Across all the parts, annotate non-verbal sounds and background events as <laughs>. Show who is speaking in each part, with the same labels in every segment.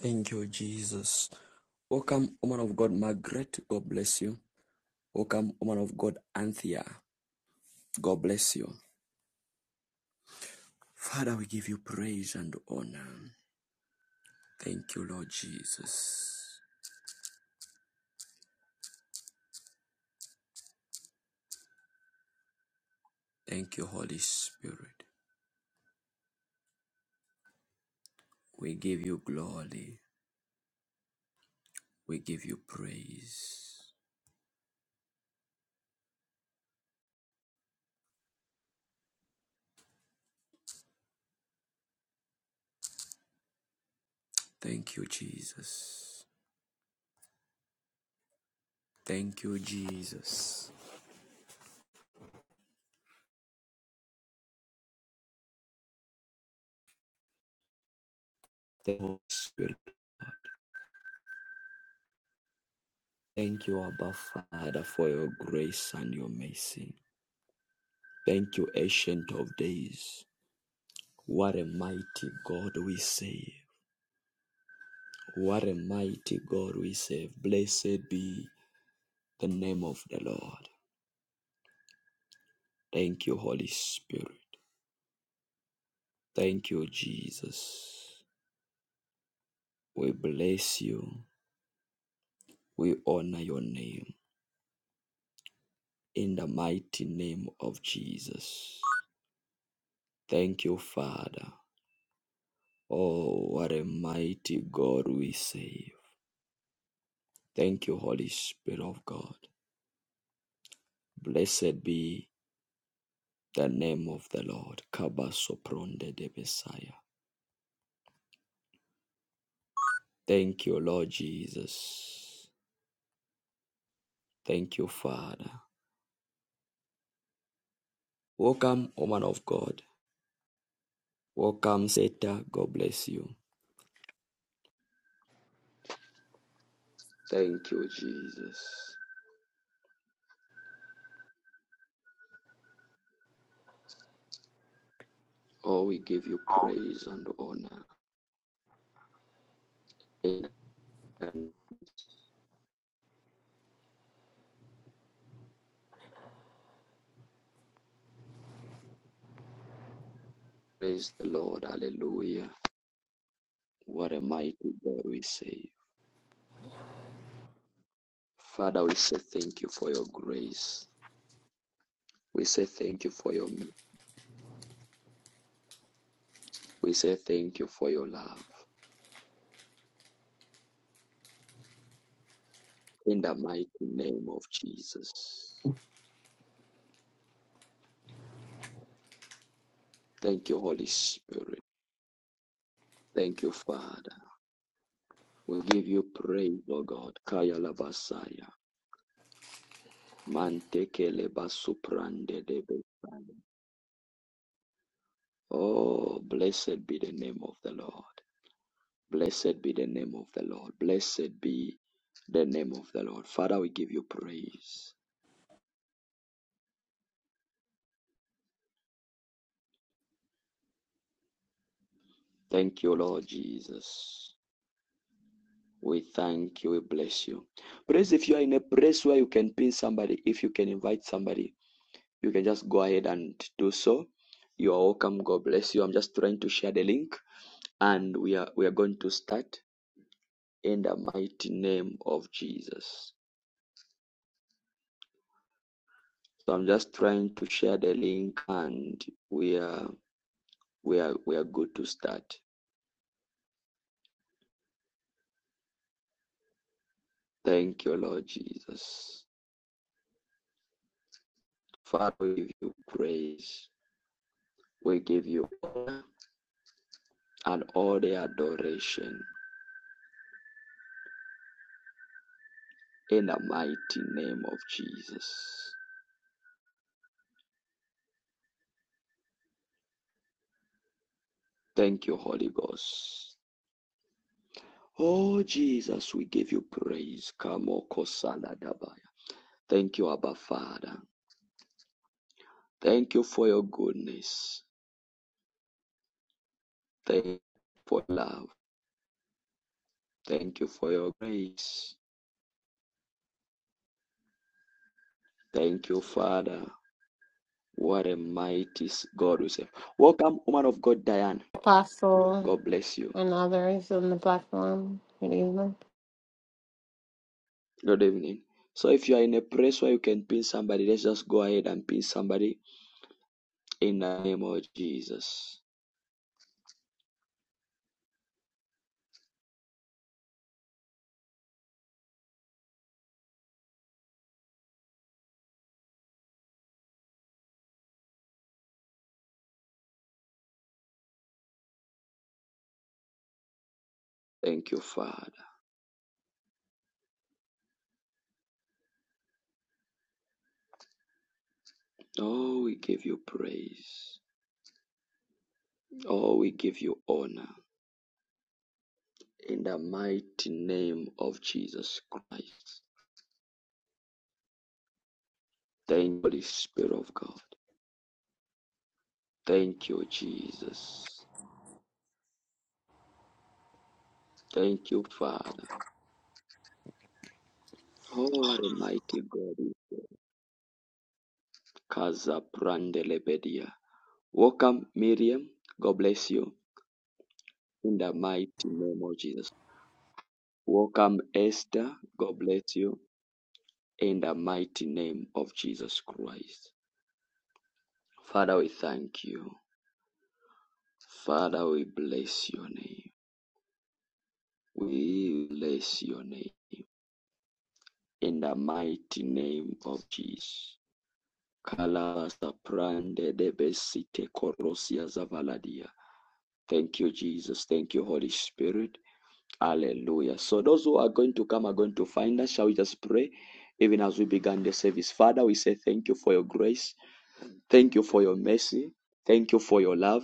Speaker 1: Thank you, Jesus. Welcome, woman of God, Margaret. God bless you. Welcome, woman of God, Anthea. God bless you. Father, we give you praise and honor. Thank you, Lord Jesus. Thank you, Holy Spirit. We give you glory. We give you praise. Thank you, Jesus. Thank you, Jesus. Thank you, Holy Spirit. Thank you, Abba Father, for your grace and your mercy. Thank you, Ancient of Days. What a mighty God we save. What a mighty God we save. Blessed be the name of the Lord. Thank you, Holy Spirit. Thank you, Jesus. We bless you. We honor your name in the mighty name of Jesus. Thank you, Father. Oh, what a mighty God we save. Thank you, Holy Spirit of God. Blessed be the name of the Lord. Kabasopronde de Messiah. Thank you, Lord Jesus. Thank you, Father. Welcome, woman of God. Welcome, Seta. God bless you. Thank you, Jesus. Oh, we give you
Speaker 2: Oh,
Speaker 1: praise and honor. And Praise the Lord. Hallelujah. What a mighty God we say. Father, we say thank you for your grace. We say thank you for your mercy. We say thank you for your love. in the mighty name of Jesus. Thank you, Holy Spirit. Thank you, Father. We give you praise, O God. Kaya labasaya. Mantekele basuprande debesaya. Oh, blessed be the name of the Lord. Blessed be the name of the Lord. Blessed be the name of the Lord. Father, we give you praise. Thank you, Lord Jesus. We thank you. We bless you. Praise if you are in a place where you can pin somebody, if you can invite somebody you can just go ahead and do so. You are welcome. God bless you. I'm just trying to share the link and we are we are going to start in the mighty name of Jesus. So I'm just trying to share the link and we are we are we are good to start. Thank you, Lord Jesus. Father, we give you praise. We give you honor and all the adoration in the mighty name of Jesus. Thank you, Holy Ghost. Oh, Jesus, we give you praise. Thank you, Abba Father. Thank you for your goodness. Thank you for love. Thank you for your grace. Thank you, Father. What a mighty God we serve. Welcome, woman of God, Diane.
Speaker 3: Apostle
Speaker 1: God bless you.
Speaker 3: and others on the platform. Good evening.
Speaker 1: Good evening. So, if you are in a place where you can pin somebody, let's just go ahead and pin somebody in the name of Jesus. Thank you, Father. Oh, we give you praise. Oh, we give you honor in the mighty name of Jesus Christ. Thank you, Holy Spirit of God. Thank you, Jesus. Thank you, Father. Oh, what a mighty God. Kaza prandelebedia. Welcome, Miriam. God bless you in the mighty name of Jesus. Welcome, Esther. God bless you in the mighty name of Jesus Christ. Father, we thank you. Father, we bless your name. We bless your name in the mighty name of Jesus. Kalabasa prande de besite korosia zavaladia. Thank you, Jesus. Thank you, Holy Spirit. Hallelujah. So those who are going to come are going to find us. Shall we just pray? Even as we began the service. Father, we say thank you for your grace. Thank you for your mercy. Thank you for your love.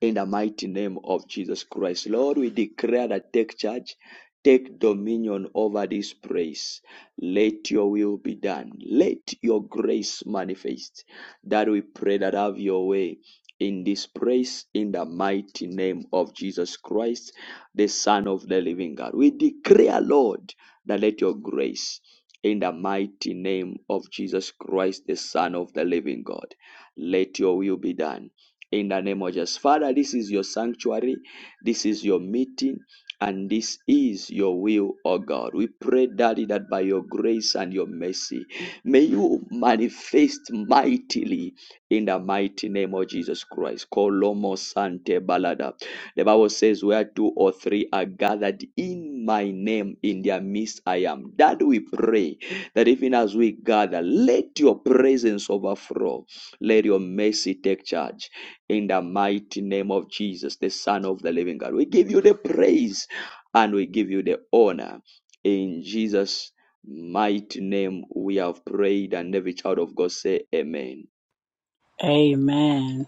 Speaker 1: in the mighty name of Jesus Christ. Lord, we declare that take charge, take dominion over this place. Let your will be done. Let your grace manifest. That we pray that have your way in this place in the mighty name of Jesus Christ, the Son of the living God. We declare, Lord, that let your grace in the mighty name of Jesus Christ, the Son of the living God. Let your will be done in the name of Jesus. Father, this is your sanctuary, this is your meeting, and this is your will, O God. We pray, Daddy, that by your grace and your mercy, may you manifest mightily in the mighty name of Jesus Christ. Kolomo Sante Balada. The Bible says, Where two or three are gathered in my name, in their midst I am. That we pray that even as we gather, let your presence overflow. Let your mercy take charge in the mighty name of Jesus, the Son of the living God. We give you the praise and we give you the honor. In Jesus' mighty name, we have prayed, and every child of God say, Amen.
Speaker 4: Amen.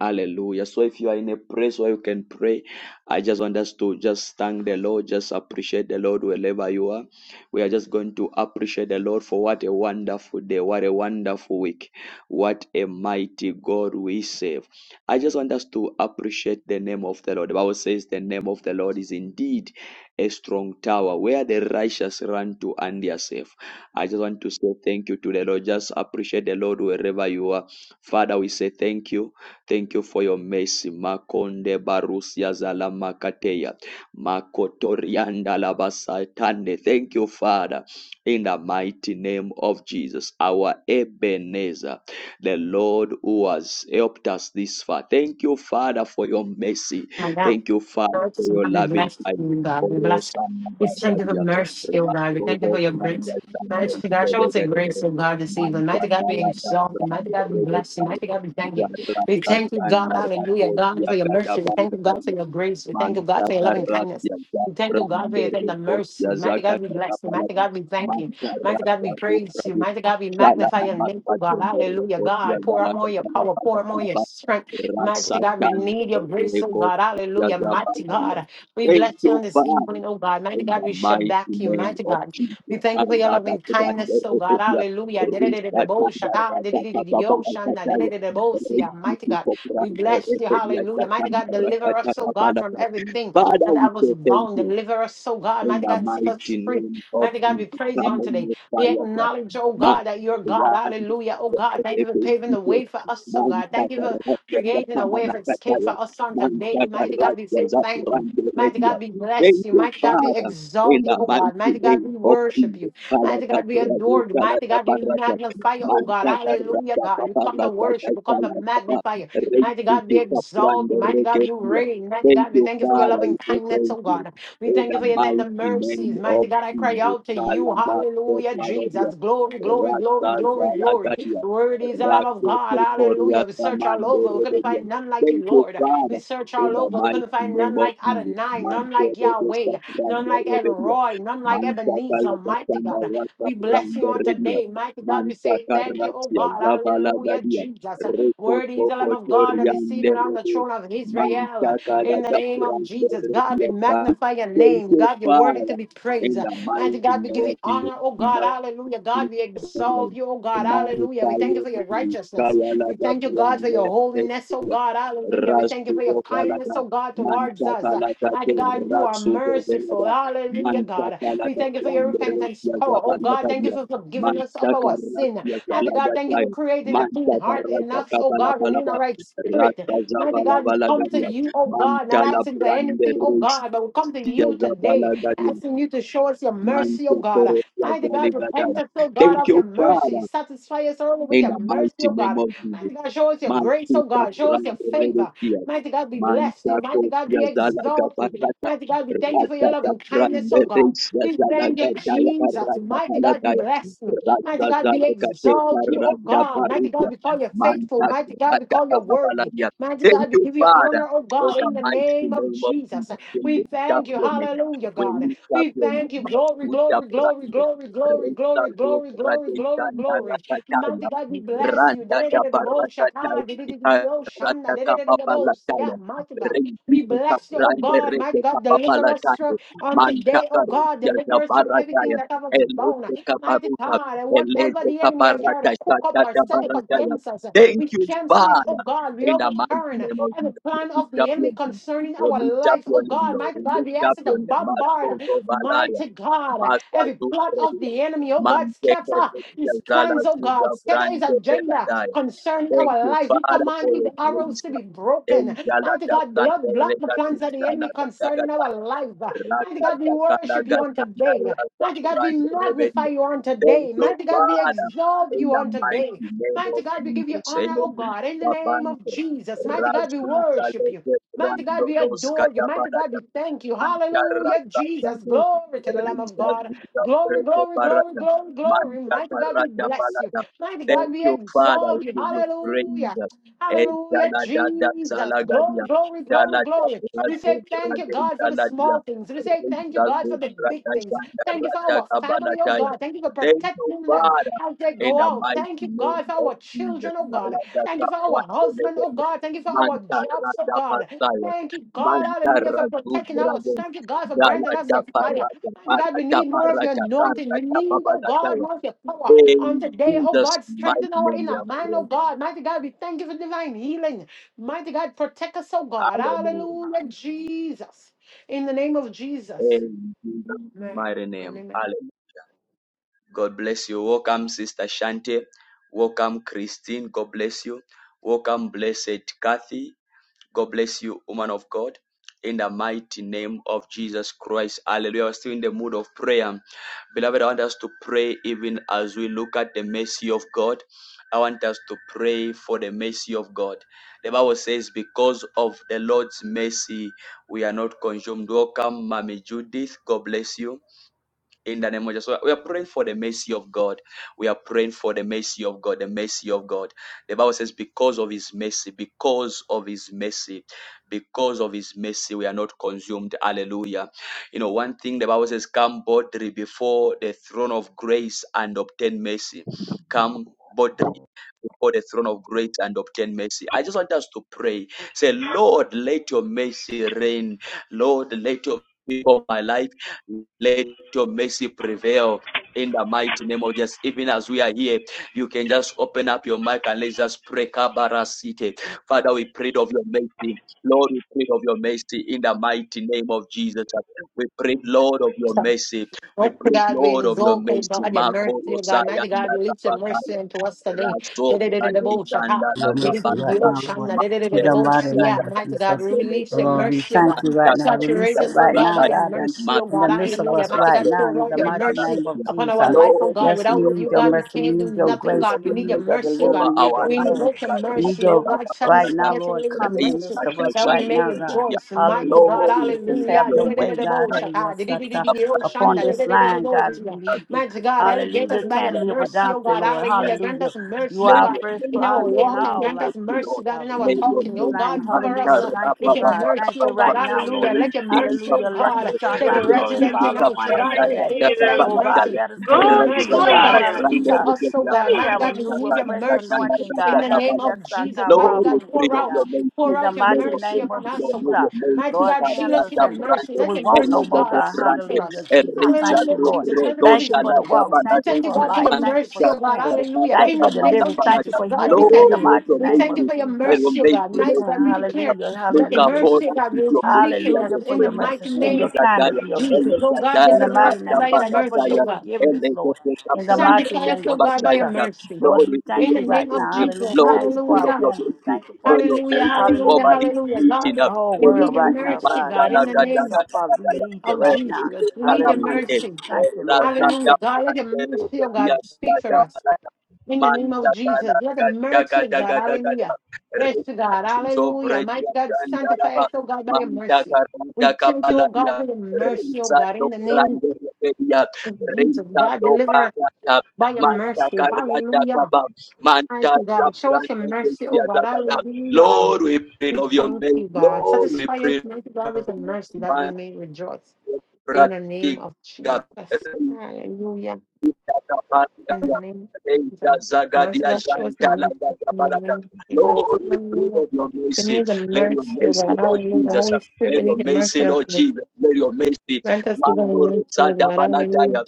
Speaker 1: Hallelujah. So if you are in a place where you can pray, I just want us to just thank the Lord, just appreciate the Lord wherever you are. We are just going to appreciate the Lord for what a wonderful day, what a wonderful week, what a mighty God we serve. I just want us to appreciate the name of the Lord. The Bible says the name of the Lord is indeed a strong tower where the righteous run to and they are safe. I just want to say thank you to the Lord. Just appreciate the Lord wherever you are. Father, we say thank you. Thank you for your mercy. Makonde barusia zala makateya. Makotorianda labasatande. Thank you, Father, in the mighty name of Jesus, our Ebenezer, the Lord who has helped us this far. Thank you, Father, for your mercy. Thank you, Father, for
Speaker 3: First,
Speaker 1: your
Speaker 3: and we
Speaker 1: loving
Speaker 3: bless
Speaker 1: kindness.
Speaker 3: you, God. We bless you.
Speaker 1: Orosana
Speaker 3: We thank you for
Speaker 1: baradia.
Speaker 3: mercy, oh God. We thank you
Speaker 1: Rakodo
Speaker 3: for your
Speaker 1: baradia.
Speaker 3: grace.
Speaker 1: Sando,
Speaker 3: Mighty God,
Speaker 1: Rege,
Speaker 3: show us a grace, oh God, this evening.
Speaker 1: Manta,
Speaker 3: Mighty God, we
Speaker 1: Salada,
Speaker 3: exalt you. Mighty
Speaker 1: Brando,
Speaker 3: God, we bless you. Mighty God, we thank
Speaker 1: Thank
Speaker 3: you. We thank you, God, hallelujah, God, for your mercy. We thank you, God, for your grace. We thank you, God, for your loving kindness. We thank you, God, for your tender mercy. Mighty God, we bless you. Mighty God, we thank you. Mighty God, we praise you. Mighty God, we magnify your name, oh God. Hallelujah, God. Pour out more your power, pour out more your strength. Mighty God, we need your grace, oh God. Hallelujah. Mighty God. We bless you
Speaker 1: you,
Speaker 3: on this
Speaker 1: Father
Speaker 3: evening, oh God. Mighty
Speaker 1: in
Speaker 3: God,
Speaker 1: the
Speaker 3: we shall
Speaker 1: mighty
Speaker 3: back you.
Speaker 1: name
Speaker 3: Mighty
Speaker 1: of
Speaker 3: God.
Speaker 1: Jesus.
Speaker 3: We thank you for your loving kindness, oh God. Hallelujah. Dedededebo shaka, dedededeo shanda, dedededebo siya. Mighty God. We bless you. Hallelujah. Mighty God, deliver us, oh God, from everything
Speaker 1: Father,
Speaker 3: that I
Speaker 1: we
Speaker 3: was
Speaker 1: say thank
Speaker 3: bound.
Speaker 1: you
Speaker 3: Deliver us, oh God.
Speaker 1: in
Speaker 3: Mighty
Speaker 1: the
Speaker 3: God, set
Speaker 1: mighty
Speaker 3: us free.
Speaker 1: name of
Speaker 3: Mighty God,
Speaker 1: Jesus.
Speaker 3: we praise you
Speaker 1: Come
Speaker 3: on
Speaker 1: on,
Speaker 3: today.
Speaker 1: your
Speaker 3: We
Speaker 1: fire, God.
Speaker 3: acknowledge, oh
Speaker 1: Back
Speaker 3: God, that you're
Speaker 1: to
Speaker 3: God. Hallelujah. Oh
Speaker 1: the
Speaker 3: God, thank you for
Speaker 1: every
Speaker 3: paving the
Speaker 1: secret.
Speaker 3: way for us, oh
Speaker 1: Man,
Speaker 3: God.
Speaker 1: that
Speaker 3: Thank you
Speaker 1: I
Speaker 3: for
Speaker 1: love you, that
Speaker 3: creating a
Speaker 1: I'm
Speaker 3: way
Speaker 1: an
Speaker 3: of escape
Speaker 1: attacker.
Speaker 3: for us on
Speaker 1: Man,
Speaker 3: today.
Speaker 1: that I
Speaker 3: Mighty God,
Speaker 1: love
Speaker 3: we
Speaker 1: you,
Speaker 3: say
Speaker 1: that
Speaker 3: thank you.
Speaker 1: I'm the
Speaker 3: Mighty
Speaker 1: radio.
Speaker 3: God, we bless
Speaker 1: Thank
Speaker 3: you.
Speaker 1: you,
Speaker 3: Mighty God, we
Speaker 1: Father, in
Speaker 3: exalt you,
Speaker 1: the
Speaker 3: oh God.
Speaker 1: mighty
Speaker 3: Mighty God, we
Speaker 1: name of
Speaker 3: worship
Speaker 1: Jesus.
Speaker 3: you. Mighty
Speaker 1: Kalata
Speaker 3: God, we
Speaker 1: brado,
Speaker 3: adore you. Mighty
Speaker 1: kalata
Speaker 3: God, we
Speaker 1: barata.
Speaker 3: magnify you, oh
Speaker 1: Man,
Speaker 3: God.
Speaker 1: that I love
Speaker 3: Hallelujah,
Speaker 1: you,
Speaker 3: God. We
Speaker 1: papa,
Speaker 3: come to
Speaker 1: that I
Speaker 3: worship. We come
Speaker 1: love
Speaker 3: to
Speaker 1: you, papa.
Speaker 3: magnify you. Mighty
Speaker 1: Raise
Speaker 3: God, we
Speaker 1: the cup, brand
Speaker 3: exalt you.
Speaker 1: the
Speaker 3: Mighty God,
Speaker 1: rocket
Speaker 3: you
Speaker 1: here.
Speaker 3: reign. Mighty
Speaker 1: Thank
Speaker 3: God, we
Speaker 1: you,
Speaker 3: thank you for your
Speaker 1: Father. we
Speaker 3: loving
Speaker 1: say
Speaker 3: kindness,
Speaker 1: Thank
Speaker 3: oh
Speaker 1: you.
Speaker 3: God. We
Speaker 1: In
Speaker 3: thank you
Speaker 1: the
Speaker 3: for your
Speaker 1: mighty
Speaker 3: tender
Speaker 1: name
Speaker 3: mercies. Mighty
Speaker 1: of
Speaker 3: God, I cry
Speaker 1: Jesus,
Speaker 3: out to you.
Speaker 1: Salamato
Speaker 3: Hallelujah,
Speaker 1: Parodia,
Speaker 3: Jesus. Glory, glory, glory,
Speaker 1: Rasta
Speaker 3: glory, glory.
Speaker 1: Zalagaria,
Speaker 3: Word is the Lamb of
Speaker 1: Rako
Speaker 3: God.
Speaker 1: Sokoria
Speaker 3: Hallelujah. We search all
Speaker 1: Samando
Speaker 3: over. We couldn't
Speaker 1: Rodoria.
Speaker 3: find none like you,
Speaker 1: Thank you,
Speaker 3: Lord.
Speaker 1: Father,
Speaker 3: We search
Speaker 1: in
Speaker 3: all
Speaker 1: the
Speaker 3: over. We
Speaker 1: mighty
Speaker 3: couldn't find
Speaker 1: name
Speaker 3: none
Speaker 1: of
Speaker 3: like
Speaker 1: Jesus,
Speaker 3: Adonai, none
Speaker 1: Manto
Speaker 3: like
Speaker 1: Rodosta
Speaker 3: Yahweh, none
Speaker 1: Branda
Speaker 3: like
Speaker 1: Rodoria,
Speaker 3: Elroy, none like
Speaker 1: Manta
Speaker 3: Ebenezer, mighty
Speaker 1: Kalakasana
Speaker 3: God.
Speaker 1: Rasta
Speaker 3: We bless you
Speaker 1: Branda
Speaker 3: on
Speaker 1: Rodoria,
Speaker 3: today, mighty God. We
Speaker 1: Manta
Speaker 3: say thank you, oh
Speaker 1: Karatia,
Speaker 3: God. Hallelujah,
Speaker 1: Zavalagaria,
Speaker 3: Jesus.
Speaker 1: Reko
Speaker 3: Word is the Lamb of God that is
Speaker 1: Sokotoriande
Speaker 3: seated on the
Speaker 1: Rodoria,
Speaker 3: throne of Israel.
Speaker 1: Manta
Speaker 3: In the name of
Speaker 1: Kalakasana
Speaker 3: Jesus, God, we
Speaker 1: Rodoria,
Speaker 3: magnify your
Speaker 1: Thank
Speaker 3: name.
Speaker 1: you,
Speaker 3: God, you're worthy to
Speaker 1: Father,
Speaker 3: be praised.
Speaker 1: in the mighty
Speaker 3: Mighty God,
Speaker 1: name
Speaker 3: we give
Speaker 1: of
Speaker 3: you
Speaker 1: Jesus.
Speaker 3: honor, oh
Speaker 1: In the
Speaker 3: God,
Speaker 1: mighty
Speaker 3: hallelujah.
Speaker 1: name
Speaker 3: God, we
Speaker 1: of
Speaker 3: exalt you, oh
Speaker 1: the
Speaker 3: God,
Speaker 1: mighty
Speaker 3: hallelujah. We thank
Speaker 1: fire
Speaker 3: you
Speaker 1: of
Speaker 3: for your
Speaker 1: the
Speaker 3: righteousness.
Speaker 1: Kaya
Speaker 3: We
Speaker 1: Lada
Speaker 3: thank you, God, for your
Speaker 1: Brande
Speaker 3: holiness, oh
Speaker 1: Tekura.
Speaker 3: God, hallelujah. We thank you
Speaker 1: Rasu
Speaker 3: for your kindness,
Speaker 1: Yokalada,
Speaker 3: oh God, towards us.
Speaker 1: Mantaka Lada
Speaker 3: Mighty
Speaker 1: Te,
Speaker 3: God, you are
Speaker 1: Rasu
Speaker 3: merciful,
Speaker 1: Yokalada,
Speaker 3: hallelujah, God.
Speaker 1: Mantaka
Speaker 3: We
Speaker 1: Lada
Speaker 3: thank you for your
Speaker 1: Brande
Speaker 3: repentance
Speaker 1: Rekia
Speaker 3: power, oh God. Thank you
Speaker 1: Zabalatadia,
Speaker 3: for forgiving us of
Speaker 1: Mantaka
Speaker 3: our sin.
Speaker 1: Rasia
Speaker 3: Mighty God,
Speaker 1: Zalaga
Speaker 3: thank you for
Speaker 1: Taya,
Speaker 3: creating a clean
Speaker 1: Mantaka
Speaker 3: heart in
Speaker 1: Raja
Speaker 3: us, oh God, renewing
Speaker 1: Kapalapalapa,
Speaker 3: our right spirit.
Speaker 1: Rasa
Speaker 3: Mighty
Speaker 1: Zavala
Speaker 3: God, we come to
Speaker 1: Valagaria,
Speaker 3: you, oh God, not
Speaker 1: Mantala
Speaker 3: asking for anything, oh
Speaker 1: Brande
Speaker 3: God, but we come to
Speaker 1: Thank
Speaker 3: you today
Speaker 1: you,
Speaker 3: asking you to show us your mercy, oh God. Mighty God, repent us, oh God, of your mercy.
Speaker 1: Father,
Speaker 3: Satisfy us early with
Speaker 1: in
Speaker 3: your
Speaker 1: the mighty
Speaker 3: mercy, oh
Speaker 1: name
Speaker 3: God.
Speaker 1: of Jesus.
Speaker 3: Mighty God, show us your grace, oh
Speaker 1: Masuta
Speaker 3: God. Show us your
Speaker 1: Brando
Speaker 3: favor.
Speaker 1: Rebesia,
Speaker 3: Mighty God, be blessed.
Speaker 1: Manta
Speaker 3: you. Mighty God,
Speaker 1: Kosia
Speaker 3: be
Speaker 1: Zalaga
Speaker 3: exalted.
Speaker 1: Barata,
Speaker 3: Mighty God, we thank you for your
Speaker 1: Ratata
Speaker 3: loving kindness,
Speaker 1: Brande
Speaker 3: oh God.
Speaker 1: Resia
Speaker 3: We thank
Speaker 1: Zalaga
Speaker 3: you,
Speaker 1: Daya
Speaker 3: Jesus.
Speaker 1: Barata
Speaker 3: Mighty God, be
Speaker 1: Paladaya,
Speaker 3: blessed.
Speaker 1: Rasa
Speaker 3: Mighty God, be
Speaker 1: Zalaga Teta
Speaker 3: exalted, you, oh
Speaker 1: Randa
Speaker 3: God. Mighty
Speaker 1: Baruja,
Speaker 3: God, we call you faithful.
Speaker 1: Manta
Speaker 3: Mighty God, we call
Speaker 1: Ratata
Speaker 3: you worthy.
Speaker 1: Mabaladia.
Speaker 3: Mighty
Speaker 1: Thank
Speaker 3: God, we
Speaker 1: you,
Speaker 3: give you
Speaker 1: Father,
Speaker 3: honor, oh
Speaker 1: for
Speaker 3: God,
Speaker 1: the
Speaker 3: in the
Speaker 1: mighty
Speaker 3: name of
Speaker 1: name of
Speaker 3: Jesus.
Speaker 1: Jesus. When you
Speaker 3: We
Speaker 1: tap
Speaker 3: thank you.
Speaker 1: your name,
Speaker 3: Hallelujah,
Speaker 1: when
Speaker 3: God.
Speaker 1: you tap
Speaker 3: We
Speaker 1: your name,
Speaker 3: thank you. Glory,
Speaker 1: Masuta
Speaker 3: glory, glory,
Speaker 1: Brando,
Speaker 3: glory, glory,
Speaker 1: Rasa
Speaker 3: glory, glory, glory, glory,
Speaker 1: Zalaga
Speaker 3: glory.
Speaker 1: Daya
Speaker 3: Mighty God, we bless you.
Speaker 1: Randa da
Speaker 3: Da-da-da-da-da-bo,
Speaker 1: barata da
Speaker 3: shaka, di-di-di-di-di-o,
Speaker 1: randa
Speaker 3: shanda,
Speaker 1: da
Speaker 3: da-da-da-da-da-bo.
Speaker 1: papala da
Speaker 3: Yeah, mighty God.
Speaker 1: rendi
Speaker 3: We
Speaker 1: da
Speaker 3: bless you, oh
Speaker 1: randa
Speaker 3: God.
Speaker 1: rende
Speaker 3: Mighty
Speaker 1: da
Speaker 3: God,
Speaker 1: papala
Speaker 3: deliver us
Speaker 1: da
Speaker 3: from on
Speaker 1: manta
Speaker 3: today, oh God.
Speaker 1: caruja da
Speaker 3: Deliver us from
Speaker 1: barata
Speaker 3: everything
Speaker 1: ya
Speaker 3: that have us bound.
Speaker 1: elete da
Speaker 3: Mighty
Speaker 1: baruta
Speaker 3: God, and whatever
Speaker 1: elete
Speaker 3: the
Speaker 1: da
Speaker 3: enemy has tried to
Speaker 1: barata da
Speaker 3: cook up or
Speaker 1: da
Speaker 3: set up
Speaker 1: barata ya
Speaker 3: against us,
Speaker 1: thank
Speaker 3: we
Speaker 1: you
Speaker 3: cancel it, oh
Speaker 1: father
Speaker 3: God. We
Speaker 1: in the mighty
Speaker 3: overturn
Speaker 1: name of
Speaker 3: every
Speaker 1: Jesus we
Speaker 3: plan of
Speaker 1: lift up
Speaker 3: the
Speaker 1: your
Speaker 3: enemy
Speaker 1: name
Speaker 3: concerning
Speaker 1: we
Speaker 3: our
Speaker 1: lift up
Speaker 3: life,
Speaker 1: your
Speaker 3: oh
Speaker 1: name
Speaker 3: God.
Speaker 1: Lord
Speaker 3: Mighty
Speaker 1: we
Speaker 3: God, we
Speaker 1: lift up
Speaker 3: ask you to
Speaker 1: your name
Speaker 3: bombard.
Speaker 1: Master of Valaya
Speaker 3: Mighty God,
Speaker 1: Master
Speaker 3: every
Speaker 1: of
Speaker 3: plot of the enemy, oh God, scatter
Speaker 1: Mante
Speaker 3: his
Speaker 1: Zala
Speaker 3: plans, oh God, scatter his
Speaker 1: branche
Speaker 3: agenda
Speaker 1: peladai.
Speaker 3: concerning
Speaker 1: Thank
Speaker 3: our
Speaker 1: you,
Speaker 3: life. We
Speaker 1: Father,
Speaker 3: command
Speaker 1: for your
Speaker 3: the
Speaker 1: grace.
Speaker 3: arrows to be
Speaker 1: Ey,
Speaker 3: broken.
Speaker 1: Zala
Speaker 3: Mighty God,
Speaker 1: Santa
Speaker 3: blood block the
Speaker 1: Rega
Speaker 3: plans of the
Speaker 1: Zala
Speaker 3: enemy concerning our
Speaker 1: Dagadai.
Speaker 3: life. Mighty
Speaker 1: Raka
Speaker 3: God, we
Speaker 1: Takala
Speaker 3: worship you on
Speaker 1: Gatana
Speaker 3: today.
Speaker 1: Raka
Speaker 3: Mighty God, we
Speaker 1: Branche
Speaker 3: magnify
Speaker 1: Rebedia.
Speaker 3: you on
Speaker 1: Thank
Speaker 3: today.
Speaker 1: you,
Speaker 3: Mighty God, we
Speaker 1: Father,
Speaker 3: exalt
Speaker 1: in
Speaker 3: you
Speaker 1: the
Speaker 3: on today.
Speaker 1: mighty name
Speaker 3: Mighty
Speaker 1: of
Speaker 3: God, we give you
Speaker 1: Jesus.
Speaker 3: honor, oh God, in the name
Speaker 1: Amen.
Speaker 3: of Jesus. Mighty God, we
Speaker 1: Razu
Speaker 3: worship you.
Speaker 1: Zale
Speaker 3: Mighty
Speaker 1: Brando
Speaker 3: God, we
Speaker 1: Dos
Speaker 3: adore you. Mighty God, we thank you.
Speaker 1: Thank
Speaker 3: Hallelujah, Jesus. Glory to the Lamb of God. Glory, glory, glory, glory, glory. Mighty God, we bless you. Mighty God, we
Speaker 1: you, Father. We
Speaker 3: exalt you.
Speaker 1: give you
Speaker 3: Hallelujah.
Speaker 1: praise. Eh,
Speaker 3: Hallelujah,
Speaker 1: jala da da
Speaker 3: Jesus.
Speaker 1: zala gadia.
Speaker 3: Glory, glory,
Speaker 1: Jala
Speaker 3: glory,
Speaker 1: da
Speaker 3: glory. We
Speaker 1: brazo
Speaker 3: say thank you,
Speaker 1: brade
Speaker 3: God, for the
Speaker 1: jala dia.
Speaker 3: small things. We say
Speaker 1: Eh,
Speaker 3: thank you, God,
Speaker 1: zazo
Speaker 3: for the big
Speaker 1: brada
Speaker 3: things.
Speaker 1: janda
Speaker 3: Thank you for
Speaker 1: rada
Speaker 3: our
Speaker 1: kabala
Speaker 3: family, oh
Speaker 1: jaya.
Speaker 3: God. Thank you for
Speaker 1: Thank you,
Speaker 3: protecting them
Speaker 1: Father.
Speaker 3: as they
Speaker 1: In
Speaker 3: go
Speaker 1: the
Speaker 3: out.
Speaker 1: mighty
Speaker 3: Thank you,
Speaker 1: name
Speaker 3: God, for
Speaker 1: of
Speaker 3: our
Speaker 1: Jesus.
Speaker 3: children, oh God.
Speaker 1: Jala da
Speaker 3: Thank you for our
Speaker 1: kabrande
Speaker 3: husband, oh
Speaker 1: legedia.
Speaker 3: God. Thank you for our
Speaker 1: Manta
Speaker 3: jobs, oh
Speaker 1: rada
Speaker 3: God.
Speaker 1: pasaya.
Speaker 3: Thank you, God, hallelujah, for
Speaker 1: Mandara
Speaker 3: protecting us.
Speaker 1: Dubrago,
Speaker 3: Thank you, God, for
Speaker 1: Dala
Speaker 3: granting us your fire.
Speaker 1: Daparata,
Speaker 3: Thank you,
Speaker 1: Para
Speaker 3: God, we need more of your
Speaker 1: Daparata,
Speaker 3: anointing.
Speaker 1: Para
Speaker 3: We need, oh God,
Speaker 1: Dapabalataya.
Speaker 3: more of your power on
Speaker 1: In
Speaker 3: today. Oh
Speaker 1: Jesus'
Speaker 3: God,
Speaker 1: mighty
Speaker 3: strengthen our
Speaker 1: name we
Speaker 3: inner
Speaker 1: have
Speaker 3: man, oh
Speaker 1: prayed.
Speaker 3: God. Mighty God, we thank you for divine healing. Mighty God, protect us, oh God.
Speaker 1: Hallelujah.
Speaker 3: Hallelujah, Jesus. In the name of Jesus.
Speaker 1: In Jesus' mighty name.
Speaker 3: Amen.
Speaker 1: Hallelujah. God bless you. Welcome, Sister Shante. Welcome, Christine. God bless you. Welcome, Blessed Kathy. God bless you, woman of God. In the mighty name of Jesus Christ. Hallelujah. We're still in the mood of prayer Beloved, I want us to pray even as we look at the mercy of God. I want us to pray for the mercy of God. The Bible says, because of the Lord's mercy, we are not consumed. Welcome, Mommy Judith. God bless you. In the name of Jesus, we are praying for the mercy of God. We are praying for the mercy of God, the mercy of God. The Bible says, because of his mercy, because of his mercy, because of his mercy, we are not consumed. Hallelujah. You know, one thing the Bible says, come boldly before the throne of grace and obtain mercy. Come boldly before the throne of grace and obtain mercy. I just want us to pray. Say, Lord, let your mercy reign. Lord, let your mercy over my life let your mercy prevail in the mighty name of Jesus. Even as we are here, you can just open up your mic and let's just pray. Kabarasite. Father, we prayed of your mercy. Lord, we prayed of your mercy in the mighty name of Jesus. We prayed, Lord, of your mercy. We
Speaker 3: Lord to
Speaker 1: prayed,
Speaker 3: God, we
Speaker 1: Lord, of your
Speaker 3: invoke, oh
Speaker 1: mercy.
Speaker 3: God, your mercy,
Speaker 1: Marco
Speaker 3: oh God. Mighty God, release your mercy unto us today. Yedididididibushata,
Speaker 4: Your mercy right now, Lord.
Speaker 3: yedididididibushana,
Speaker 4: In the mighty name
Speaker 3: yedididididibushia.
Speaker 4: of
Speaker 3: Mighty God,
Speaker 4: Jesus.
Speaker 3: we release your
Speaker 4: Lord, we
Speaker 3: mercy, oh
Speaker 4: thank
Speaker 3: God.
Speaker 4: you right now. Release
Speaker 3: Saturate
Speaker 4: it
Speaker 3: us, oh
Speaker 4: right
Speaker 3: God,
Speaker 4: now,
Speaker 3: by your
Speaker 4: God, um,
Speaker 3: mercy, oh
Speaker 4: in the
Speaker 3: God.
Speaker 4: midst of
Speaker 3: Hallelujah.
Speaker 4: us
Speaker 3: Mighty
Speaker 4: right
Speaker 3: God,
Speaker 4: now,
Speaker 3: pour
Speaker 4: in
Speaker 3: out
Speaker 4: the
Speaker 3: your
Speaker 4: mighty
Speaker 3: mercy
Speaker 4: name of
Speaker 3: upon our
Speaker 4: Jesus.
Speaker 3: life, oh
Speaker 1: Lord, we
Speaker 3: God.
Speaker 4: Yes,
Speaker 1: pray
Speaker 4: we
Speaker 3: Without
Speaker 1: of
Speaker 4: need
Speaker 3: you,
Speaker 1: your
Speaker 4: your
Speaker 3: God, we
Speaker 4: mercy.
Speaker 1: mercy.
Speaker 4: We
Speaker 3: can't do
Speaker 4: need your
Speaker 1: We
Speaker 3: nothing,
Speaker 1: pray
Speaker 4: grace.
Speaker 1: of
Speaker 3: God.
Speaker 4: We
Speaker 3: We
Speaker 1: your
Speaker 3: need your
Speaker 4: need your
Speaker 1: mercy
Speaker 3: mercy, oh
Speaker 4: deliverance.
Speaker 1: over
Speaker 3: God.
Speaker 4: We need
Speaker 1: our
Speaker 4: your
Speaker 3: We
Speaker 1: lives.
Speaker 4: healing.
Speaker 3: invoke your
Speaker 1: Lord,
Speaker 4: We need
Speaker 3: mercy, oh
Speaker 4: your
Speaker 3: God.
Speaker 4: right
Speaker 3: Satisfy
Speaker 4: now,
Speaker 3: us
Speaker 4: Lord.
Speaker 3: with your
Speaker 4: Come in the
Speaker 3: mercy
Speaker 4: midst of us
Speaker 3: that we
Speaker 4: right
Speaker 3: may
Speaker 4: now, God.
Speaker 3: rejoice. And mighty
Speaker 4: Hallelujah,
Speaker 3: God,
Speaker 4: Jesus. Just have
Speaker 3: hallelujah.
Speaker 4: your
Speaker 1: we
Speaker 4: way, God.
Speaker 3: Da-da-da-da-da-bo-shaka,
Speaker 4: Hallelujah. Sata. Upon
Speaker 3: di-di-di-di-di-di-oshanda,
Speaker 4: this line, God, we
Speaker 3: da-da-da-da-da-bo-tia.
Speaker 4: need you.
Speaker 3: Mighty God, elevate
Speaker 4: Hallelujah.
Speaker 3: us by your
Speaker 4: Can't
Speaker 1: pray
Speaker 4: live
Speaker 1: of
Speaker 3: mercy,
Speaker 4: without
Speaker 3: oh
Speaker 4: you,
Speaker 1: your
Speaker 3: God,
Speaker 4: Lord.
Speaker 1: mercy.
Speaker 3: hallelujah. Grant
Speaker 4: Hallelujah.
Speaker 3: us
Speaker 4: You
Speaker 3: mercy,
Speaker 1: Let
Speaker 3: oh
Speaker 4: are
Speaker 3: God,
Speaker 1: your
Speaker 4: first
Speaker 1: mercy,
Speaker 3: in our
Speaker 4: priority
Speaker 1: Lord,
Speaker 4: in
Speaker 1: let
Speaker 3: walking.
Speaker 1: your
Speaker 4: all,
Speaker 3: Grant
Speaker 4: our
Speaker 3: us
Speaker 1: mercy,
Speaker 3: mercy,
Speaker 1: Lord,
Speaker 3: God, in
Speaker 4: Father.
Speaker 3: our
Speaker 1: let
Speaker 4: In
Speaker 1: your
Speaker 3: talking.
Speaker 4: Jesus'
Speaker 3: Oh
Speaker 1: mercy,
Speaker 4: name,
Speaker 3: God,
Speaker 1: man,
Speaker 3: cover us
Speaker 4: hallelujah.
Speaker 1: God,
Speaker 3: uh,
Speaker 1: Rabba,
Speaker 4: Thank
Speaker 3: with
Speaker 4: you,
Speaker 3: your
Speaker 1: Rabba,
Speaker 4: God.
Speaker 3: mercy,
Speaker 4: Thank
Speaker 1: Rabba,
Speaker 4: you
Speaker 3: oh
Speaker 1: Rabba.
Speaker 3: God,
Speaker 4: right now, Lord.
Speaker 3: hallelujah.
Speaker 1: Raise
Speaker 3: Let your
Speaker 1: it
Speaker 3: mercy,
Speaker 1: up,
Speaker 3: oh
Speaker 4: Hallelujah. Let your
Speaker 3: God,
Speaker 1: Randa,
Speaker 3: take
Speaker 4: shotgun
Speaker 1: raise
Speaker 4: glory
Speaker 3: residence
Speaker 1: it
Speaker 3: in
Speaker 4: fall
Speaker 1: up,
Speaker 3: us.
Speaker 4: upon us
Speaker 3: God,
Speaker 1: Randa, Randa,
Speaker 4: today.
Speaker 3: elevate us
Speaker 1: Rabba,
Speaker 3: by
Speaker 5: Jesus.
Speaker 3: your
Speaker 1: Rabba,
Speaker 4: Oh, God,
Speaker 3: mercy.
Speaker 4: let us
Speaker 5: Go
Speaker 3: Let
Speaker 4: get
Speaker 3: your
Speaker 1: Rabba.
Speaker 5: to
Speaker 1: Raise
Speaker 4: into you,
Speaker 1: it
Speaker 3: mercy, oh
Speaker 4: God.
Speaker 5: glory
Speaker 1: up,
Speaker 3: God,
Speaker 5: now.
Speaker 3: speak
Speaker 1: Randa,
Speaker 3: to
Speaker 4: Hallelujah.
Speaker 1: Rabba,
Speaker 3: us, oh
Speaker 1: Rabba.
Speaker 4: Let
Speaker 3: God.
Speaker 4: us
Speaker 3: Mighty
Speaker 4: have a
Speaker 1: Randa,
Speaker 3: God, we
Speaker 4: new, a
Speaker 3: need your
Speaker 1: Rabba,
Speaker 4: fresh
Speaker 3: mercy
Speaker 1: Rabba,
Speaker 4: anointing,
Speaker 1: Rabba,
Speaker 3: in
Speaker 4: God.
Speaker 3: the name
Speaker 1: Rabba,
Speaker 4: Hallelujah,
Speaker 3: of
Speaker 1: Rabba.
Speaker 3: Jesus.
Speaker 4: Saka,
Speaker 3: Mighty
Speaker 4: fall
Speaker 1: Lord, we
Speaker 4: from
Speaker 3: God,
Speaker 1: pray
Speaker 3: pour
Speaker 4: heaven,
Speaker 1: of
Speaker 3: out.
Speaker 1: your
Speaker 4: God.
Speaker 3: Pour
Speaker 1: mercy,
Speaker 4: In the
Speaker 3: out your
Speaker 1: let
Speaker 4: mighty
Speaker 1: your
Speaker 3: mercy
Speaker 1: mercy,
Speaker 4: name of
Speaker 3: upon us,
Speaker 1: Lord,
Speaker 3: oh
Speaker 1: let
Speaker 3: God.
Speaker 4: Jesus,
Speaker 1: your
Speaker 3: Mighty
Speaker 1: mercy,
Speaker 4: Lord,
Speaker 3: God,
Speaker 1: Father,
Speaker 3: shield
Speaker 4: cleanse
Speaker 3: us
Speaker 4: us
Speaker 3: in
Speaker 1: Randa,
Speaker 3: the
Speaker 4: and
Speaker 3: mercy.
Speaker 4: so
Speaker 1: Randa,
Speaker 3: Let
Speaker 4: we
Speaker 3: your
Speaker 4: want
Speaker 1: and
Speaker 4: no
Speaker 3: mercy,
Speaker 1: let
Speaker 4: more,
Speaker 1: the
Speaker 3: God,
Speaker 4: God.
Speaker 3: speak
Speaker 1: Randa,
Speaker 3: for
Speaker 4: Hallelujah,
Speaker 3: us.
Speaker 1: and
Speaker 4: Jesus.
Speaker 1: raise us
Speaker 4: Thank you,
Speaker 3: Hallelujah,
Speaker 1: up,
Speaker 4: Lord.
Speaker 3: Jesus.
Speaker 1: Lord,
Speaker 3: Mighty God,
Speaker 1: those
Speaker 4: Thank
Speaker 3: we
Speaker 4: you
Speaker 1: shall
Speaker 4: for
Speaker 3: thank
Speaker 4: the
Speaker 1: not
Speaker 3: you.
Speaker 4: walk.
Speaker 3: We
Speaker 1: have
Speaker 4: Thank you
Speaker 1: another
Speaker 3: thank you,
Speaker 4: for
Speaker 3: God, for
Speaker 4: life.
Speaker 3: your
Speaker 1: man.
Speaker 4: Thank you for
Speaker 3: mercy, oh God.
Speaker 4: strength.
Speaker 1: Lord,
Speaker 3: Hallelujah.
Speaker 1: let
Speaker 4: Thank you
Speaker 3: In the
Speaker 4: for
Speaker 3: name of
Speaker 4: deliverance. Thank you
Speaker 3: Jesus,
Speaker 4: for
Speaker 3: God, we
Speaker 4: healing. In
Speaker 3: thank
Speaker 4: the
Speaker 3: you.
Speaker 4: mighty
Speaker 1: your
Speaker 3: We
Speaker 4: name
Speaker 3: thank you
Speaker 4: of
Speaker 1: mercy,
Speaker 3: for your
Speaker 1: let your
Speaker 4: Jesus.
Speaker 3: mercy, oh
Speaker 1: mercy,
Speaker 3: God.
Speaker 4: We
Speaker 3: Mighty
Speaker 1: Lord
Speaker 4: sing
Speaker 3: God, we
Speaker 1: Jesus.
Speaker 3: declare
Speaker 4: hallelujah,
Speaker 1: Look
Speaker 3: that the
Speaker 4: hallelujah,
Speaker 1: upon
Speaker 4: Jesus.
Speaker 3: mercy, of
Speaker 1: us
Speaker 3: God,
Speaker 1: with
Speaker 3: will
Speaker 1: your mercy
Speaker 3: speak for
Speaker 1: and
Speaker 3: us
Speaker 4: Hallelujah
Speaker 1: your
Speaker 4: for
Speaker 3: in the
Speaker 4: your
Speaker 1: presence.
Speaker 4: mercy
Speaker 3: mighty
Speaker 1: And
Speaker 4: and
Speaker 3: name,
Speaker 1: let
Speaker 4: your
Speaker 3: of
Speaker 1: that
Speaker 4: kindness
Speaker 1: die,
Speaker 4: and your
Speaker 1: and
Speaker 3: Jesus.
Speaker 1: let
Speaker 4: goodness.
Speaker 3: Oh
Speaker 1: that
Speaker 3: God,
Speaker 1: die,
Speaker 4: In the
Speaker 3: deliver us
Speaker 4: mighty
Speaker 1: Raja
Speaker 4: name, we
Speaker 3: by your
Speaker 4: thank you for
Speaker 3: mercy,
Speaker 4: your
Speaker 3: oh
Speaker 1: Parataya,
Speaker 3: God.
Speaker 1: and
Speaker 4: forgiveness,
Speaker 1: let that
Speaker 4: Lord.
Speaker 1: get up,
Speaker 4: In the
Speaker 1: Ranga
Speaker 4: mighty
Speaker 3: Sanctify us,
Speaker 4: name
Speaker 3: oh
Speaker 4: of
Speaker 3: God, by your
Speaker 4: Jesus.
Speaker 1: Bachaya.
Speaker 3: mercy.
Speaker 4: Lord,
Speaker 1: Lord,
Speaker 4: we
Speaker 1: we pray
Speaker 3: In
Speaker 4: thank
Speaker 1: of
Speaker 3: the
Speaker 4: you
Speaker 1: your
Speaker 4: right
Speaker 3: name of
Speaker 4: now.
Speaker 1: mercy.
Speaker 3: Jesus,
Speaker 4: Hallelujah.
Speaker 1: Lord, we
Speaker 4: Thank you for
Speaker 1: pray
Speaker 4: our
Speaker 1: of
Speaker 3: hallelujah.
Speaker 1: your
Speaker 4: family.
Speaker 1: mercy.
Speaker 4: Thank you for,
Speaker 1: Let your
Speaker 3: Hallelujah,
Speaker 1: mercy
Speaker 3: hallelujah,
Speaker 1: over
Speaker 4: hallelujah,
Speaker 1: this
Speaker 3: hallelujah. God,
Speaker 1: meeting.
Speaker 4: the
Speaker 1: up.
Speaker 4: whole
Speaker 3: we
Speaker 1: Let your
Speaker 4: world
Speaker 3: need your
Speaker 4: right
Speaker 1: mercy,
Speaker 4: now,
Speaker 3: mercy,
Speaker 4: God.
Speaker 3: God,
Speaker 1: Masala
Speaker 3: in the
Speaker 4: Hallelujah,
Speaker 1: Gata
Speaker 3: name
Speaker 4: so
Speaker 1: Gata
Speaker 4: Father, we
Speaker 1: Gata. Let
Speaker 4: need you
Speaker 3: of
Speaker 1: your
Speaker 4: right now.
Speaker 3: Jesus.
Speaker 1: mercy,
Speaker 3: We need your
Speaker 4: Hallelujah,
Speaker 1: Salamande.
Speaker 4: Jesus.
Speaker 3: mercy.
Speaker 4: Thank
Speaker 1: Lord,
Speaker 4: you, Lord. Thank you.
Speaker 3: Hallelujah. God, let your mercy, oh God, speak for us in the name of Jesus. Let the mercy of God, hallelujah. Yes, God, hallelujah. Mighty God, sanctify us, oh God, by your mercy. We thank you, oh God, for your mercy, oh God, in the name of Jesus. God, deliver us by your mercy. Hallelujah. Mighty God, show us your mercy, oh God, hallelujah.
Speaker 1: we pray
Speaker 3: We
Speaker 1: of your
Speaker 3: Thank
Speaker 1: name.
Speaker 3: you, God.
Speaker 1: Lord, we
Speaker 3: Satisfy us,
Speaker 1: pray.
Speaker 3: mighty God, with your mercy that we may rejoice in the name of Jesus.
Speaker 1: Man,
Speaker 3: Hallelujah.
Speaker 1: Lord,
Speaker 3: In the name of Jesus. Mighty God, show us the mercy in the name of Jesus.
Speaker 1: we pray
Speaker 3: Hallelujah.
Speaker 1: of your
Speaker 3: We
Speaker 1: mercy.
Speaker 3: need the
Speaker 1: Let your
Speaker 3: mercy, O
Speaker 1: mercy,
Speaker 3: God.
Speaker 1: Lord
Speaker 3: Hallelujah.
Speaker 1: Jesus.
Speaker 3: Holy Spirit,
Speaker 1: Let
Speaker 3: we
Speaker 1: your
Speaker 3: need the mercy
Speaker 1: mercy,
Speaker 3: of
Speaker 1: Lord
Speaker 3: you.
Speaker 1: Jesus. Let your mercy.
Speaker 3: Grant us divine mercy, O God. Hallelujah.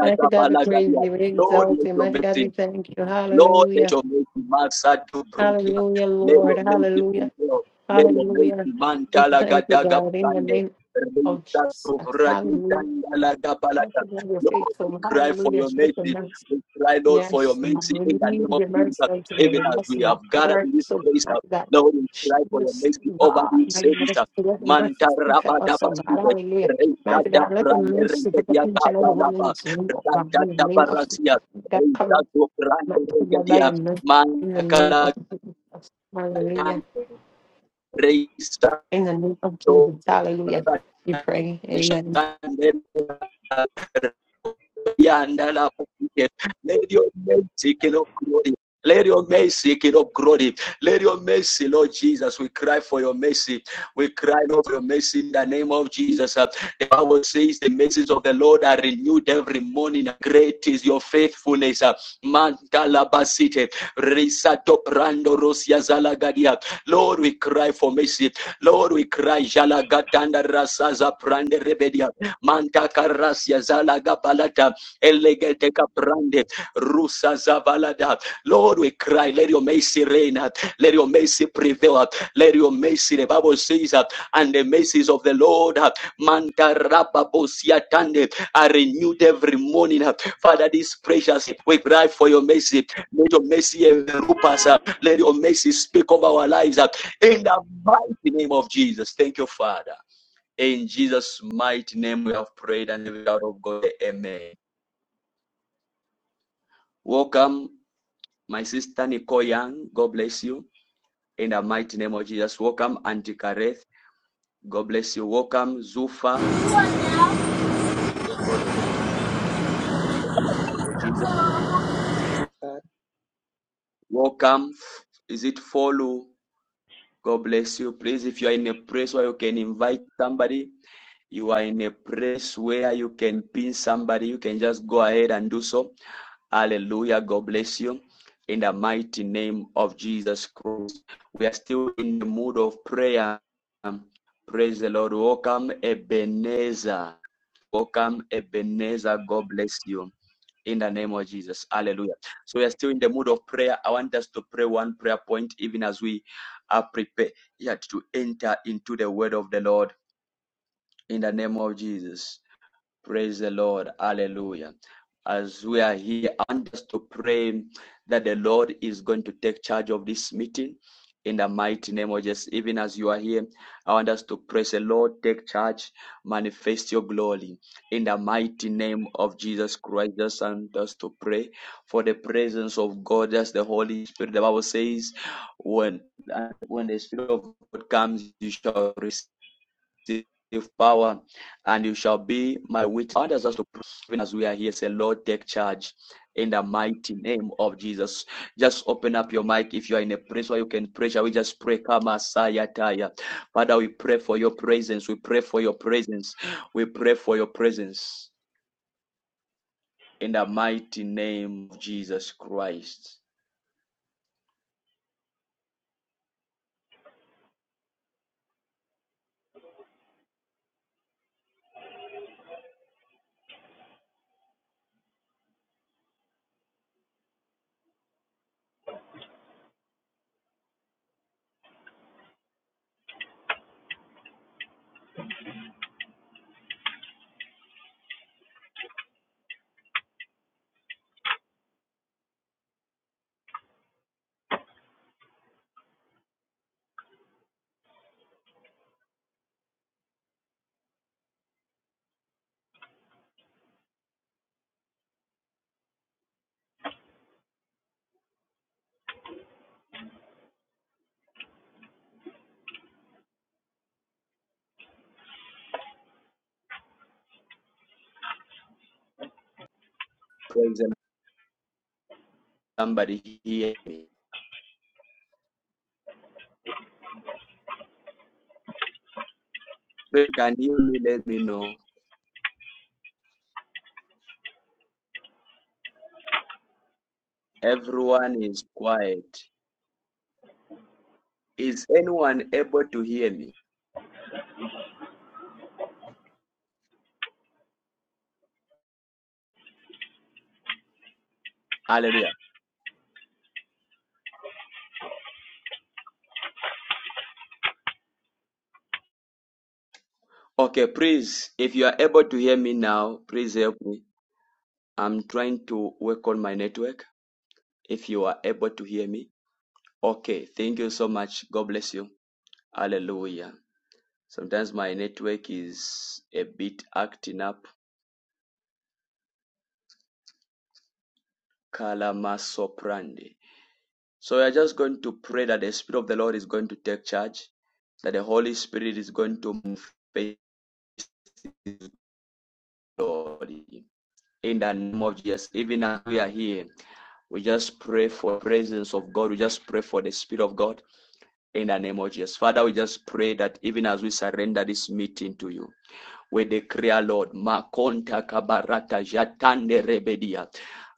Speaker 3: Mighty God, we praise you. We
Speaker 1: Lord,
Speaker 3: exalt
Speaker 1: let
Speaker 3: you.
Speaker 1: your
Speaker 3: Mighty God,
Speaker 1: mercy.
Speaker 3: we thank you.
Speaker 1: Lord, let
Speaker 3: Hallelujah.
Speaker 1: your mighty master to bring you.
Speaker 3: Hallelujah,
Speaker 1: Let
Speaker 3: Lord.
Speaker 1: your mercy
Speaker 3: Hallelujah.
Speaker 1: prevail. Let your mighty
Speaker 3: Hallelujah.
Speaker 1: man
Speaker 3: We thank you,
Speaker 1: Gadaga
Speaker 3: God, in the
Speaker 1: blande.
Speaker 3: name
Speaker 1: Lord,
Speaker 3: of Jesus.
Speaker 1: we
Speaker 3: Hallelujah. Thank you, God, you're faithful.
Speaker 1: cry for
Speaker 3: Hallelujah.
Speaker 1: your
Speaker 3: Show the
Speaker 1: mercy.
Speaker 3: mercy.
Speaker 1: We cry, Lord, for your
Speaker 3: Yes, God.
Speaker 1: mercy in the
Speaker 3: renew
Speaker 1: name of
Speaker 3: the mercy
Speaker 1: Jesus.
Speaker 3: unto
Speaker 1: Even
Speaker 3: the
Speaker 1: as
Speaker 3: mercy
Speaker 1: we
Speaker 3: that
Speaker 1: have gathered
Speaker 3: covered
Speaker 1: in this
Speaker 3: so
Speaker 1: place, uh,
Speaker 3: much that
Speaker 1: Lord, we cry for your
Speaker 3: Jesus,
Speaker 1: mercy over
Speaker 3: God,
Speaker 1: this
Speaker 3: my
Speaker 1: service.
Speaker 3: mercy,
Speaker 1: uh,
Speaker 3: let the mercy
Speaker 1: Manta
Speaker 3: speak for
Speaker 1: raba
Speaker 3: us,
Speaker 1: daba
Speaker 3: oh God.
Speaker 1: sute,
Speaker 3: Hallelujah.
Speaker 1: reza
Speaker 3: Mighty
Speaker 1: da
Speaker 3: God, let the
Speaker 1: brande,
Speaker 3: mercy for
Speaker 1: reze
Speaker 3: the
Speaker 1: dia
Speaker 3: each and
Speaker 1: gaga
Speaker 3: every one in
Speaker 1: laba,
Speaker 3: this room, oh God,
Speaker 1: reza
Speaker 3: in the
Speaker 1: da
Speaker 3: name of
Speaker 1: bara
Speaker 3: Jesus,
Speaker 1: sia.
Speaker 3: that covered,
Speaker 1: Rejato
Speaker 3: my
Speaker 1: grande
Speaker 3: God, by
Speaker 1: regalia,
Speaker 3: your mercy, in the
Speaker 1: manda
Speaker 3: name
Speaker 1: cara
Speaker 3: of Jesus. Hallelujah.
Speaker 1: reisa
Speaker 3: In the name of
Speaker 1: do
Speaker 3: Jesus, hallelujah. We pray, amen.
Speaker 1: Let your mercy, King of glory. Let your mercy, King of glory. Let your mercy, Lord Jesus. We cry for your mercy. We cry for your mercy in the name of Jesus. Uh, The Bible says the mercies of the Lord are renewed every morning. Great is your faithfulness. Uh, Lord, we cry for mercy. Lord, we cry. Elegedeka brande, rusa zabalada. Lord, we cry, let your mercy reign, let your mercy prevail, let your mercy, the Bible says, and the mercies of the Lord, manta rababosia tande, are renewed every morning. Father, this precious, we cry for your mercy. Let your mercy envelop us, let your mercy speak over our lives, in the mighty name of Jesus. Thank you, Father. In Jesus' mighty name, we have prayed and the God of God. Amen. Welcome, my sister Nicole Young. God bless you. In the mighty name of Jesus. Welcome, Auntie Kareth. God bless you. Welcome, Zufa. God bless Jesus.
Speaker 6: Praise the Lord God.
Speaker 1: Welcome. Is it follow? God bless you. Please, if you are in a place where you can invite somebody, you are in a place where you can pin somebody, you can just go ahead and do so. Hallelujah. God bless you. In the mighty name of Jesus Christ. We are still in the mood of prayer. Um, Praise the Lord. Welcome, Ebenezer. Welcome, Ebenezer. God bless you. In the name of Jesus. Hallelujah. So we are still in the mood of prayer. I want us to pray one prayer point even as we are prepared to enter into the word of the Lord. In the name of Jesus. Praise the Lord. Hallelujah. As we are here, I want us to pray that the Lord is going to take charge of this meeting in the mighty name of Jesus. Even as you are here, I want us to praise the Lord, take charge, manifest your glory in the mighty name of Jesus Christ. Just want us to pray for the presence of God, just the Holy Spirit. The Bible says, when, when the Spirit of God comes, you shall receive power and you shall be my witness. God has us to pray as we are here. Say, Lord, take charge in the mighty name of Jesus. Just open up your mic if you are in a place where you can pray. Shall we just pray? Kama saya taya. Father, we pray for your presence. We pray for your presence. We pray for your presence in the mighty name of Jesus Christ. Praise the- somebody hear me. If you can hear me, let me know. Everyone is quiet. Is anyone able to hear me? Hallelujah. Okay, please, if you are able to hear me now, please help me. I'm trying to work on my network. If you are able to hear me, okay, thank you so much. God bless you. Hallelujah. Sometimes my network is a bit acting up. Kalama soprandi. So we are just going to pray that the Spirit of the Lord is going to take charge, that the Holy Spirit is going to move faithfully in the name of Jesus. Even as we are here, We just pray for the presence of God. We just pray for the Spirit of God in the name of Jesus. Father, we just pray that even as we surrender this meeting to you, we declare, Lord, Makonta Kabarata Jatande Rebedia.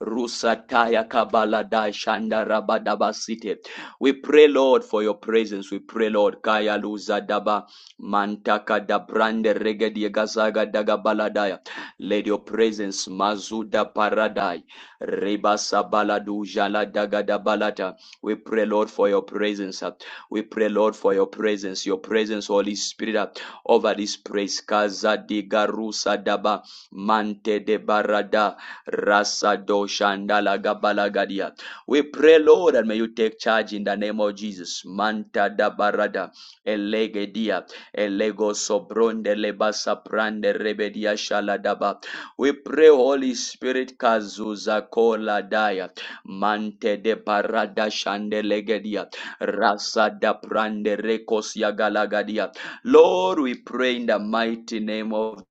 Speaker 1: Rusataya Kabalada Shanda Rabadabasite. We pray, Lord, for your presence. We pray, Lord, Kaya Luza Daba Mantaka da brande regedi Gazaga Dagabaladaya. Let your presence Mazuda Paradai. Rebasa Baladu Jala Dagadabalata. We pray, Lord, for your presence. We pray, Lord, for your presence. Your presence, Holy Spirit over this praise. Kaza diga rusa daba mante de barada rasa do shandala gabalagadia. We pray, Lord, and may you take charge in the name of Jesus. Manta da barada elegedia elego sobronde lebasa prande rebedia shaladaba. We pray, Holy Spirit, kazuza kola daya mante de barada shandelegedia rasa da prande rekos yagalagadia. Lord, we pray in the mighty name of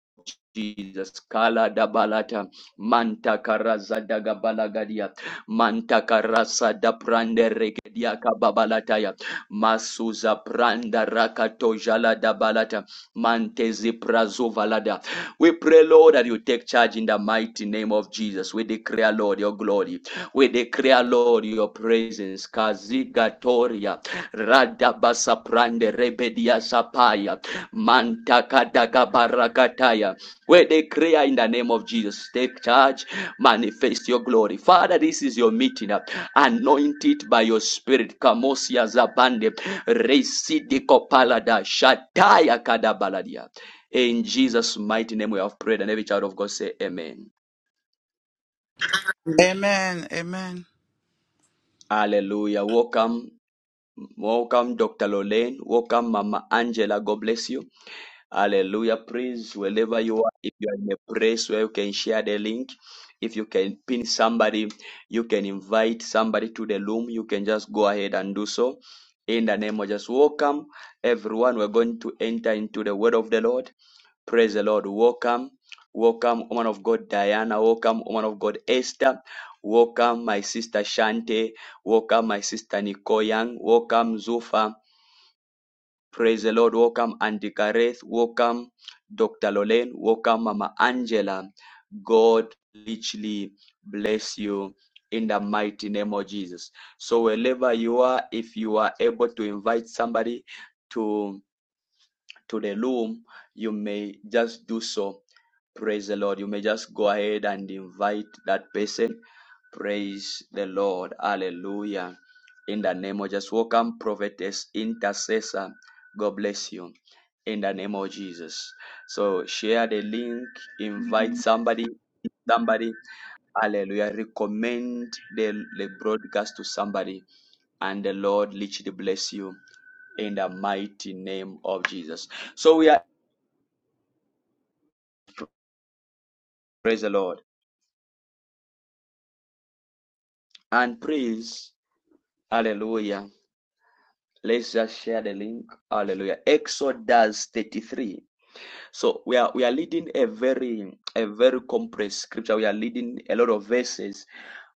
Speaker 1: Jesus, Kala Dabalata, Manta Karaza Dagabalagadia, Manta Karasa da Prande Regedia Kababalataya, Masuza Pranda Rakato Jala Dabalata, Mantezi Prazovalada. We pray, Lord, that you take charge in the mighty name of Jesus. We declare, Lord, your glory. We declare, Lord, your presence. Kaziga toria Radabasa prande, rebedia sapaya. mantaka Mantakadagabarakataya. We declare in the name of Jesus, take charge, manifest your glory. Father, this is your meeting. Anoint it by your spirit. Kamosia zabande. Residiko palada. Shataya kadabaladia. In Jesus' mighty name we have prayed, and every child of God say amen.
Speaker 7: Amen.
Speaker 8: Amen. Amen.
Speaker 1: Hallelujah. Welcome. Welcome, Dr. Lolaine. Welcome, Mama Angela. God bless you. Hallelujah. Please, wherever you are, if you are in a place where you can share the link, if you can pin somebody, you can invite somebody to the room, you can just go ahead and do so. In the name of just welcome everyone. We're going to enter into the word of the Lord. Praise the Lord. Welcome. Welcome, woman of God Diana. Welcome, woman of God Esther. Welcome, my sister Shante. Welcome, my sister Nicole Young. Welcome, Zufa. Praise the Lord. Welcome, Andy Gareth. Welcome, Dr. Lorraine. Welcome, Mama Angela. God richly bless you in the mighty name of Jesus. So wherever you are, if you are able to invite somebody to to the room, you may just do so. Praise the Lord. You may just go ahead and invite that person. Praise the Lord. Hallelujah. In the name of Jesus. welcome prophetess intercessor. God bless you in the name of Jesus. So share the link, invite somebody, somebody, hallelujah. Recommend the, the broadcast to somebody, and the Lord literally bless you in the mighty name of Jesus. So we are praise the Lord and praise hallelujah. Let's just share the link. Hallelujah. Exodus 33. So we are we are leading a very a very compressed scripture. We are leading a lot of verses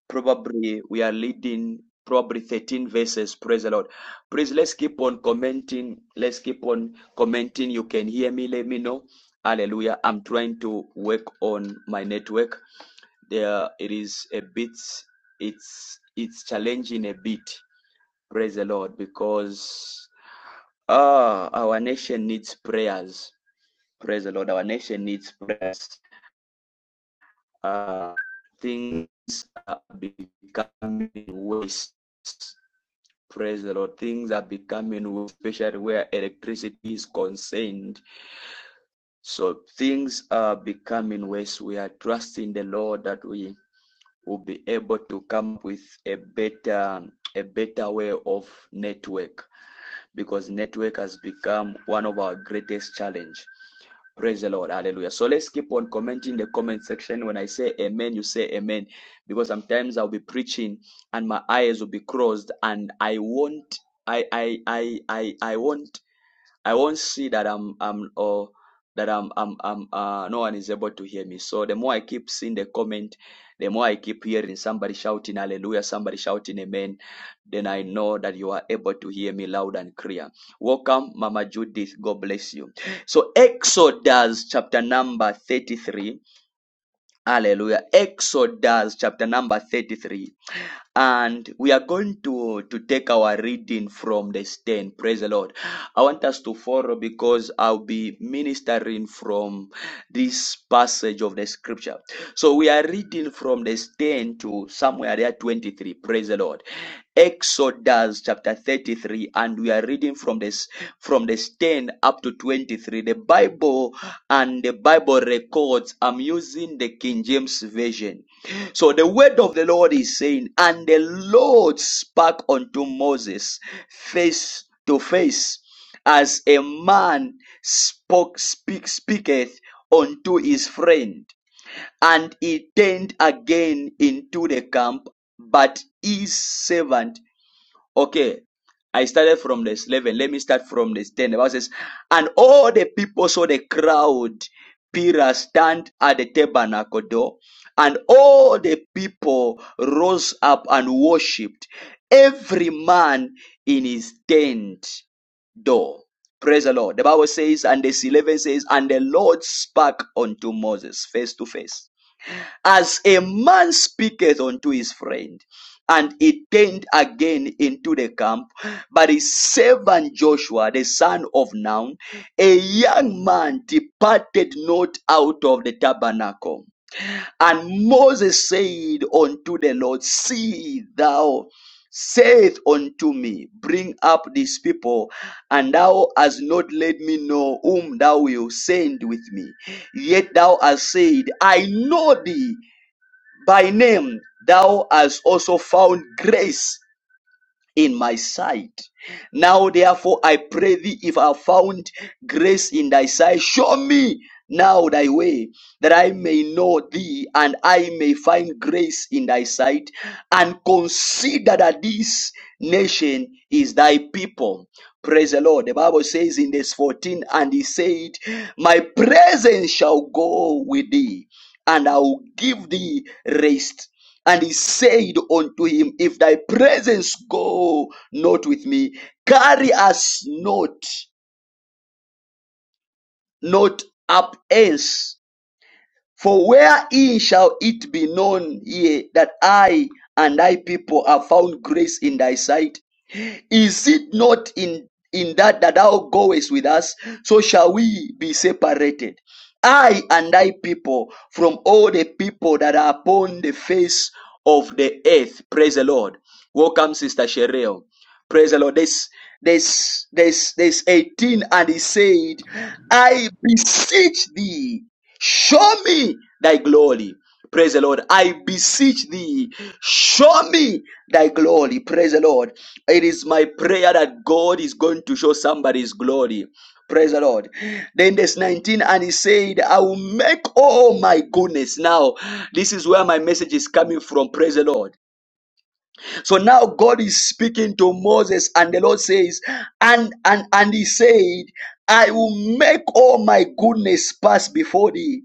Speaker 1: probably we are leading probably 13 verses praise the lord please let's keep on commenting let's keep on commenting you can hear me let me know hallelujah i'm trying to work on my network there it is a bit it's it's challenging a bit praise the lord because ah our nation needs prayers praise the lord our nation needs prayers uh things are becoming worse Praise the Lord. Things are becoming, worse, especially where electricity is concerned. So things are becoming worse. We are trusting the Lord that we will be able to come up with a better, a better way of network because network has become one of our greatest challenge. Praise the Lord. Hallelujah. So let's keep on commenting in the comment section. When I say amen, you say amen. Because sometimes I'll be preaching and my eyes will be crossed and I won't I I I I I won't I won't see that I'm I'm or that I'm I'm I'm uh no one is able to hear me. So the more I keep seeing the comment, the more I keep hearing somebody shouting hallelujah, somebody shouting amen, then I know that you are able to hear me loud and clear. Welcome, Mama Judith. God bless you. So Exodus chapter number 33. Hallelujah. Exodus chapter number 33 and we are going to to take our reading from the stand praise the lord i want us to follow because i'll be ministering from this passage of the scripture so we are reading from the stand to somewhere there 23 praise the lord exodus chapter 33 and we are reading from this from the stand up to 23 the bible and the bible records i'm using the king james version so the word of the Lord is saying, and the Lord spake unto Moses face to face, as a man spoke, speak, speaketh unto his friend. And he turned again into the camp, but his servant Okay, I started from the 11. Let me start from the 10. The Bible says, And all the people saw the crowd, Peter stand at the tabernacle door, and all the people rose up and worshipped, every man in his tent door. Praise the Lord. The Bible says, and the 11 says, And the Lord spoke unto Moses face to face as a man speaketh unto his friend. And he turned again into the camp. But his servant Joshua, the son of Nun, a young man, departed not out of the tabernacle. And Moses said unto the Lord, See thou saith unto me, Bring up these people, and thou hast not let me know whom thou wilt send with me. Yet thou hast said, I know thee, by name, thou hast also found grace in my sight. Now, therefore, I pray thee, if I have found grace in thy sight, show me now thy way, that I may know thee, and I may find grace in thy sight, and consider that this nation is thy people. Praise the Lord. The Bible says in verse 14, and he said, My presence shall go with thee, and I will give thee rest and he said unto him, If thy presence go not with me, carry us not, not up hence. For wherein shall it be known here that I and thy people have found grace in thy sight? Is it not in, in that that thou goest with us? So shall we be separated. I and thy people from all the people that are upon the face of the earth. Praise the Lord. Welcome, Sister Sherelle. Praise the Lord. This this this this 18, and he said, I beseech thee. Show me thy glory. Praise the Lord. I beseech thee, show me thy glory. Praise the Lord. It is my prayer that God is going to show somebody's glory. Praise the Lord. Then verse 19, and he said, I will make all my goodness. Now, this is where my message is coming from. Praise the Lord. So now God is speaking to Moses, and the Lord says, and and and he said, I will make all my goodness pass before thee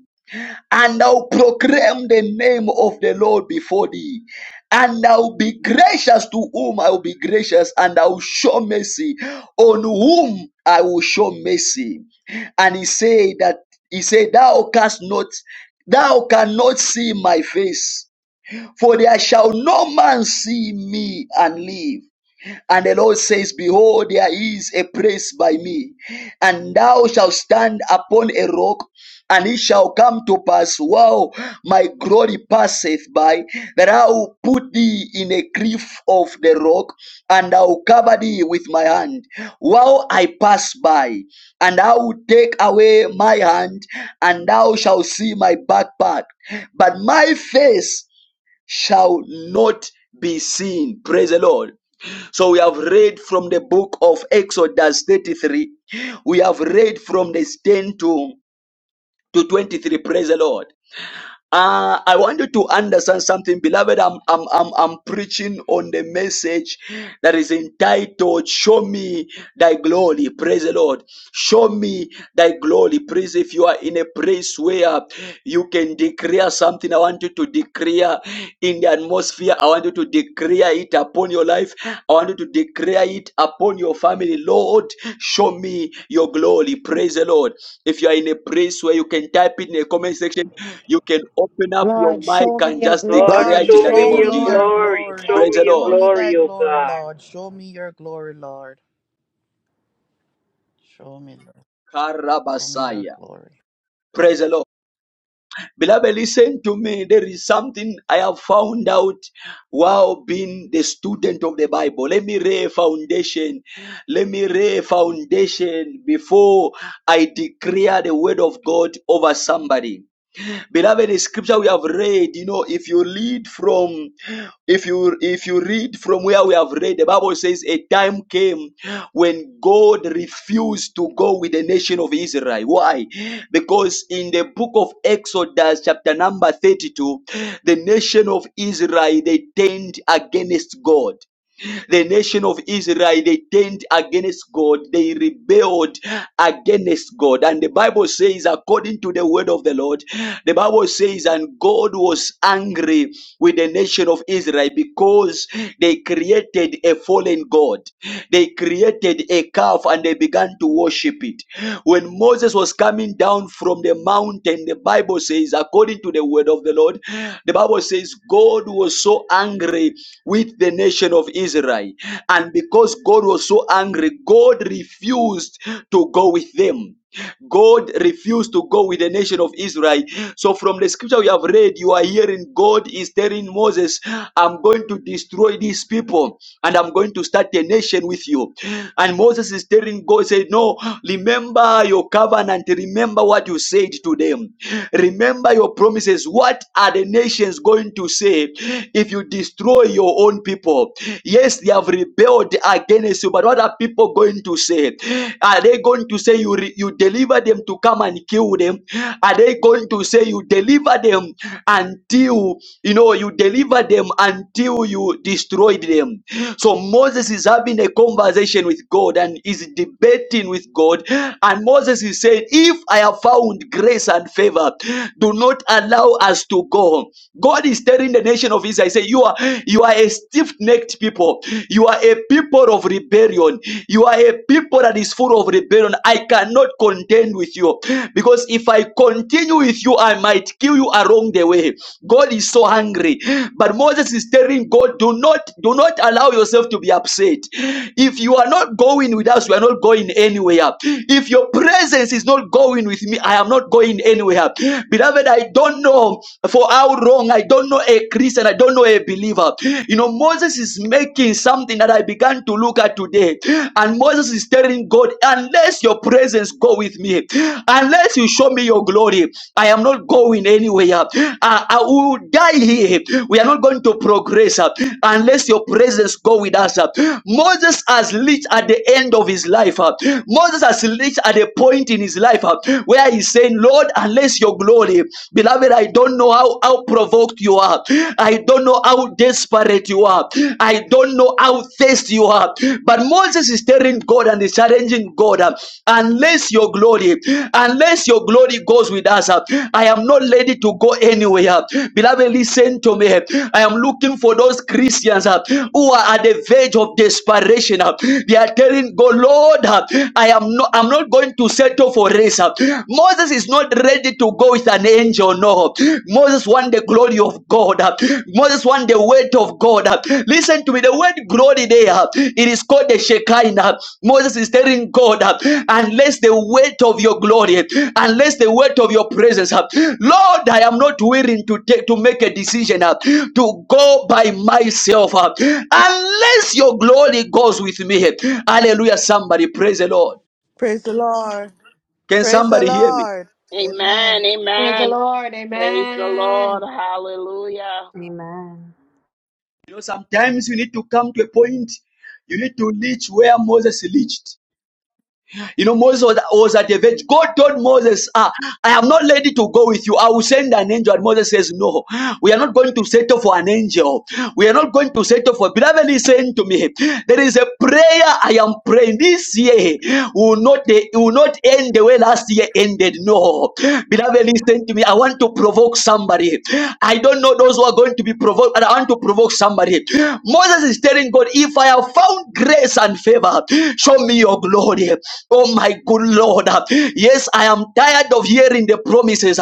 Speaker 1: and I'll proclaim the name of the Lord before thee. And I'll be gracious to whom I will be gracious, and I'll show mercy on whom I will show mercy. And he said that he said, Thou canst not, thou cannot see my face, for there shall no man see me and live. And the Lord says, Behold, there is a place by me, and thou shalt stand upon a rock, and it shall come to pass while my glory passeth by, that I will put thee in a cliff of the rock, and I will cover thee with my hand while I pass by, and I will take away my hand, and thou shalt see my back part, but my face shall not be seen. Praise the Lord. So we have read from the book of Exodus 33. We have read from this 10 to, to 23. Praise the Lord. Uh, I want you to understand something, beloved. I'm, I'm, I'm, I'm preaching on the message that is entitled, Show me thy glory. Praise the Lord. Show me thy glory. Praise if you are in a place where you can declare something. I want you to declare in the atmosphere. I want you to declare it upon your life. I want you to declare it upon your family. Lord, show me your glory. Praise the Lord. If you are in a place where you can type it in the comment section, you can open up your
Speaker 3: Lord, show
Speaker 1: mic and
Speaker 3: me your
Speaker 1: just
Speaker 9: Lord,
Speaker 1: declare
Speaker 8: Lord,
Speaker 1: it
Speaker 3: glory.
Speaker 1: in
Speaker 9: show
Speaker 1: the name
Speaker 3: Praise
Speaker 8: show
Speaker 9: me
Speaker 3: the
Speaker 1: of
Speaker 9: your
Speaker 8: me
Speaker 1: Jesus.
Speaker 3: Lord.
Speaker 8: your
Speaker 9: glory.
Speaker 8: glory.
Speaker 9: Show
Speaker 1: Praise
Speaker 9: me
Speaker 1: the
Speaker 9: your
Speaker 8: Show
Speaker 1: Lord.
Speaker 8: me thy
Speaker 9: glory, O
Speaker 8: glory,
Speaker 9: God.
Speaker 8: Lord. Show me your glory, Lord. Show me, Lord. Show me your
Speaker 1: Karabasaya.
Speaker 8: glory.
Speaker 1: Praise the Lord. Beloved, listen to me. There is something I have found out while being the student of the Bible. Let me lay a foundation. Let me lay a foundation before I declare the word of God over somebody. Beloved, the scripture we have read, you know, if you read from if you if you read from where we have read the bible says a time came when god refused to go with the nation of israel why because in the book of exodus chapter number 32 the nation of israel they turned against god the nation of Israel, they turned against God. They rebelled against God. And the Bible says, according to the word of the Lord, the Bible says, and God was angry with the nation of Israel because they created a fallen God. They created a calf and they began to worship it. When Moses was coming down from the mountain, the Bible says, according to the word of the Lord, the Bible says, God was so angry with the nation of Israel. And because God was so angry, God refused to go with them. God refused to go with the nation of Israel. So, from the scripture we have read, you are hearing God is telling Moses, I'm going to destroy these people and I'm going to start a nation with you. And Moses is telling God, say, No, remember your covenant, remember what you said to them, remember your promises. What are the nations going to say? glory if you destroy your own people. Yes, they have rebelled against you, but what are people going to say? Are they going to say you, re- you deliver them to come and kill them? Are they going to say you deliver them until, you know, you deliver them until you destroyed them? So Moses is having a conversation with God and is debating with God. And Moses is saying, If I have found grace and favor, do not allow us to go go. God is telling the nation of Israel, say, you are you are a stiff-necked people. You are a people of rebellion. You are a people that is full of rebellion. I cannot contend with you because if I continue with you, I might kill you along the way. God is so angry, but Moses is telling God, do not do not allow yourself to be upset. If you are not going with us, we are not going anywhere. If your presence is not going with me, I am not going anywhere. Beloved Beloved, I don't know for how long, I don't know a Christian, I don't know a believer. You know, Moses is making something that I began to look at today. And Moses is telling God, unless your presence go with me, unless you show me your glory, I am not going anywhere. Uh, I will die here. We are not going to progress uh, unless your presence go with us. uh. Moses has reached at the end of his life. uh. Moses has reached at a point in his life uh, where he said saying, Lord, unless your glory, beloved, I don't know how, how provoked you are. I don't know how desperate you are. I don't know how thirsty you are. But Moses is telling God and is challenging God, uh, unless your glory, unless your glory goes with us, uh, I am not ready to go anywhere. uh. Beloved, listen to me. I am looking for those Christians uh, who are at the verge of desperation. uh. They are telling God, Lord, uh, I am not, I'm not going to settle for race. Moses is not ready to go with an angel. No, Moses want the glory of God. Moses want the weight of God. Listen to me. The word glory there, it is called the Shekinah. Moses is telling God, unless the weight of your glory, unless the weight of your presence, Lord, I am not willing to take to make a decision to go by myself unless your glory goes with me. Hallelujah! Somebody praise the Lord.
Speaker 8: Praise the Lord.
Speaker 1: Can
Speaker 8: Praise the
Speaker 1: somebody hear me?
Speaker 8: Lord. Amen.
Speaker 10: Amen.
Speaker 3: Praise the
Speaker 10: Amen.
Speaker 3: Lord.
Speaker 10: Praise the
Speaker 3: Amen.
Speaker 10: Lord. Hallelujah.
Speaker 11: Amen.
Speaker 1: You know, sometimes you need to come to a point, you need to reach where Moses reached. You know, Moses was, was at a verge. God told Moses, ah, I am not ready to go with you. I will send an angel. And Moses says, No, we are not going to settle for an angel. We are not going to settle for. Beloved, listen to me. There is a prayer I am praying. This year will not, will not end the way last year ended. No. Beloved, listen to me. I want to provoke somebody. I don't know those who are going to be to be provoked, and I want to provoke somebody. Moses is telling God, If I have found grace and favor, show me your glory. Oh, my good Lord. Yes, I am tired of hearing the promises,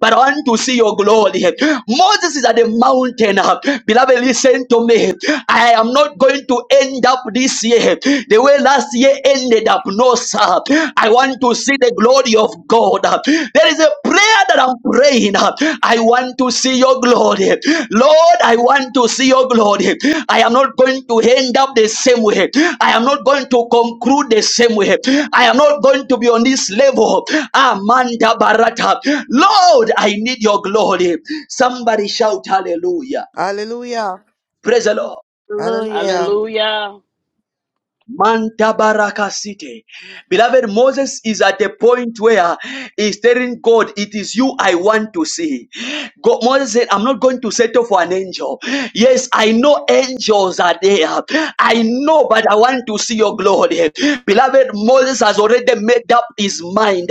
Speaker 1: but I want to see your glory. Moses is at the mountain. Beloved, listen to me. I am not going to end up this year the way last year ended up. No, sir. I want to see the glory of God. There is a prayer that I'm praying. I want to see your glory. Lord, I want to see your glory. I am not going to end up the same way. I am not going to conclude the same way. I am not going to be on this level. Amanda Barata. Lord, I need your glory. Somebody shout hallelujah.
Speaker 8: Hallelujah.
Speaker 1: Praise the Lord.
Speaker 11: Hallelujah.
Speaker 8: Hallelujah.
Speaker 10: Hallelujah.
Speaker 1: Manta Baraka City. Beloved, Moses is at a point where he's telling God, It is you I want to see. God, Moses said, I'm not going to settle for an angel. Yes, I know angels are there. I know, but I want to see your glory. Beloved, Moses has already made up his mind.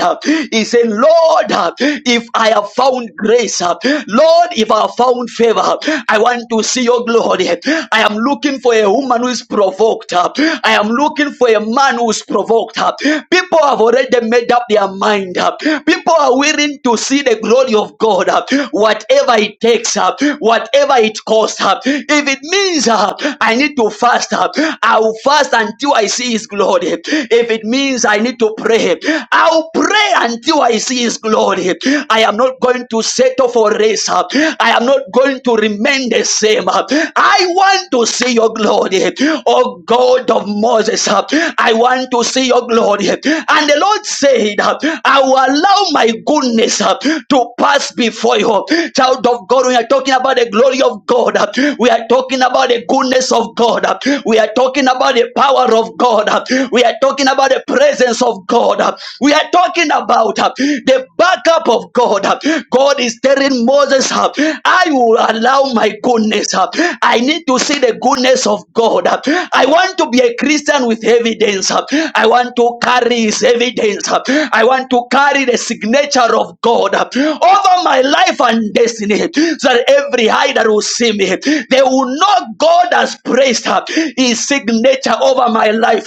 Speaker 1: He said, Lord, if I have found grace, Lord, if I have found favor, I want to see your glory. I am looking for a woman who is provoked. I am looking for a man who who's provoked. huh? People have already made up their mind. huh? People are willing to see the glory of God, huh? whatever it takes, huh? whatever it costs. huh? If it means huh, I need to fast, huh? I'll fast until I see His glory. If it means I need to pray, I'll pray until I see His glory. I am not going to settle for race. huh? I am not going to remain the same. huh? I want to see Your glory, O God of Moses. Moses, uh, I want to see your glory. And the Lord said, uh, I will allow my goodness uh, to pass before you. Child of God, we are talking about the glory of God. uh, We are talking about the goodness of God. uh, We are talking about the power of God. uh, We are talking about the presence of God. uh, We are talking about uh, the backup of God. uh. God is telling Moses, uh, I will allow my goodness. uh, I need to see the goodness of God. I want to to be a Christian with evidence. I want to carry his evidence. I want to carry the signature of God over my life and destiny so that every eye that will see me, they will know God has praised his signature over my life.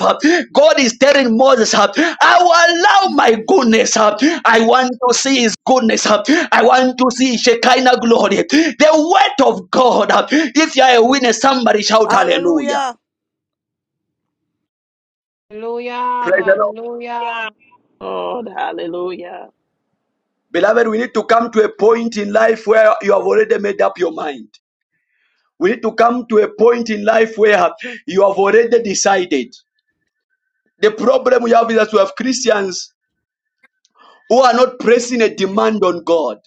Speaker 1: God is telling Moses, I will allow my goodness. I want to see his goodness. I want to see Shekinah glory. The word of God. If you are a witness, somebody shout hallelujah.
Speaker 8: Hallelujah.
Speaker 3: Hallelujah.
Speaker 1: Praise the Lord.
Speaker 3: Hallelujah.
Speaker 9: Yeah.
Speaker 10: Lord, hallelujah.
Speaker 1: Beloved, we need to come to a point in life where you have already made up your mind. We need to come to a point in life where you have already decided. The problem we have is that we have Christians who are not pressing a demand on God.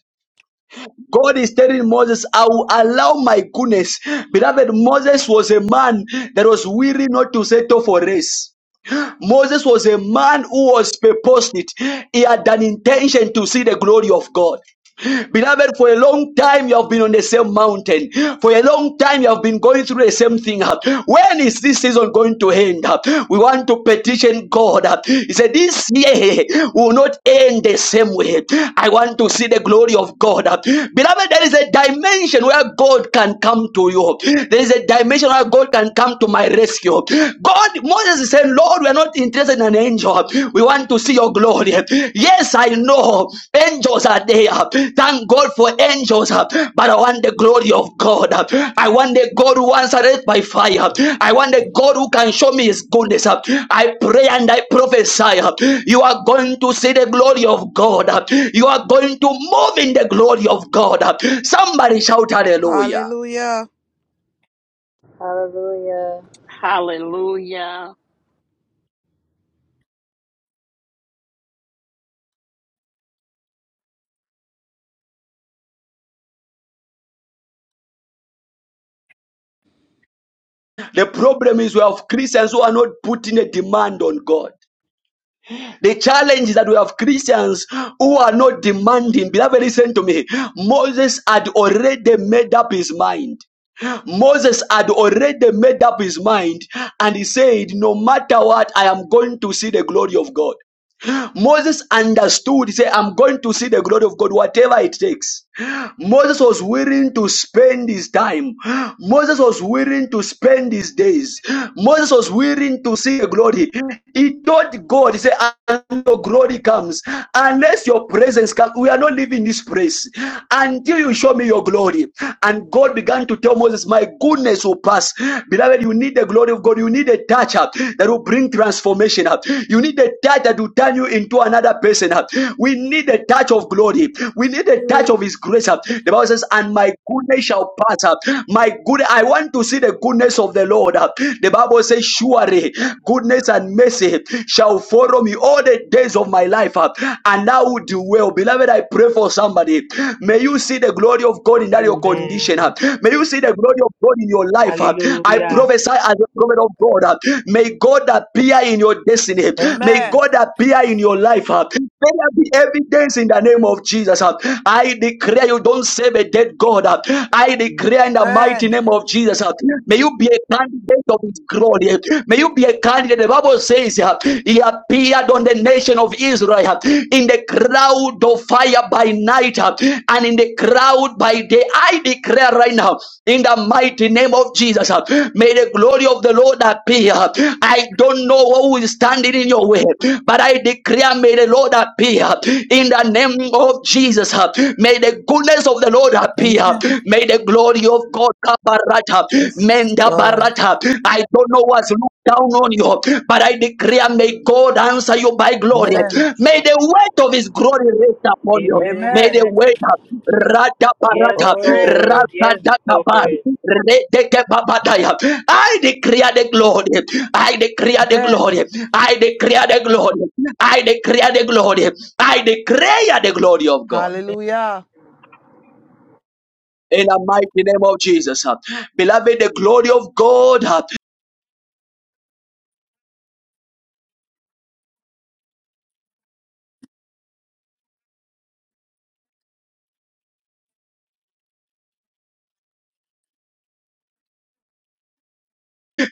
Speaker 1: God is telling Moses, I will allow my goodness. Beloved, Moses was a man that was weary not to settle for race. Moses was a man who was purposed. He had an intention to see the glory of God. Beloved, for a long time you have been on the same mountain. For a long time you have been going through the same thing. When is this season going to end? We want to petition God. He said, This year will not end the same way. I want to see the glory of God. Beloved, there is a dimension where God can come to you. There is a dimension where God can come to my rescue. God, Moses is saying, Lord, we are not not interested in an angel. We want to see your glory. Yes, I know angels are there. Thank God for angels, but I want the glory of God. I want the God who answered by fire. I want the God who can show me his goodness. I pray and I prophesy. You are going to see the glory of God. You are going to move in the glory of God. Somebody shout hallelujah.
Speaker 8: Hallelujah.
Speaker 11: Hallelujah.
Speaker 10: Hallelujah.
Speaker 1: The problem is we have Christians who are not putting a demand on God. The challenge is that we have Christians who are not demanding. Beloved, listen to me. Moses had already made up his mind. Moses had already made up his mind and he said, No matter what, I am going to see the glory of God. Moses understood. He said, I'm going to see the glory of God, whatever it takes. Moses was willing to spend his time. Moses was willing to spend his days. Moses was willing to see the glory. He told God, He said, Until your glory comes, unless your presence comes, we are not leaving this place until you show me your glory. And God began to tell Moses, My goodness will pass. Beloved, you need the glory of God. You need a touch up that will bring transformation up. You need a touch that will turn you you into another person. We need the touch of glory. We need the touch of His grace. The Bible says, "And my goodness shall pass up. My good, I want to see the goodness of the Lord." The Bible says, "Surely goodness and mercy shall follow me all the days of my life." And now would do well, beloved. I pray for somebody. May you see the glory of God in that your condition.
Speaker 9: Amen.
Speaker 1: May you see the glory of God in your life. I
Speaker 9: Hallelujah.
Speaker 1: prophesy as a prophet of God. May God appear in your destiny. May
Speaker 8: Amen.
Speaker 1: God appear declare in your life, uh, let there be evidence in the name of Jesus. uh. I declare you don't save a dead God. uh. I
Speaker 9: Amen.
Speaker 1: declare in the mighty
Speaker 8: Amen.
Speaker 1: name of Jesus. uh, May you be a candidate of His glory. May you be a candidate. The Bible says uh, He appeared on the nation of Israel uh, in the cloud of fire by night uh, and in the cloud by day. I declare right now in the mighty name of Jesus. uh, May the glory of the Lord appear. I don't know who is standing in your way, but I I declare, may the Lord appear in the name of Jesus. uh, May the goodness of the Lord appear.
Speaker 8: Amen.
Speaker 1: May the glory of God kabarata,
Speaker 8: Yes,
Speaker 1: menda
Speaker 8: Lord.
Speaker 1: barata. I don't know what's looked down on you, but I declare, may God answer you by glory.
Speaker 8: Amen.
Speaker 1: May
Speaker 9: So,
Speaker 1: the weight of His glory rest upon you.
Speaker 9: amen.
Speaker 1: May the
Speaker 8: Amen.
Speaker 1: weight of Rada
Speaker 9: Yes,
Speaker 1: barata
Speaker 8: Glory.
Speaker 9: Lord.
Speaker 1: Rada
Speaker 9: Yes, Lord.
Speaker 1: Databai Redeke Babataya. I declare the glory. I declare the
Speaker 8: Amen.
Speaker 1: glory. I declare the glory. I declare the glory. I declare the glory of God.
Speaker 8: Hallelujah.
Speaker 1: In the mighty name of Jesus. Beloved, the glory of God.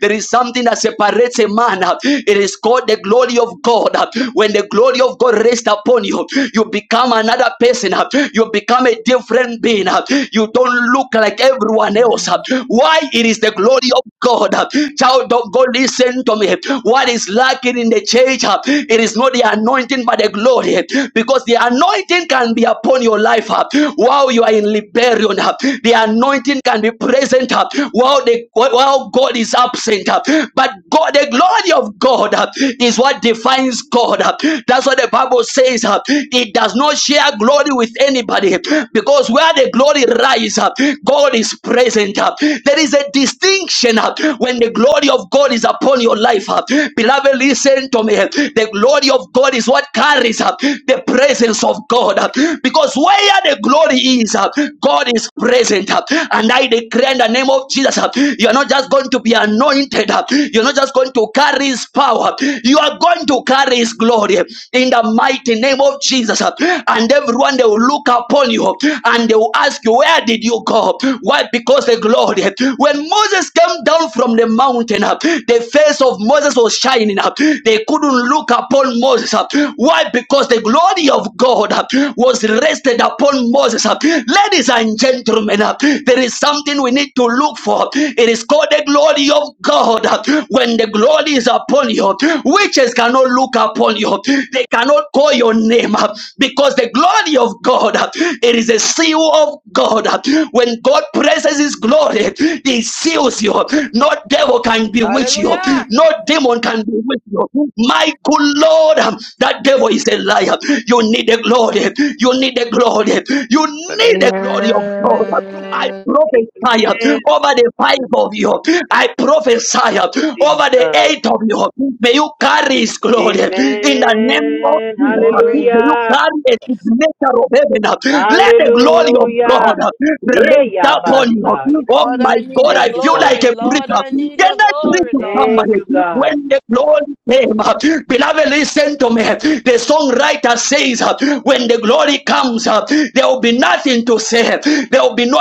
Speaker 1: There is something that separates a man. It is called the glory of God. When the glory of God rests upon you, you become another person. You become a different being. You don't look like everyone else. Why? It is the glory of God. Child of God, listen to me. What is lacking in the church? It is not the anointing, but the glory. Because the anointing can be upon your life while you are in liberation. The anointing can be present present uh, while the while God is absent. uh, But God, the glory of God uh, is what defines God. uh. That's what the Bible says. uh, It does not share glory with anybody because where the glory rises, uh, God is present. uh. There is a distinction uh, when the glory of God is upon your life. uh. Beloved, listen to me. The glory of God is what carries the presence of God. uh, Because where the glory is, uh, God is present. uh, And I declare in the name of Jesus, uh, you are not just going to be anointed, uh, you're not just going to carry his power, you are going to carry his glory in the mighty name of Jesus. uh, And everyone they will look upon you and they will ask you, Where did you go? Why? Because the glory. When Moses came down from the mountain, uh, the face of Moses was shining up. They couldn't look upon Moses. uh, Why? Because the glory of God. God uh, was rested upon Moses. uh. Ladies and gentlemen, uh, there is something we need to look for. It is called the glory of God. uh. When the glory is upon you, witches cannot look upon you, they cannot call your name uh, because the glory of God, uh, it is a seal of God. uh. When God presses his glory, he seals you. No devil can bewitch you,
Speaker 8: Hallelujah.
Speaker 1: no demon can bewitch you. My good Lord. Lord, um, that devil is a liar. You need the glory. You need the glory. You need the glory of God. I
Speaker 3: Amen.
Speaker 1: prophesy um,
Speaker 9: Amen,
Speaker 1: over the five of you. I prophesy um, over the
Speaker 9: Jesus.
Speaker 1: eight of you. May you carry his glory in the name of
Speaker 9: Amen.
Speaker 1: Jesus. um,
Speaker 3: Glory.
Speaker 1: May you
Speaker 9: Hallelujah.
Speaker 1: carry a signature of heaven. um. Let the glory of
Speaker 9: Hallelujah.
Speaker 1: God
Speaker 9: Yeah,
Speaker 1: rest
Speaker 9: yeah,
Speaker 1: upon you.
Speaker 9: Basaya.
Speaker 1: Oh
Speaker 8: Lord,
Speaker 1: my
Speaker 8: I need
Speaker 1: God,
Speaker 8: your
Speaker 9: Thank
Speaker 1: I
Speaker 9: you,
Speaker 1: feel
Speaker 9: God.
Speaker 1: like
Speaker 8: glory.
Speaker 1: a
Speaker 8: Lord,
Speaker 1: preacher.
Speaker 8: I need
Speaker 1: Can
Speaker 8: your
Speaker 1: I preach
Speaker 8: glory,
Speaker 1: to
Speaker 8: Lord.
Speaker 9: Thank you,
Speaker 1: somebody?
Speaker 9: God.
Speaker 1: when the glory came. uh, Beloved, listen to me. The songwriter says, uh, when the glory comes, uh, there will be nothing to say. There will be no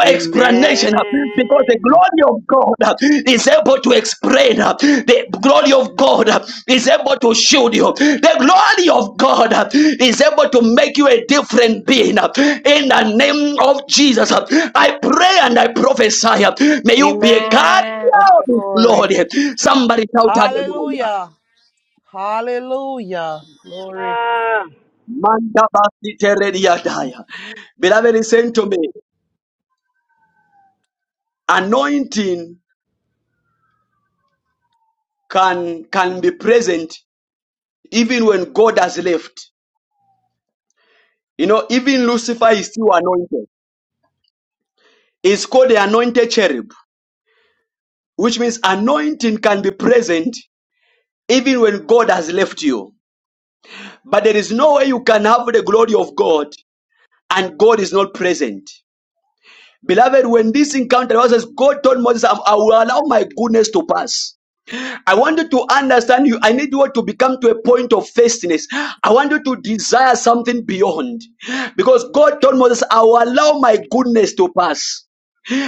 Speaker 8: Yes,
Speaker 1: explanation uh, because the
Speaker 9: Amen.
Speaker 1: glory of God uh, is able to explain. uh, The glory of God uh, is able to shield you. The glory of God uh, is able to make you a different being. uh, In the name of Jesus, uh, I pray and I prophesy. uh, May you be a God
Speaker 3: Amen.
Speaker 8: of your glory.
Speaker 1: Lord. Somebody shout hallelujah.
Speaker 8: Hallelujah. Hallelujah. Glory.
Speaker 9: Ah.
Speaker 1: Manda basi teredi yadaya. Beloved, listen to me. Anointing can can be present even when God has left. You know, even Lucifer is still anointed. It's called the anointed cherub, which means anointing can be present even when God has left you. But there is no way you can have the glory of God and God is not present. Beloved, when this encounter was, God told Moses, I I will allow my goodness to pass. I want you to understand you. I need you to become to a point of thirstiness. I want you to desire something beyond. Because God told Moses, I will allow my goodness to pass.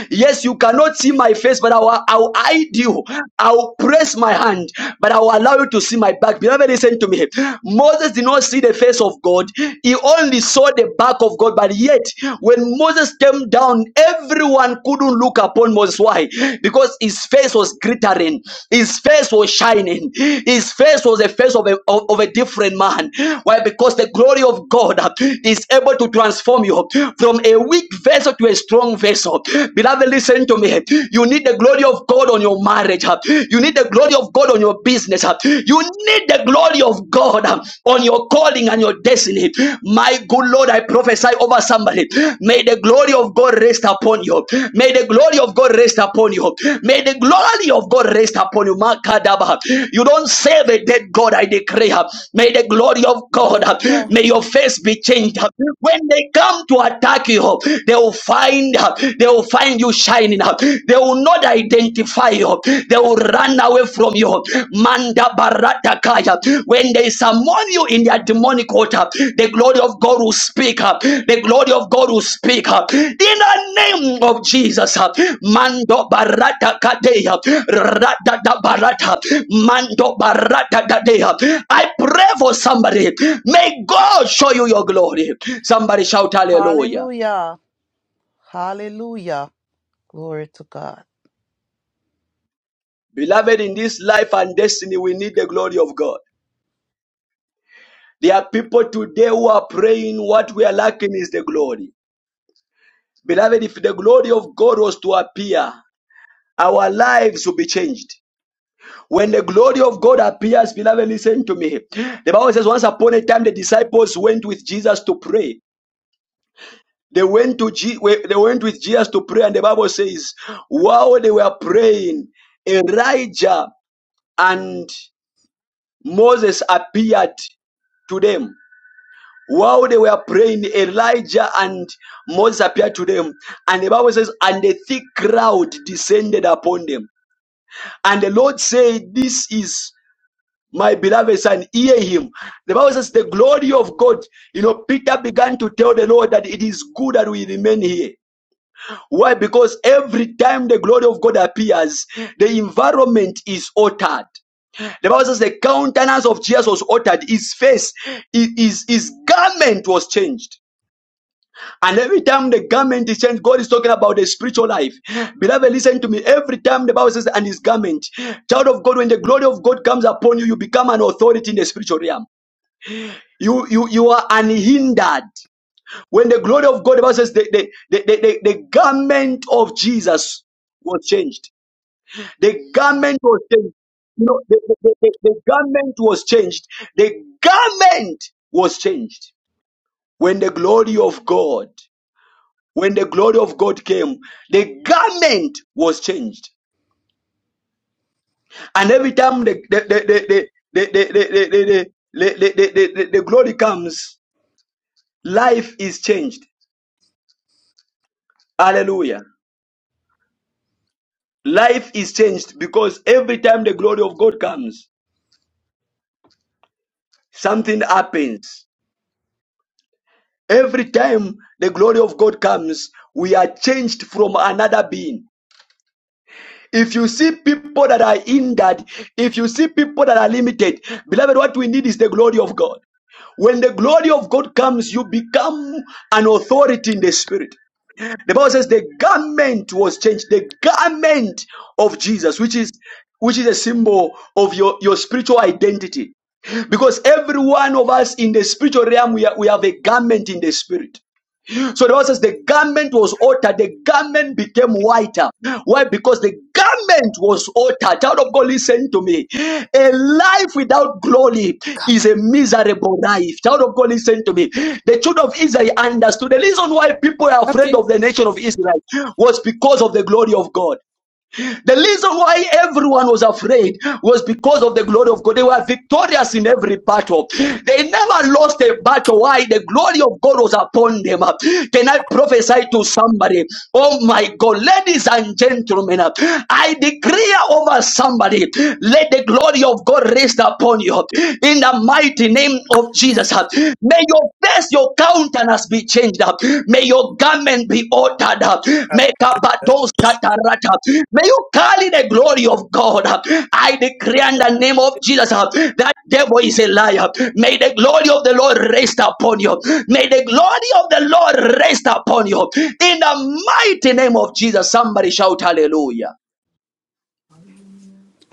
Speaker 1: Yes, you cannot see my face, but I will, I will hide you. I will press my hand, but I will allow you to see my back. Beloved, listen to me. Moses did not see the face of God, he only saw the back of God. But yet, when Moses came down, everyone couldn't look upon Moses. Why? Because his face was glittering, his face was shining, his face was the face of a, of, of a different man. Why? Because the glory of God is able to transform you from a weak vessel to a strong vessel vessel. Beloved, listen to me. You need the glory of God on your marriage. huh? You need the glory of God on your business. huh? You need the glory of God huh, on your calling and your destiny. My good Lord, I prophesy over somebody. May the glory of God rest upon you. May the glory of God rest upon you. May the glory of God rest upon you. Makadaba. You don't serve a dead God, I declare. May the glory of God, huh,
Speaker 8: Hallelujah.
Speaker 1: may your face be changed. huh? When they come to attack you, they will will find they will find you shining They will not identify you. They will run away from you. Manda barata kaya. When they summon you in their demonic altar, the glory of God will speak up. The glory of God will speak up. In the name of Jesus. uh, Mando barata kadeya. Rada da barata. Mando barata dadeya. I pray for somebody. May God show you your glory. Somebody shout hallelujah.
Speaker 8: Hallelujah. Hallelujah. Glory to God.
Speaker 1: Beloved, in this life and destiny, we need the glory of God. There are people today who are praying, what we are lacking is the glory. Beloved, if the glory of God was to appear, our lives will be changed. When the glory of God appears, beloved, listen to me. The Bible says, once upon a time, the disciples went with Jesus to pray. They went to Je- they went with Jesus to pray, and the Bible says, while they were praying, Elijah and Moses appeared to them. While they were praying, Elijah and Moses appeared to them. And the Bible says, and a thick cloud descended upon them. And the Lord said, This is my beloved son, hear him. The Bible says, The glory of God. You know, Peter began to tell the Lord that it is good that we remain here. Why? Because every time the glory of God appears, the environment is altered. The Bible says the countenance of Jesus was altered, his face, his his garment was changed. And every time the garment is changed, God is talking about the spiritual life. Beloved, listen to me. Every time the Bible says, and his garment, child of God, when the glory of God comes upon you, you become an authority in the spiritual realm. You, you, you are unhindered. When the glory of God, the Bible says, the, the, the, the, the the garment of Jesus was changed. The garment was changed. You know, the, the, the, the the garment was changed. The garment was changed when the glory of God When the glory of God came, the garment was changed. And every time the the the the the the the the the, the, the, the, the, glory comes, life is changed. Hallelujah. Life is changed because every time the glory of God comes, something happens. Every time the glory of God comes, we are changed from another being. If you see people that are hindered, if you see people that are limited, beloved, what we need is the glory of God. When the glory of God comes, you become an authority in the spirit. The Bible says the garment was changed, the garment of Jesus, which is which is a symbol of your, your spiritual identity. Because every one of us in the spiritual realm, we, are, we have a garment in the spirit. So the Bible says the garment was altered, the garment became whiter. Why? Because the garment was altered. Child of God, listen to me. A life without glory is a miserable life. Child of God, listen to me. The children of Israel understood the reason why people are afraid
Speaker 12: Okay.
Speaker 1: of the nation of Israel was because of the glory of God. The reason why everyone was afraid was because of the glory of God. They were victorious in every battle. They never lost a battle. Why? The glory of God was upon them. Can I prophesy to somebody? Oh my God, ladies and gentlemen, I declare over somebody, let the glory of God rest upon you in the mighty name of Jesus. May your face, your countenance be changed up. May your garment be altered up. May kabados katarata. May you carry the glory of God. I decree in the name of Jesus uh, that devil is a liar. May the glory of the Lord rest upon you. May the glory of the Lord rest upon you. In the mighty name of Jesus, somebody shout hallelujah.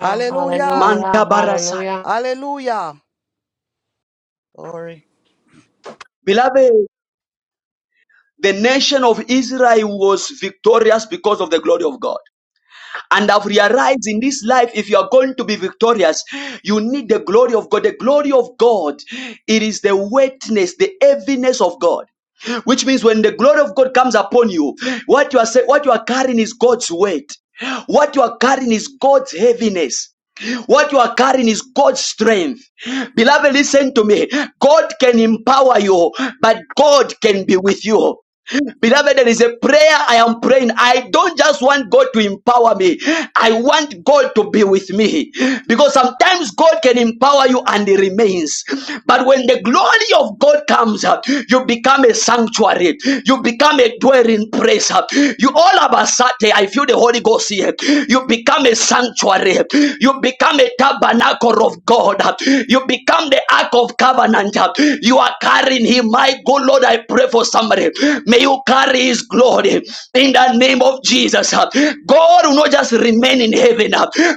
Speaker 8: Hallelujah.
Speaker 1: Manta barasai.
Speaker 3: Hallelujah.
Speaker 8: Hallelujah. Glory.
Speaker 1: Beloved, the nation of Israel was victorious because of the glory of God. and have realized in this life if you are going to be victorious you need the glory of god the glory of god it is the weightness, the heaviness of god which means when the glory of god comes upon you what you are say, what you are carrying is god's weight what you are carrying is god's heaviness what you are carrying is God's strength. Beloved, listen to me. God can empower you, but God can be with you. Beloved, there is a prayer I am praying. I don't just want God to empower me. I want God to be with me. Because sometimes God can empower you and He remains. But when the glory of God comes up, you become a sanctuary. You become a dwelling place. You all of a sudden, I feel the Holy Ghost here. You become a sanctuary. You you become a tabernacle of God. You become the ark of covenant. You are carrying him. My good Lord, I pray for somebody. May you carry his glory in the name of Jesus. God will not just remain in heaven,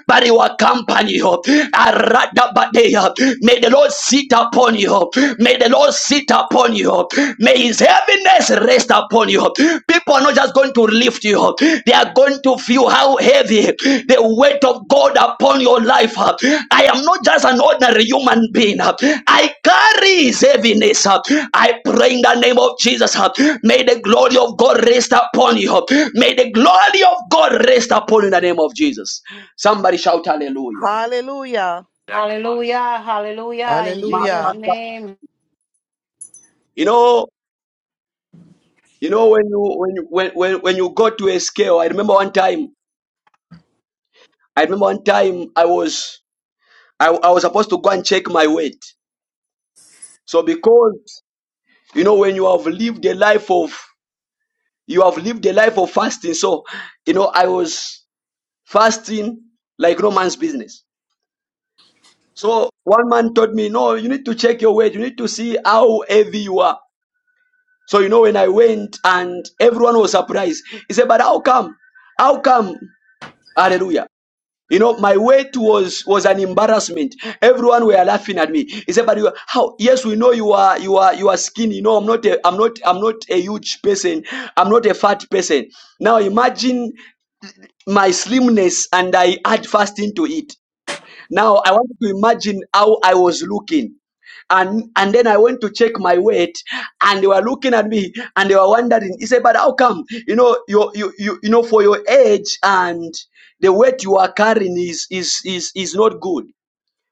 Speaker 1: but he will accompany you. Aradabadea. May the Lord sit upon you. May the Lord sit upon you. His heaviness rest upon you. People are not just going to lift you, they are going to feel how heavy the weight of God upon your life. I am not just an ordinary human being. I carry his heaviness. I pray in the name of Jesus. May the glory of God rest upon you. May the glory of God rest upon you in the name of Jesus. Somebody shout hallelujah.
Speaker 8: Hallelujah.
Speaker 3: Hallelujah. Hallelujah. In Jesus'
Speaker 8: Hallelujah.
Speaker 3: name.
Speaker 1: You know, you know when you when you when, when, when you go to a scale, I remember one time I remember one time I was I, I was supposed to go and check my weight. So because you know when you have lived a life of you have lived a life of fasting, so you know I was fasting like no man's business. So one man told me, No, you need to check your weight, you need to see how heavy you are. So you know when I went and everyone was surprised. He said, But how come? How come? Hallelujah. You know, my weight was was an embarrassment. Everyone were laughing at me. He said, "But you, how? Yes, we know you are you are you are skinny. You know, I'm not a, I'm not I'm not a huge person. I'm not a fat person. Now imagine my slimness and I add fasting to it. Now I want you to imagine how I was looking. And and then I went to check my weight, and they were looking at me and they were wondering. He said, "But how come? You know, you you you, you know, for your age and the weight you are carrying is is is is not good."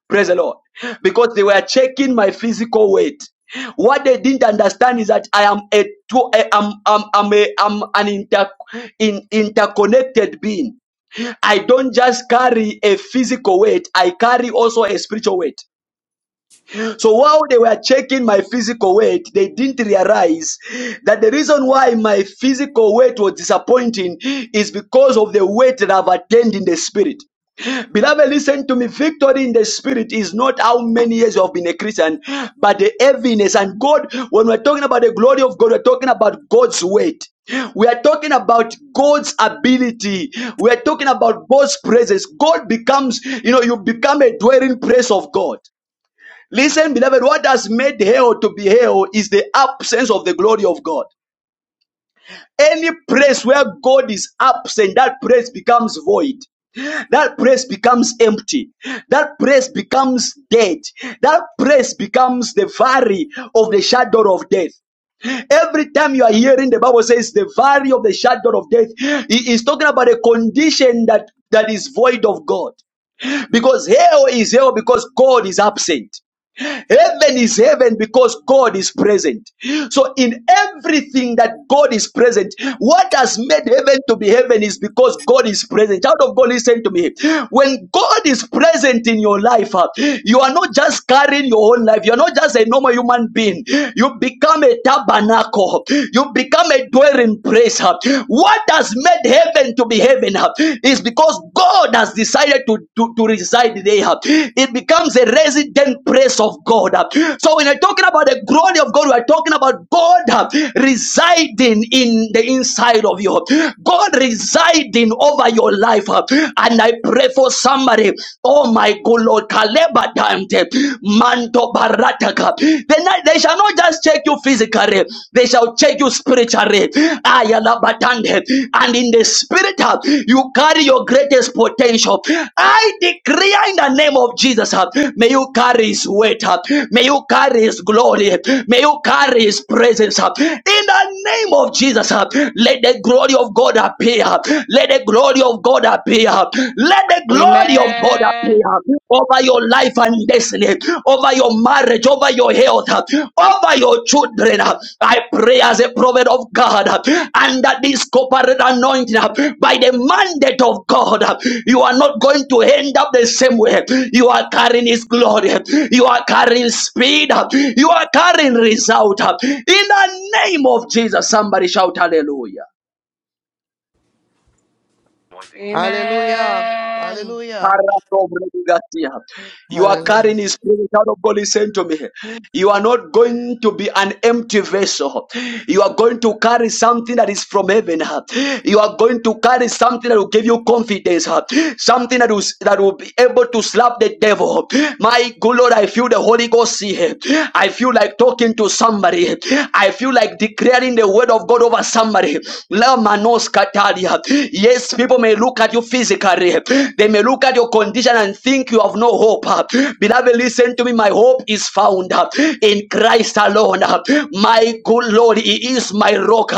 Speaker 1: Praise the Lord. Because they were checking my physical weight. What they didn't understand is that I am a, two- I am, I'm, I'm, a, I'm an inter, in, interconnected being. I don't just carry a physical weight, I carry also a spiritual weight. So while they were checking my physical weight, they didn't realize that the reason why my physical weight was disappointing is because of the weight that I've attained in the spirit. Beloved, listen to me. Victory in the spirit is not how many years you have been a Christian, but the heaviness. And God, when we're talking about the glory of God, we're talking about God's weight. We are talking about God's ability. We are talking about God's presence. God becomes, you know, you become a dwelling place of God. Listen, beloved, what has made hell to be hell is the absence of the glory of God. Any place where God is absent, that place becomes void. That place becomes empty. That place becomes dead. That place becomes the valley of the shadow of death. Every time you are hearing the Bible says the valley of the shadow of death, it is talking about a condition that, that is void of God. Because hell is hell because God is absent. Heaven is heaven because God is present. So in everything that God is present, what has made heaven to be heaven is because God is present. Child of God, listen to me. When God is present in your life, uh, you are not just carrying your own life. You are not just a normal human being. You become a tabernacle. You become a dwelling place. uh. What has made heaven to be heaven? uh, is because God has decided to, to, to reside there. It becomes a resident place of God. So when you're talking about the glory of God, we're talking about God residing in the inside of you. God residing over your life. And I pray for somebody. Oh my God, Lord, Kaleba Dante, Manto Barataka. They, they shall not just check you physically physically, they shall check you spiritually. Ayala batande, And in the spirit, uh, you carry your greatest potential. I decree in the name of Jesus, uh, may you carry his weight, uh, may you carry his glory, may you carry his presence. uh, In the name of Jesus, uh, let the glory of God appear. Let the glory of God appear. Let the glory of God appear
Speaker 3: Amen.
Speaker 1: over your life and destiny, over your marriage, over your health, over your children. I pray as a prophet of God under this corporate anointing by the mandate of God. You are not going to end up the same way. You are carrying His glory, you are carrying speed, you are carrying result. In the name of Jesus, somebody shout hallelujah.
Speaker 8: Hallelujah.
Speaker 3: Amen.
Speaker 8: Hallelujah.
Speaker 1: You are
Speaker 8: Hallelujah.
Speaker 1: carrying his spirit out of God. Listen to me. You are not going to be an empty vessel. You are going to carry something that is from heaven. You are going to carry something that will give you confidence. Something that will, that will be able to slap the devil. My good Lord, I feel the Holy Ghost here. I feel like talking to somebody. I feel like declaring the word of God over somebody. La manos Lamanoskatalia. Yes, people may look at look at you physically. They may look at your condition and think you have no hope. Beloved, listen to me. My hope is found in Christ alone. My good Lord, He is my rock.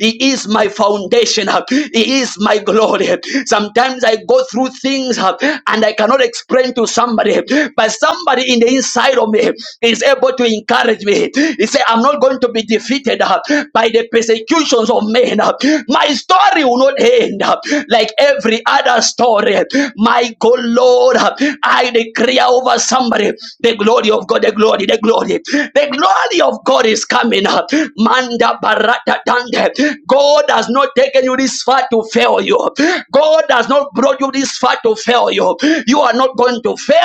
Speaker 1: He is my foundation. He is my glory. Sometimes I go through things and I cannot explain to somebody, but somebody in the inside of me is able to encourage me. He said, I'm not going to be defeated by the persecutions of men. My story will not end uh, like every other story. My God, Lord, uh, I declare over somebody the glory of God, the glory, the glory, the glory of God is coming up. Manda barata dande. God has not taken you this far to fail you. God has not brought you this far to fail you. You are not going to fail.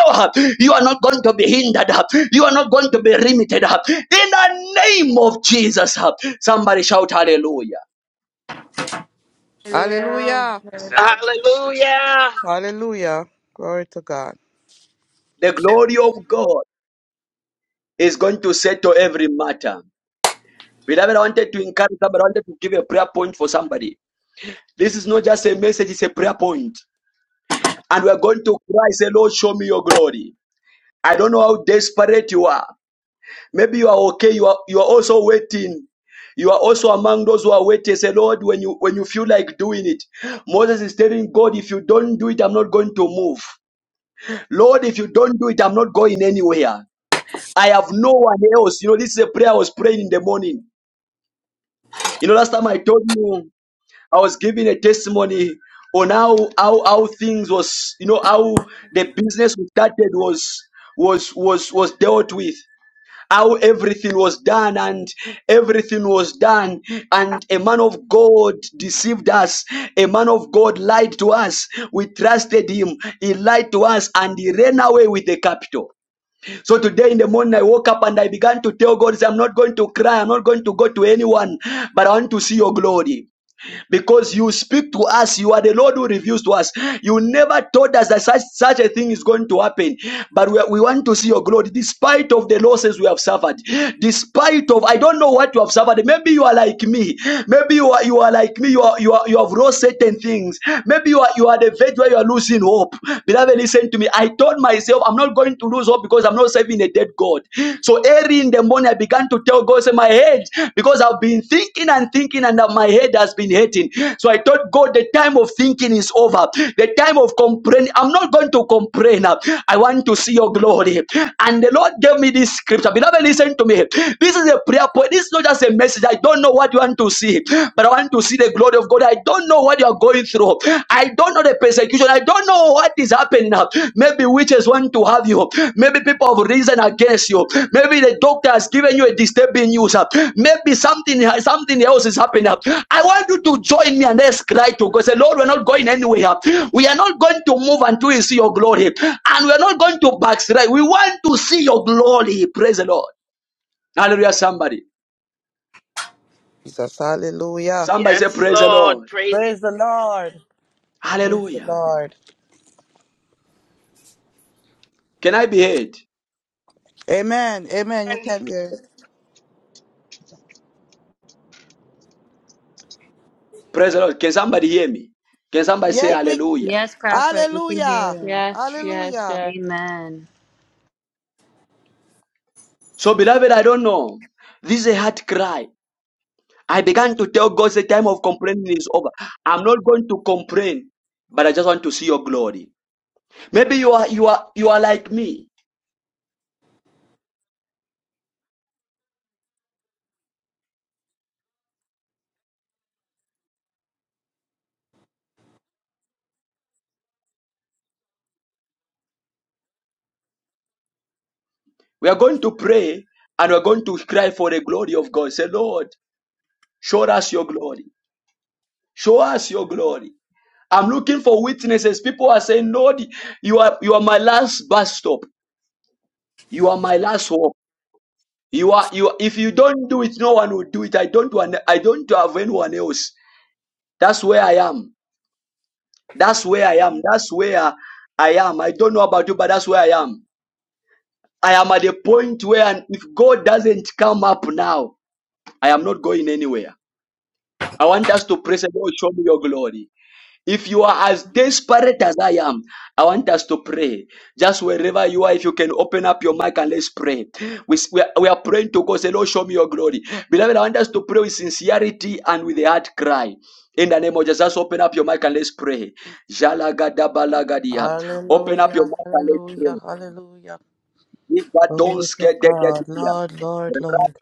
Speaker 1: You are not going to be hindered. You are not going to be limited. In the name of Jesus, somebody shout hallelujah.
Speaker 3: Hallelujah.
Speaker 8: Hallelujah.
Speaker 10: Hallelujah.
Speaker 8: Hallelujah. Glory to God.
Speaker 1: The glory of God. is going to settle every matter. Beloved, I wanted to encourage somebody, I wanted to give a prayer point for somebody. This is not just a message, it's a prayer point. And we're going to cry, say, Lord, show me your glory. I don't know how desperate you are. Maybe you are okay, you are you are also waiting. You are also among those who are waiting. Say, Lord, when you when you feel like doing it, Moses is telling God, if you don't do it, I'm not going to move. Lord, if you don't do it, I'm not going anywhere. I have no one else. You know, this is a prayer I was praying in the morning. You know, last time I told you I was giving a testimony on how how how things was, you know, how the business we started was was was was dealt with. How everything was done and everything was done, and a man of God deceived us, a man of God lied to us. We trusted him, he lied to us, and he ran away with the capital. So today in the morning, I woke up and I began to tell God, say, I'm not going to cry. I'm not going to go to anyone, but I want to see your glory because you speak to us. You are the Lord who reveals to us. You never told us that such, such a thing is going to happen. But we, we want to see your glory despite of the losses we have suffered. Despite of, I don't know what you have suffered. Maybe you are like me. Maybe you are, you are like me. You, are, you, are, you have lost certain things. Maybe you are, you are the veg where you are losing hope. Beloved, listen to me. I told myself, I'm not going to lose hope because I'm not serving a devil activated God. So early in the morning, I began to tell God, say, my head, because I've been thinking and thinking, and my head has been hurting. So I told God, the time of thinking is over. The time of complaining, I'm not going to complain. I want to see your glory. And the Lord gave me this scripture. Beloved, listen to me. This is a prayer point. This is not just a message. I don't know what you want to see, but I want to see the glory of God. I don't know what you are going through. I don't know the persecution. I don't know what is happening now. Maybe witches want to have you. Maybe people have risen against you. Maybe the doctor has given you a disturbing news. uh, Maybe something something else is happening. uh. I want you to join me and let's cry to God. Say, Lord, we're not going anywhere. We are not going to move until we see your glory. And we're not going to backslide. We want to see your glory. Praise the Lord. Hallelujah, somebody.
Speaker 8: Jesus. Hallelujah.
Speaker 1: Somebody say,
Speaker 10: Yes,
Speaker 1: Praise the
Speaker 10: Lord.
Speaker 1: Lord.
Speaker 10: Praise
Speaker 8: Praise the Lord. Praise the
Speaker 1: Hallelujah.
Speaker 8: Lord.
Speaker 1: Can I be heard?
Speaker 8: Amen. Amen. You
Speaker 10: Him.
Speaker 8: can hear it.
Speaker 1: Praise the Lord. Can somebody hear me? Can somebody say
Speaker 8: Yes,
Speaker 11: Ye-
Speaker 8: we.
Speaker 1: hallelujah?
Speaker 11: Yes, Crawford, you can hear
Speaker 8: Hallelujah.
Speaker 11: her.
Speaker 3: Yes, yes,
Speaker 8: Hallelujah.
Speaker 3: yes.
Speaker 11: Amen.
Speaker 1: So, beloved, I don't know. This is a hard cry. I began to tell God the time of complaining is over. I'm not going to complain, but I just want to see your glory. Maybe you are you are you are like me. We are going to pray and we're going to cry for the glory of God. Say, Lord, show us your glory. Show us your glory. I'm looking for witnesses. People are saying, Lord, you are you are my last bus stop. You are my last hope. You are you. If you don't do it, no one will do it. I don't want. I don't have anyone else. That's where I am. That's where I am. That's where I am. I don't know about you, but that's where I am. I am at a point where and if God doesn't come up now, I am not going anywhere. I want us to pray. the Lord. Show me your glory. If you are as desperate as I am, I want us to pray. Just wherever you are, if you can open up your mic and let's pray. We, we, are, we are praying to God. Say, Lord, show me your glory. Beloved, I want us to pray with sincerity and with a heart cry. In the name of Jesus, just open up your mic and let's pray. Jalagadabalagadea. Open up your
Speaker 8: Hallelujah.
Speaker 1: mic and let's
Speaker 8: Hallelujah.
Speaker 1: pray.
Speaker 8: Hallelujah. Glory to God.
Speaker 1: Ibadonskedegedea.
Speaker 8: Lord, Lord, Lord.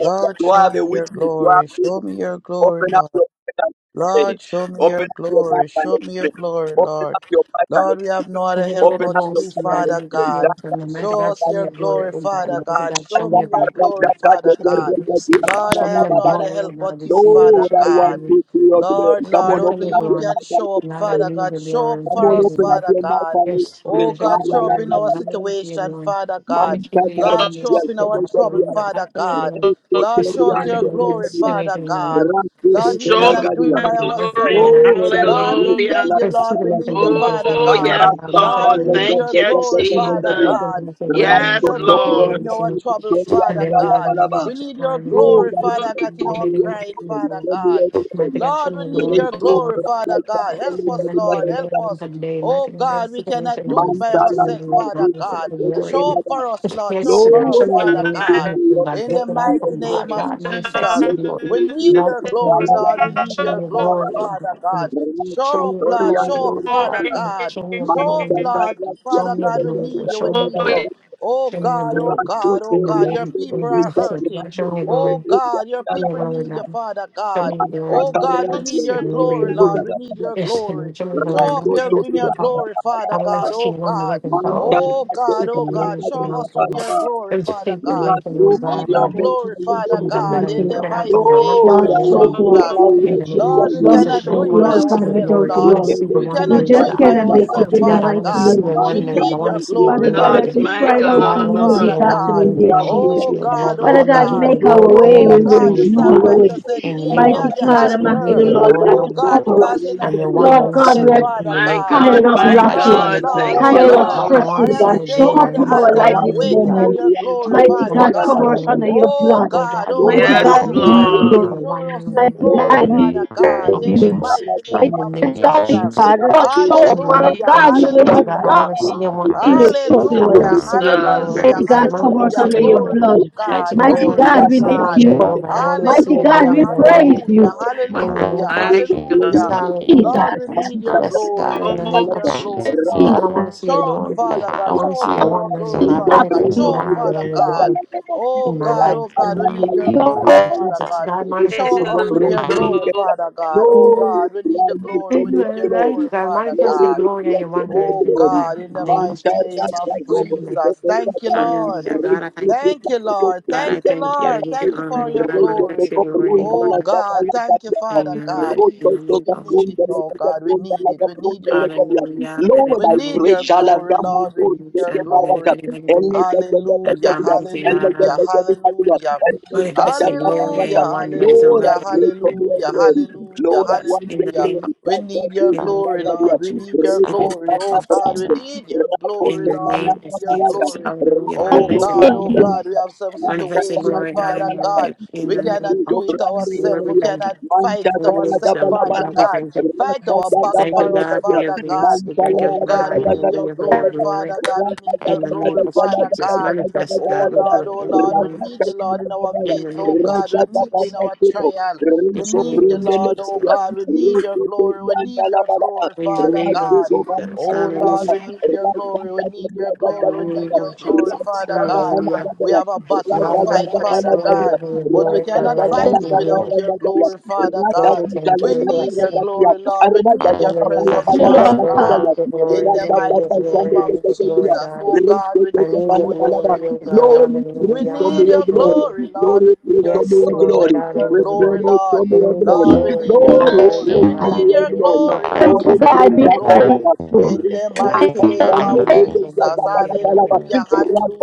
Speaker 8: Lord,
Speaker 1: Do I
Speaker 8: show
Speaker 1: have a
Speaker 8: me your
Speaker 1: witness.
Speaker 8: glory. Show me your glory,
Speaker 1: Open up
Speaker 8: Lord.
Speaker 1: your mouth and let's
Speaker 8: Lord, show me
Speaker 1: pray. Open
Speaker 8: your
Speaker 1: up your
Speaker 8: glory.
Speaker 1: mouth and
Speaker 8: Show
Speaker 1: let's
Speaker 8: me your
Speaker 1: pray.
Speaker 8: glory,
Speaker 1: Open up
Speaker 8: Lord.
Speaker 1: your mouth
Speaker 8: Lord, we
Speaker 1: and
Speaker 8: have
Speaker 1: let's
Speaker 8: no
Speaker 3: And
Speaker 8: other
Speaker 3: I
Speaker 1: pray.
Speaker 3: get
Speaker 8: help
Speaker 3: a
Speaker 1: Open up
Speaker 8: but
Speaker 3: bowl,
Speaker 1: your
Speaker 8: you,
Speaker 3: see,
Speaker 1: mouth
Speaker 3: I
Speaker 1: and
Speaker 8: Father
Speaker 3: didn't even be
Speaker 8: God.
Speaker 3: able to remember.
Speaker 8: Show
Speaker 3: God,
Speaker 8: us
Speaker 3: Show me
Speaker 8: your
Speaker 3: your glory.
Speaker 8: glory,
Speaker 3: Lord, I
Speaker 8: Father
Speaker 3: need your
Speaker 8: God. Show me your glory, Father God.
Speaker 1: let's
Speaker 8: Lord, I have no
Speaker 1: pray.
Speaker 8: other help but you, Father
Speaker 1: Lord, I want
Speaker 8: God.
Speaker 1: to see your
Speaker 8: Lord,
Speaker 1: glory. Come
Speaker 8: Lord,
Speaker 1: on,
Speaker 8: only
Speaker 1: open up
Speaker 8: you
Speaker 1: your
Speaker 8: can
Speaker 1: mouth and
Speaker 8: show up,
Speaker 1: let's pray.
Speaker 8: Father God.
Speaker 3: glory.
Speaker 8: Show up
Speaker 3: Show
Speaker 1: Come
Speaker 8: for
Speaker 3: me
Speaker 1: on,
Speaker 3: a
Speaker 8: us,
Speaker 1: open
Speaker 3: glory.
Speaker 1: up
Speaker 8: Father
Speaker 1: your mouth
Speaker 8: God.
Speaker 1: and
Speaker 3: Yes,
Speaker 8: Oh
Speaker 1: let's
Speaker 3: Manager, we
Speaker 8: God,
Speaker 3: will
Speaker 8: show up in
Speaker 3: learn
Speaker 8: our
Speaker 3: and learn to
Speaker 8: situation,
Speaker 3: everyone.
Speaker 8: Father
Speaker 3: Let me
Speaker 8: God.
Speaker 3: give you your
Speaker 10: Lord,
Speaker 8: Lord, show
Speaker 3: wonders
Speaker 8: up in
Speaker 3: to
Speaker 8: our
Speaker 3: the
Speaker 8: trouble,
Speaker 3: Lord.
Speaker 1: pray.
Speaker 3: Let
Speaker 8: Father
Speaker 3: life and
Speaker 8: God.
Speaker 3: everyone.
Speaker 8: Lord,
Speaker 3: This
Speaker 8: show
Speaker 3: my
Speaker 8: us your
Speaker 3: development
Speaker 8: glory, Father
Speaker 3: situation in my
Speaker 8: God.
Speaker 3: life.
Speaker 1: Rasu
Speaker 8: Lord,
Speaker 3: This
Speaker 8: we
Speaker 1: de
Speaker 3: God
Speaker 10: show
Speaker 1: la
Speaker 3: show
Speaker 10: me
Speaker 3: me
Speaker 8: cannot
Speaker 3: the
Speaker 8: do
Speaker 1: Gadia,
Speaker 8: it
Speaker 10: your
Speaker 8: by
Speaker 3: glory and mercy to the
Speaker 10: glory.
Speaker 8: ourselves.
Speaker 3: man and to
Speaker 1: Lord,
Speaker 3: it's
Speaker 1: I
Speaker 3: the way
Speaker 8: Lord,
Speaker 3: to
Speaker 8: we
Speaker 1: pray,
Speaker 10: Hallelujah.
Speaker 8: need you,
Speaker 3: the
Speaker 8: Lord, we
Speaker 3: situation
Speaker 8: need you,
Speaker 1: Galakatalagadina.
Speaker 3: place in
Speaker 8: Father
Speaker 3: my
Speaker 10: Oh,
Speaker 3: life.
Speaker 8: God.
Speaker 10: yes,
Speaker 3: But I'm in
Speaker 8: Lord,
Speaker 3: such a
Speaker 10: Lord.
Speaker 8: we
Speaker 3: way.
Speaker 8: need
Speaker 10: Thank
Speaker 8: your
Speaker 10: you,
Speaker 8: glory,
Speaker 3: This mother
Speaker 8: Father
Speaker 3: that
Speaker 1: Rakatalagadagadagadagadagadina.
Speaker 10: Jesus.
Speaker 8: God.
Speaker 3: everyone must say
Speaker 8: We
Speaker 3: glory and
Speaker 8: need
Speaker 10: Yes,
Speaker 8: your
Speaker 3: everyone. They get
Speaker 8: glory
Speaker 3: me
Speaker 10: Lord.
Speaker 8: in our
Speaker 3: singing.
Speaker 8: troubles,
Speaker 3: And
Speaker 8: Father
Speaker 3: they let
Speaker 8: God.
Speaker 3: everyone
Speaker 1: Rakotoprendapitotoriandalabalaba.
Speaker 3: know.
Speaker 8: We need
Speaker 3: I
Speaker 8: your
Speaker 3: didn't
Speaker 1: Lord,
Speaker 8: glory,
Speaker 1: I
Speaker 8: Father
Speaker 1: pray,
Speaker 8: God, in
Speaker 1: show
Speaker 3: really.
Speaker 8: our
Speaker 1: me
Speaker 3: I
Speaker 1: your
Speaker 3: didn't
Speaker 8: crying,
Speaker 1: glory,
Speaker 8: Father
Speaker 3: really.
Speaker 1: show me
Speaker 8: God.
Speaker 1: your
Speaker 3: Mighty
Speaker 1: glory.
Speaker 3: God, show
Speaker 8: Lord,
Speaker 3: me
Speaker 8: we need your
Speaker 3: the
Speaker 8: glory,
Speaker 3: glory.
Speaker 8: Father God. Help us,
Speaker 3: Amen. Good
Speaker 8: Lord.
Speaker 3: day
Speaker 8: Help
Speaker 1: Rekokrakatalagadagadagadagada.
Speaker 8: us.
Speaker 3: today. My
Speaker 8: Oh
Speaker 3: thing
Speaker 8: God,
Speaker 3: is
Speaker 8: we
Speaker 3: to finish
Speaker 8: cannot
Speaker 3: and I
Speaker 8: do
Speaker 3: think
Speaker 8: it
Speaker 3: that's the condition that
Speaker 8: by
Speaker 3: I'm saying to
Speaker 8: ourselves,
Speaker 3: you,
Speaker 8: Father
Speaker 3: not with the
Speaker 8: God.
Speaker 3: glory. in
Speaker 8: Show
Speaker 3: it.
Speaker 8: up
Speaker 1: Mantalangkarikatalagadagada.
Speaker 8: for us,
Speaker 3: It's
Speaker 8: Lord. Show
Speaker 3: Yes,
Speaker 8: up
Speaker 3: should I
Speaker 8: for
Speaker 3: show
Speaker 8: us,
Speaker 1: Lord, I
Speaker 3: me your
Speaker 8: Father
Speaker 1: want
Speaker 3: glory
Speaker 1: to
Speaker 8: God.
Speaker 3: in it?
Speaker 1: see
Speaker 3: To
Speaker 1: your
Speaker 3: God,
Speaker 8: In
Speaker 3: work
Speaker 8: the
Speaker 1: glory,
Speaker 3: it out
Speaker 1: your
Speaker 8: mighty
Speaker 3: from God.
Speaker 8: name of
Speaker 1: glory.
Speaker 3: God, manifest
Speaker 8: Jesus.
Speaker 3: your
Speaker 1: Your glory,
Speaker 3: glory.
Speaker 8: We need
Speaker 3: God,
Speaker 8: your
Speaker 1: Jesus.
Speaker 8: glory, Lord. We need
Speaker 3: show me
Speaker 8: your
Speaker 3: your
Speaker 8: glory,
Speaker 3: glory.
Speaker 1: Galakatalagadagadagadagada.
Speaker 8: Father
Speaker 3: in
Speaker 8: God.
Speaker 3: it.
Speaker 1: Lord, I want
Speaker 3: Show
Speaker 8: Show
Speaker 3: me
Speaker 8: up,
Speaker 3: your
Speaker 8: Lord.
Speaker 3: glory,
Speaker 8: Show up,
Speaker 1: to
Speaker 3: oh
Speaker 8: Father
Speaker 3: God. in it.
Speaker 8: God.
Speaker 3: Show me your glory,
Speaker 8: Show up,
Speaker 3: oh God. in
Speaker 8: Lord.
Speaker 3: it. Show
Speaker 8: Father
Speaker 3: me your glory. Show me your
Speaker 8: God, we
Speaker 3: glory.
Speaker 8: need you.
Speaker 3: Show
Speaker 8: We
Speaker 3: me
Speaker 10: God,
Speaker 3: your
Speaker 8: need
Speaker 3: glory.
Speaker 8: you. Oh
Speaker 3: Show me your
Speaker 8: God, oh
Speaker 3: glory.
Speaker 8: God, oh
Speaker 3: In the
Speaker 8: God. Your
Speaker 3: name
Speaker 8: people
Speaker 3: of
Speaker 8: are
Speaker 3: Jesus,
Speaker 8: hurting.
Speaker 3: God, show me your
Speaker 8: Oh
Speaker 3: glory.
Speaker 8: God, your
Speaker 3: Show me your
Speaker 8: people
Speaker 3: glory,
Speaker 8: need you,
Speaker 3: God.
Speaker 8: Father
Speaker 3: Show
Speaker 8: God.
Speaker 3: me, Lord,
Speaker 8: Oh
Speaker 3: my
Speaker 8: God, we need your
Speaker 3: Signori
Speaker 8: glory,
Speaker 3: and
Speaker 8: Lord.
Speaker 3: wonder.
Speaker 8: We need your
Speaker 3: Yes,
Speaker 8: glory.
Speaker 3: Lord, show me,
Speaker 8: Show
Speaker 3: Lord. I
Speaker 8: up your
Speaker 3: want to
Speaker 8: in
Speaker 3: see the
Speaker 8: your
Speaker 3: power.
Speaker 8: glory,
Speaker 3: I
Speaker 8: Father
Speaker 3: want
Speaker 8: God.
Speaker 3: to see
Speaker 8: Oh
Speaker 3: wonder
Speaker 8: God.
Speaker 3: working power over the
Speaker 8: Oh God,
Speaker 3: sick
Speaker 8: oh
Speaker 3: and
Speaker 8: God.
Speaker 3: weary
Speaker 8: Show
Speaker 3: in our
Speaker 8: us
Speaker 3: whole
Speaker 8: with
Speaker 3: life.
Speaker 8: your glory,
Speaker 3: It was
Speaker 8: Father
Speaker 3: faith and
Speaker 8: God.
Speaker 3: away from your
Speaker 8: We need
Speaker 3: God
Speaker 8: your
Speaker 5: Thank you,
Speaker 8: glory,
Speaker 5: Jesus.
Speaker 8: Father
Speaker 3: from the
Speaker 8: God,
Speaker 5: Thank you,
Speaker 8: in
Speaker 3: man,
Speaker 8: the
Speaker 3: look at
Speaker 5: Lord.
Speaker 3: that from
Speaker 8: mighty
Speaker 3: the
Speaker 8: name
Speaker 3: Lord, let
Speaker 8: of
Speaker 3: the
Speaker 5: Lord, show
Speaker 3: Lord
Speaker 5: glory.
Speaker 8: Jesus.
Speaker 5: Lord,
Speaker 1: see
Speaker 5: dear
Speaker 3: in
Speaker 1: your
Speaker 3: the name of
Speaker 8: Lord,
Speaker 5: Jesus.
Speaker 8: we
Speaker 5: Lord,
Speaker 3: Jesus.
Speaker 8: cannot
Speaker 3: God,
Speaker 8: do
Speaker 3: I
Speaker 5: show
Speaker 8: it
Speaker 3: want to
Speaker 8: by
Speaker 5: glory.
Speaker 1: glory,
Speaker 3: see your
Speaker 5: God,
Speaker 8: ourselves,
Speaker 5: without
Speaker 3: glory. I
Speaker 5: you,
Speaker 3: want
Speaker 8: Lord.
Speaker 3: to
Speaker 5: Lord.
Speaker 3: see your
Speaker 8: We
Speaker 5: We
Speaker 8: cannot
Speaker 3: wonders,
Speaker 8: do
Speaker 5: just
Speaker 8: it
Speaker 3: God.
Speaker 8: by
Speaker 1: your
Speaker 5: cannot make it
Speaker 8: ourselves,
Speaker 3: Mighty
Speaker 5: in the
Speaker 1: glory.
Speaker 3: God, I
Speaker 8: Father
Speaker 3: want to
Speaker 5: mighty
Speaker 8: God.
Speaker 3: see
Speaker 5: name of
Speaker 3: your
Speaker 8: We
Speaker 1: Lord,
Speaker 3: wonders.
Speaker 5: Jesus.
Speaker 3: I
Speaker 8: need
Speaker 3: want
Speaker 8: your
Speaker 3: to see your
Speaker 5: Father
Speaker 8: glory,
Speaker 3: glory.
Speaker 5: God,
Speaker 8: Lord.
Speaker 5: as
Speaker 8: We
Speaker 3: God,
Speaker 5: we
Speaker 8: need
Speaker 10: my
Speaker 8: your
Speaker 5: cried out to
Speaker 3: God, I
Speaker 8: glory,
Speaker 3: want to
Speaker 5: you
Speaker 3: see
Speaker 10: God,
Speaker 8: Father
Speaker 5: this
Speaker 3: your
Speaker 8: God.
Speaker 5: afternoon,
Speaker 3: wonders,
Speaker 5: dear
Speaker 3: God. I want to
Speaker 5: Jesus.
Speaker 3: see
Speaker 8: Oh
Speaker 3: your
Speaker 8: God,
Speaker 3: glory.
Speaker 8: oh
Speaker 5: Father
Speaker 3: God, will
Speaker 5: God,
Speaker 3: give
Speaker 8: God.
Speaker 3: your
Speaker 5: make
Speaker 3: glory
Speaker 5: our
Speaker 3: in
Speaker 5: way
Speaker 3: me
Speaker 8: Oh
Speaker 5: when
Speaker 3: this
Speaker 5: there
Speaker 8: God,
Speaker 5: is
Speaker 8: the
Speaker 3: morning, oh
Speaker 5: no
Speaker 3: God.
Speaker 5: other way.
Speaker 8: songwriter said,
Speaker 3: In the
Speaker 8: Leave
Speaker 3: name
Speaker 8: me
Speaker 3: of
Speaker 5: Mighty
Speaker 8: at the
Speaker 5: God,
Speaker 3: Jesus,
Speaker 5: I'm
Speaker 3: we
Speaker 5: asking
Speaker 3: give
Speaker 5: you,
Speaker 8: altar.
Speaker 3: your
Speaker 5: Lord
Speaker 3: glory,
Speaker 5: God,
Speaker 3: oh
Speaker 8: Oh
Speaker 5: to
Speaker 3: God.
Speaker 8: God,
Speaker 5: cover
Speaker 8: because you're
Speaker 5: us.
Speaker 8: not
Speaker 3: And your
Speaker 8: through with
Speaker 5: Lord
Speaker 8: us
Speaker 3: wonders
Speaker 5: God,
Speaker 8: yet,
Speaker 5: we
Speaker 3: in
Speaker 5: are
Speaker 3: in
Speaker 8: Father
Speaker 3: the
Speaker 10: my
Speaker 3: name
Speaker 8: God.
Speaker 3: of
Speaker 10: God,
Speaker 5: tired of
Speaker 3: Jesus.
Speaker 10: my
Speaker 8: But
Speaker 3: God, show
Speaker 5: lacking,
Speaker 8: Lord,
Speaker 3: me your
Speaker 10: God.
Speaker 8: Lord,
Speaker 3: glory.
Speaker 10: Thank
Speaker 8: oh
Speaker 10: you,
Speaker 5: tired of
Speaker 8: God,
Speaker 3: God, I
Speaker 10: Lord.
Speaker 3: want to
Speaker 5: stressing,
Speaker 8: I am
Speaker 3: see
Speaker 5: God.
Speaker 3: your
Speaker 5: Show
Speaker 8: staying
Speaker 3: glory. I
Speaker 5: up
Speaker 8: at the
Speaker 3: want
Speaker 5: in
Speaker 3: to see
Speaker 5: our
Speaker 8: altar
Speaker 3: your
Speaker 8: and
Speaker 5: life
Speaker 8: I'm
Speaker 5: this
Speaker 3: wonders,
Speaker 8: waiting
Speaker 3: God.
Speaker 8: on
Speaker 5: moment.
Speaker 8: your glory,
Speaker 5: Mighty
Speaker 3: I
Speaker 8: Father
Speaker 5: God,
Speaker 3: want to see
Speaker 8: God.
Speaker 3: a
Speaker 5: cover us under
Speaker 3: wonder.
Speaker 5: your
Speaker 8: Oh
Speaker 5: blood.
Speaker 3: Lord
Speaker 8: God,
Speaker 3: God,
Speaker 8: oh
Speaker 3: will
Speaker 5: Mighty
Speaker 8: God,
Speaker 3: reveal
Speaker 10: Yes,
Speaker 3: your
Speaker 5: God,
Speaker 8: oh
Speaker 5: we need
Speaker 3: glory
Speaker 8: God.
Speaker 3: in
Speaker 5: you.
Speaker 1: I
Speaker 3: the
Speaker 10: Lord.
Speaker 8: Show
Speaker 3: wonder
Speaker 8: us
Speaker 3: of
Speaker 8: your
Speaker 3: the
Speaker 5: Mighty
Speaker 1: Thank
Speaker 8: glory,
Speaker 5: God,
Speaker 3: name
Speaker 8: Father
Speaker 5: we
Speaker 8: God,
Speaker 5: praise
Speaker 3: of
Speaker 8: in the
Speaker 5: you.
Speaker 3: Jesus.
Speaker 8: mighty
Speaker 3: In
Speaker 8: name
Speaker 3: the
Speaker 8: of
Speaker 3: name of
Speaker 5: Mighty
Speaker 8: Jesus.
Speaker 3: Jesus.
Speaker 5: God, Lord, show up.
Speaker 3: In the
Speaker 5: Father
Speaker 3: name
Speaker 8: Hallelujah,
Speaker 3: of
Speaker 10: Jesus,
Speaker 5: God, you will
Speaker 3: Jesus.
Speaker 5: not
Speaker 3: God, I
Speaker 8: hallelujah.
Speaker 3: want to see your
Speaker 5: stop till you
Speaker 3: wonders.
Speaker 5: show up in
Speaker 3: I
Speaker 5: our
Speaker 3: want
Speaker 8: Hallelujah,
Speaker 3: to
Speaker 5: life.
Speaker 3: see your glory,
Speaker 8: hallelujah,
Speaker 3: oh
Speaker 5: Mighty
Speaker 3: God.
Speaker 5: God, cover us
Speaker 3: Manifest
Speaker 8: hallelujah.
Speaker 3: your
Speaker 5: under your
Speaker 3: glory.
Speaker 8: Glory
Speaker 5: blood.
Speaker 8: to
Speaker 1: you.
Speaker 3: Mighty
Speaker 8: God,
Speaker 3: God,
Speaker 5: Mighty
Speaker 8: glory
Speaker 1: Lord,
Speaker 8: to
Speaker 5: God, we
Speaker 3: manifest
Speaker 1: we
Speaker 3: your
Speaker 5: lift
Speaker 8: God.
Speaker 3: wonder,
Speaker 1: cry to
Speaker 5: you
Speaker 1: the
Speaker 3: oh
Speaker 5: up.
Speaker 3: God. I
Speaker 1: glory.
Speaker 3: want to see
Speaker 5: Mighty
Speaker 3: your
Speaker 1: Lord,
Speaker 5: God,
Speaker 8: Hallelujah,
Speaker 3: glory,
Speaker 5: we
Speaker 3: your wonder.
Speaker 5: praise
Speaker 8: hallelujah,
Speaker 5: you.
Speaker 10: my
Speaker 3: In the
Speaker 8: hallelujah,
Speaker 3: name of Jesus.
Speaker 10: God.
Speaker 8: hallelujah.
Speaker 3: Hallelujah.
Speaker 8: Lord,
Speaker 5: Jesus,
Speaker 8: we need your
Speaker 3: Yes,
Speaker 8: glory.
Speaker 3: God,
Speaker 8: We
Speaker 3: in the
Speaker 10: Hallelujah.
Speaker 8: need
Speaker 3: name of
Speaker 8: your
Speaker 3: Jesus.
Speaker 8: glory,
Speaker 3: God,
Speaker 8: Lord.
Speaker 3: I
Speaker 5: Jesus,
Speaker 3: want to see your
Speaker 8: Show up,
Speaker 3: glory.
Speaker 8: Father
Speaker 3: I
Speaker 8: God.
Speaker 3: want to
Speaker 8: Show up
Speaker 3: see
Speaker 8: in
Speaker 3: your
Speaker 8: our
Speaker 3: wonders, oh
Speaker 8: glory,
Speaker 3: God.
Speaker 8: Father God.
Speaker 3: Manifest your
Speaker 8: Show up,
Speaker 3: wonders, oh
Speaker 8: Father
Speaker 3: Lord
Speaker 8: God. Oh
Speaker 3: in my
Speaker 8: God,
Speaker 3: life.
Speaker 8: oh God, we
Speaker 3: Amen.
Speaker 8: need
Speaker 3: you.
Speaker 8: your glory,
Speaker 5: Jesus.
Speaker 3: And
Speaker 8: Father
Speaker 3: Jesus,
Speaker 8: God.
Speaker 3: God manifest
Speaker 8: Shower
Speaker 3: your
Speaker 8: us with
Speaker 3: wonders.
Speaker 8: your
Speaker 3: manifest
Speaker 8: glory, Father God. Oh
Speaker 3: In
Speaker 8: God, we need the glory. We need
Speaker 3: my
Speaker 8: your
Speaker 3: life,
Speaker 8: glory,
Speaker 3: God
Speaker 8: Father
Speaker 3: manifest the
Speaker 8: God.
Speaker 1: we
Speaker 3: glory
Speaker 1: cry
Speaker 3: and your
Speaker 1: to
Speaker 3: wonders
Speaker 1: the
Speaker 8: Oh
Speaker 3: in my
Speaker 1: glory.
Speaker 3: life.
Speaker 8: God, in
Speaker 3: In the
Speaker 8: the
Speaker 3: name
Speaker 1: Lord,
Speaker 3: of
Speaker 1: I
Speaker 8: mighty
Speaker 3: Jesus.
Speaker 8: name of
Speaker 3: Hallelujah.
Speaker 8: Jesus. Thank you, Lord.
Speaker 3: Hallelujah. God, I thank you.
Speaker 8: Thank you, Lord.
Speaker 3: God, I
Speaker 8: Thank you,
Speaker 3: thank you and
Speaker 8: Lord.
Speaker 3: give you
Speaker 8: Thank you
Speaker 3: honor.
Speaker 8: for
Speaker 3: And
Speaker 8: your
Speaker 3: God, manifest
Speaker 8: glory.
Speaker 3: your glory and your
Speaker 8: Oh
Speaker 3: wonders
Speaker 8: God, thank you,
Speaker 3: in
Speaker 8: Father
Speaker 3: my
Speaker 8: God.
Speaker 3: life.
Speaker 8: We,
Speaker 3: In the name
Speaker 8: we
Speaker 3: of
Speaker 8: need it,
Speaker 3: Jesus.
Speaker 8: oh God. We need it. We need your glory.
Speaker 3: Hallelujah. Let it be
Speaker 8: We
Speaker 3: the
Speaker 8: need
Speaker 1: pray,
Speaker 3: most.
Speaker 8: your
Speaker 1: shall I
Speaker 3: Hallelujah.
Speaker 8: glory,
Speaker 1: come and
Speaker 8: Lord. We
Speaker 1: go
Speaker 8: need
Speaker 1: to
Speaker 8: your
Speaker 1: the
Speaker 3: Let it
Speaker 1: Baraka?
Speaker 3: be
Speaker 8: glory.
Speaker 3: the most. Let
Speaker 1: And let the
Speaker 8: Hallelujah,
Speaker 1: Jadia,
Speaker 3: it be
Speaker 1: and
Speaker 3: the
Speaker 1: let the
Speaker 3: most.
Speaker 8: hallelujah,
Speaker 1: Jadia,
Speaker 8: hallelujah.
Speaker 1: and let
Speaker 3: My
Speaker 1: the
Speaker 3: blessed glory
Speaker 1: Jadia,
Speaker 3: and
Speaker 8: Hallelujah,
Speaker 3: your wonders, O
Speaker 1: Lord, I
Speaker 8: hallelujah,
Speaker 3: God,
Speaker 1: pray for
Speaker 3: in the
Speaker 8: hallelujah,
Speaker 1: me,
Speaker 3: name
Speaker 8: hallelujah,
Speaker 1: Lord, I
Speaker 3: of Jesus,
Speaker 1: want
Speaker 3: in
Speaker 1: your
Speaker 3: the
Speaker 8: hallelujah.
Speaker 3: name of
Speaker 1: glory.
Speaker 8: We
Speaker 1: That's
Speaker 3: Jesus,
Speaker 1: why
Speaker 8: need your
Speaker 3: in
Speaker 1: Jesus,
Speaker 3: the
Speaker 8: glory,
Speaker 1: Baba,
Speaker 3: name
Speaker 1: we
Speaker 3: of
Speaker 8: Lord. We
Speaker 1: are
Speaker 8: need
Speaker 3: Jesus,
Speaker 8: your
Speaker 3: in
Speaker 1: Reko
Speaker 3: the
Speaker 8: glory.
Speaker 3: name
Speaker 1: Tata
Speaker 8: Oh
Speaker 3: of
Speaker 8: God,
Speaker 3: Jesus,
Speaker 8: we
Speaker 1: Brande,
Speaker 8: need your
Speaker 3: in
Speaker 8: glory,
Speaker 3: the
Speaker 8: Lord. We
Speaker 3: name
Speaker 8: need
Speaker 3: of
Speaker 8: your
Speaker 3: Jesus,
Speaker 8: glory.
Speaker 3: hallelujah.
Speaker 8: Oh
Speaker 5: I
Speaker 3: Manifest your
Speaker 8: God,
Speaker 5: thank
Speaker 3: wonder,
Speaker 8: oh
Speaker 5: you
Speaker 8: God, we have some
Speaker 3: manifest your
Speaker 8: situation,
Speaker 3: glory, God, in
Speaker 8: Father
Speaker 3: your
Speaker 8: God.
Speaker 3: life, in
Speaker 8: We
Speaker 3: the name
Speaker 8: cannot
Speaker 3: of
Speaker 8: do it
Speaker 3: Jesus. Lord,
Speaker 8: ourselves.
Speaker 3: we
Speaker 8: We
Speaker 3: thank you.
Speaker 8: cannot fight it
Speaker 3: Lord, we
Speaker 8: ourselves,
Speaker 3: yourself, we
Speaker 8: Father
Speaker 3: love you,
Speaker 8: God.
Speaker 3: thank you.
Speaker 8: Fight our
Speaker 3: We
Speaker 8: battle
Speaker 3: thank you,
Speaker 8: for us,
Speaker 3: God, for your
Speaker 8: Father God.
Speaker 3: grace. We thank you,
Speaker 8: Oh
Speaker 3: God,
Speaker 8: God, we need your
Speaker 3: hallelujah, for your
Speaker 8: glory,
Speaker 3: glory.
Speaker 8: Father God. We need your
Speaker 3: In the
Speaker 8: glory,
Speaker 3: name of
Speaker 8: Father
Speaker 3: Jesus,
Speaker 8: God.
Speaker 3: manifest
Speaker 8: Oh
Speaker 3: God, your
Speaker 8: Lord,
Speaker 3: glory
Speaker 8: oh
Speaker 3: in the
Speaker 8: Lord, we need you,
Speaker 3: wonders,
Speaker 8: Lord, in our
Speaker 3: in the
Speaker 8: midst. Oh
Speaker 3: name of
Speaker 8: God, we need you
Speaker 3: Jesus.
Speaker 8: in our trial.
Speaker 3: In
Speaker 8: We
Speaker 1: Rinso
Speaker 3: the
Speaker 8: need
Speaker 3: name
Speaker 8: you,
Speaker 3: of
Speaker 1: prendele
Speaker 8: Lord,
Speaker 3: Jesus.
Speaker 8: oh
Speaker 1: via,
Speaker 8: God. We need your
Speaker 1: rosso per
Speaker 8: glory. We
Speaker 1: yanda
Speaker 8: need
Speaker 1: la
Speaker 8: your
Speaker 1: baraba,
Speaker 8: glory,
Speaker 3: In the
Speaker 8: Father
Speaker 3: name
Speaker 1: rasso
Speaker 3: of
Speaker 8: God.
Speaker 1: gobani
Speaker 3: Jesus.
Speaker 8: Oh
Speaker 1: bani
Speaker 8: Lord,
Speaker 1: balaba,
Speaker 8: we
Speaker 3: Hallelujah.
Speaker 8: need your
Speaker 1: rasso
Speaker 8: glory. We
Speaker 1: da da
Speaker 8: need
Speaker 1: da
Speaker 8: your
Speaker 1: da da
Speaker 3: In the
Speaker 8: glory. We
Speaker 1: da
Speaker 8: need
Speaker 3: name
Speaker 1: da,
Speaker 8: your
Speaker 3: of
Speaker 8: glory,
Speaker 1: rasso
Speaker 3: Jesus.
Speaker 8: Father
Speaker 1: da da
Speaker 8: God.
Speaker 1: da
Speaker 3: Hallelujah.
Speaker 1: da da da,
Speaker 8: We have a
Speaker 1: rasso
Speaker 8: battle to
Speaker 3: God
Speaker 8: fight,
Speaker 1: da da
Speaker 3: manifest
Speaker 1: da
Speaker 3: the
Speaker 8: Father
Speaker 1: da da da,
Speaker 8: God.
Speaker 3: wonder and
Speaker 8: But we
Speaker 3: glory in
Speaker 1: rasso
Speaker 3: my
Speaker 8: cannot
Speaker 1: da da
Speaker 3: life.
Speaker 8: fight
Speaker 1: da
Speaker 3: In the
Speaker 8: it
Speaker 1: da da da
Speaker 3: name
Speaker 8: without
Speaker 3: of
Speaker 1: da
Speaker 8: your
Speaker 1: da,
Speaker 8: glory,
Speaker 3: Jesus.
Speaker 1: rasso da da da
Speaker 8: Father
Speaker 3: Lord, we
Speaker 8: God.
Speaker 3: thank you.
Speaker 8: We
Speaker 3: We
Speaker 1: da
Speaker 8: need
Speaker 3: bless
Speaker 8: your
Speaker 1: da da
Speaker 3: you.
Speaker 1: da,
Speaker 8: glory, Lord. We
Speaker 1: arba da
Speaker 8: need
Speaker 1: da
Speaker 8: your
Speaker 3: In the
Speaker 1: da da da
Speaker 3: name of
Speaker 5: the
Speaker 8: presence,
Speaker 1: da
Speaker 3: Jesus,
Speaker 8: Father
Speaker 1: da da
Speaker 5: Lord
Speaker 3: Lord,
Speaker 1: da,
Speaker 3: I
Speaker 8: God.
Speaker 5: God.
Speaker 3: need your glory.
Speaker 8: In the
Speaker 3: You
Speaker 1: rasso
Speaker 3: need
Speaker 1: da da
Speaker 3: your
Speaker 1: da
Speaker 8: mighty name
Speaker 3: glory. I
Speaker 1: da
Speaker 8: of
Speaker 3: need
Speaker 1: da
Speaker 3: your
Speaker 1: da
Speaker 3: glory,
Speaker 1: da,
Speaker 8: Jesus,
Speaker 3: God.
Speaker 8: oh God,
Speaker 1: rinso
Speaker 8: we
Speaker 1: da
Speaker 3: I
Speaker 8: need
Speaker 3: need
Speaker 1: da
Speaker 8: you,
Speaker 1: da
Speaker 3: your
Speaker 8: we
Speaker 1: da da
Speaker 8: need
Speaker 1: da,
Speaker 3: glory,
Speaker 8: you,
Speaker 3: oh
Speaker 8: we need
Speaker 3: God.
Speaker 8: you.
Speaker 1: Lord, bring
Speaker 8: We
Speaker 1: to me
Speaker 8: need
Speaker 3: Hallelujah.
Speaker 1: your
Speaker 8: your
Speaker 1: glory.
Speaker 3: Glory.
Speaker 8: glory,
Speaker 1: Lord,
Speaker 8: Lord. We need
Speaker 1: bring to
Speaker 8: your
Speaker 1: me
Speaker 3: Yes,
Speaker 1: your
Speaker 8: glory. We
Speaker 3: Lord.
Speaker 1: glory.
Speaker 8: need your
Speaker 1: Bring bring
Speaker 8: glory,
Speaker 3: Hallelujah.
Speaker 8: Lord.
Speaker 1: to me
Speaker 3: We
Speaker 1: your
Speaker 3: need the
Speaker 1: glory.
Speaker 8: Lord, we need
Speaker 3: glory, the
Speaker 8: your
Speaker 1: Lord,
Speaker 3: wonders,
Speaker 8: glory.
Speaker 3: oh
Speaker 1: bring
Speaker 8: We
Speaker 1: to
Speaker 3: God,
Speaker 1: me
Speaker 3: in
Speaker 8: need
Speaker 3: the
Speaker 1: your
Speaker 8: your
Speaker 3: name
Speaker 1: glory.
Speaker 8: glory,
Speaker 3: of
Speaker 8: Lord.
Speaker 1: Lord,
Speaker 8: We
Speaker 5: Unto
Speaker 1: bring
Speaker 3: Jesus.
Speaker 1: to
Speaker 8: need
Speaker 5: God
Speaker 1: me
Speaker 8: your
Speaker 5: be
Speaker 1: your
Speaker 8: glory.
Speaker 5: praise.
Speaker 1: glory.
Speaker 8: In the
Speaker 3: Lord,
Speaker 5: I
Speaker 8: mighty
Speaker 3: you're
Speaker 8: name
Speaker 3: the
Speaker 8: of
Speaker 3: one who
Speaker 5: thank you,
Speaker 3: is of God,
Speaker 8: Jesus.
Speaker 3: we give glory
Speaker 8: Hallelujah.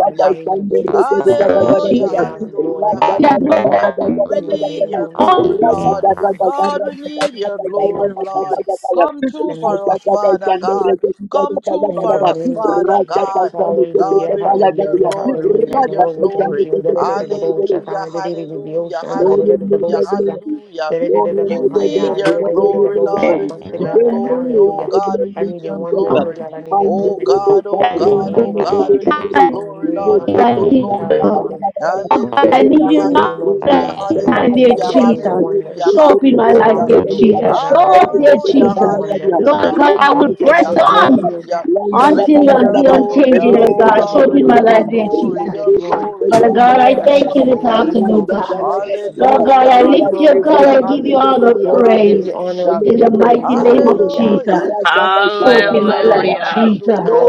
Speaker 3: in the name of Jesus.
Speaker 8: Hallelujah,
Speaker 5: Jesus.
Speaker 3: Hallelujah.
Speaker 8: hallelujah,
Speaker 3: Glory
Speaker 5: the
Speaker 8: hallelujah.
Speaker 5: Lord.
Speaker 8: We
Speaker 3: in the
Speaker 8: need
Speaker 3: name
Speaker 8: your
Speaker 3: of
Speaker 5: all
Speaker 3: Jesus.
Speaker 8: glory, Lord.
Speaker 3: Glory
Speaker 8: Lord, we need your
Speaker 3: In the name of
Speaker 8: glory, Lord.
Speaker 3: Jesus.
Speaker 8: Come true
Speaker 3: In the name
Speaker 8: for
Speaker 3: of
Speaker 8: us, Father God. Come true
Speaker 3: in the
Speaker 8: for us,
Speaker 3: name of
Speaker 8: Father
Speaker 3: Jesus.
Speaker 8: God. Lord,
Speaker 3: Hallelujah.
Speaker 8: we need your
Speaker 3: Hallelujah.
Speaker 8: glory. We
Speaker 3: Hallelujah. And
Speaker 8: need your
Speaker 3: Lord, we thank
Speaker 8: glory.
Speaker 3: you. Hallelujah.
Speaker 8: Hallelujah, hallelujah,
Speaker 1: Lord, remove
Speaker 8: hallelujah,
Speaker 1: your glory.
Speaker 8: hallelujah.
Speaker 1: Lord,
Speaker 8: We
Speaker 1: remove your
Speaker 8: need
Speaker 1: glory.
Speaker 8: your
Speaker 1: Lord, remove
Speaker 8: glory,
Speaker 1: your
Speaker 8: Lord. We
Speaker 1: glory.
Speaker 8: need your glory.
Speaker 1: Remove
Speaker 8: Oh
Speaker 1: the
Speaker 8: God, we
Speaker 3: I
Speaker 1: glory,
Speaker 8: need
Speaker 3: need your
Speaker 8: your
Speaker 1: Jesus.
Speaker 3: wonders, oh
Speaker 8: glory.
Speaker 3: God. I need your
Speaker 1: And the
Speaker 8: Oh
Speaker 3: glory.
Speaker 8: God,
Speaker 1: robots are
Speaker 8: oh
Speaker 3: In the
Speaker 1: thrown
Speaker 8: God,
Speaker 1: in
Speaker 8: oh
Speaker 3: name
Speaker 1: the
Speaker 3: of
Speaker 8: God, we need your
Speaker 3: Jesus.
Speaker 1: glory.
Speaker 3: In the
Speaker 8: glory,
Speaker 3: name
Speaker 1: Remove
Speaker 8: Lord, we
Speaker 3: of
Speaker 1: the
Speaker 8: need
Speaker 3: Jesus.
Speaker 8: your
Speaker 1: glory, la, la,
Speaker 8: glory.
Speaker 1: la, la,
Speaker 3: Hallelujah.
Speaker 1: la, la, la.
Speaker 5: Oh God,
Speaker 3: In
Speaker 5: I
Speaker 1: Remove
Speaker 8: Hallelujah,
Speaker 5: need you
Speaker 1: the
Speaker 3: the name
Speaker 5: now
Speaker 1: glory,
Speaker 3: of
Speaker 5: at
Speaker 1: la,
Speaker 8: hallelujah,
Speaker 1: la,
Speaker 3: Jesus.
Speaker 1: la,
Speaker 3: I
Speaker 5: any
Speaker 1: la,
Speaker 3: need the
Speaker 5: time, dear
Speaker 1: la, la,
Speaker 8: hallelujah,
Speaker 1: la.
Speaker 3: glory. I need the
Speaker 5: Jesus.
Speaker 1: Remove
Speaker 8: hallelujah,
Speaker 1: the
Speaker 3: wonders.
Speaker 5: Show up in my
Speaker 1: glory, la,
Speaker 5: life,
Speaker 8: hallelujah.
Speaker 5: dear
Speaker 1: la, la, la,
Speaker 3: Hallelujah,
Speaker 5: Jesus.
Speaker 1: la.
Speaker 5: Show
Speaker 1: And
Speaker 5: up,
Speaker 1: the
Speaker 3: God.
Speaker 5: dear
Speaker 1: glory, la,
Speaker 8: Hallelujah,
Speaker 3: Manifest
Speaker 1: la,
Speaker 5: Jesus.
Speaker 3: the
Speaker 1: la, la, la.
Speaker 3: wonders.
Speaker 5: Lord
Speaker 8: hallelujah,
Speaker 5: God,
Speaker 1: Remove
Speaker 5: I will
Speaker 1: the glory, la,
Speaker 3: Manifest
Speaker 5: press
Speaker 8: hallelujah,
Speaker 3: your
Speaker 1: la, la, la,
Speaker 5: on
Speaker 1: la.
Speaker 3: glory, O
Speaker 8: hallelujah.
Speaker 3: God.
Speaker 1: La, la,
Speaker 8: We
Speaker 1: la,
Speaker 5: until
Speaker 1: la,
Speaker 8: need
Speaker 3: In the
Speaker 1: la, la,
Speaker 8: your
Speaker 5: the
Speaker 1: la.
Speaker 3: name of
Speaker 8: glory,
Speaker 1: And the glory, la, la, la, la, la, la. Remove
Speaker 5: unchanging, oh
Speaker 3: Jesus,
Speaker 1: the glory,
Speaker 8: oh
Speaker 5: God.
Speaker 3: God, we
Speaker 5: Show
Speaker 8: Lord,
Speaker 5: up in
Speaker 3: need
Speaker 1: la,
Speaker 8: we
Speaker 5: my
Speaker 3: your
Speaker 8: need your
Speaker 5: life, dear
Speaker 3: wonders. We
Speaker 8: glory,
Speaker 3: need
Speaker 5: Jesus.
Speaker 3: your
Speaker 8: your
Speaker 3: glory.
Speaker 8: glory,
Speaker 5: Father
Speaker 8: your
Speaker 3: In
Speaker 5: God,
Speaker 3: the
Speaker 1: la, la,
Speaker 5: I
Speaker 1: la,
Speaker 8: glory,
Speaker 1: la,
Speaker 5: thank
Speaker 8: your
Speaker 1: la.
Speaker 3: precious
Speaker 5: you this
Speaker 1: Lord,
Speaker 8: glory.
Speaker 3: name
Speaker 5: afternoon,
Speaker 3: of
Speaker 1: give
Speaker 5: God.
Speaker 3: Jesus.
Speaker 5: Lord God,
Speaker 3: Glory,
Speaker 8: Hallelujah,
Speaker 5: I
Speaker 3: glory,
Speaker 5: lift you,
Speaker 3: glory,
Speaker 5: God,
Speaker 3: glory,
Speaker 8: hallelujah,
Speaker 5: I give
Speaker 3: glory.
Speaker 5: you all the
Speaker 8: hallelujah,
Speaker 3: Lord, we give
Speaker 5: praise
Speaker 3: you honor. We
Speaker 8: hallelujah.
Speaker 3: give
Speaker 5: in
Speaker 3: you
Speaker 5: the
Speaker 3: praise.
Speaker 5: mighty name of
Speaker 3: Hallelujah.
Speaker 8: Hallelujah,
Speaker 5: Jesus.
Speaker 8: Jesus,
Speaker 5: Show up in
Speaker 3: Amen.
Speaker 5: my life,
Speaker 8: hallelujah,
Speaker 10: hallelujah.
Speaker 5: Jesus.
Speaker 8: hallelujah.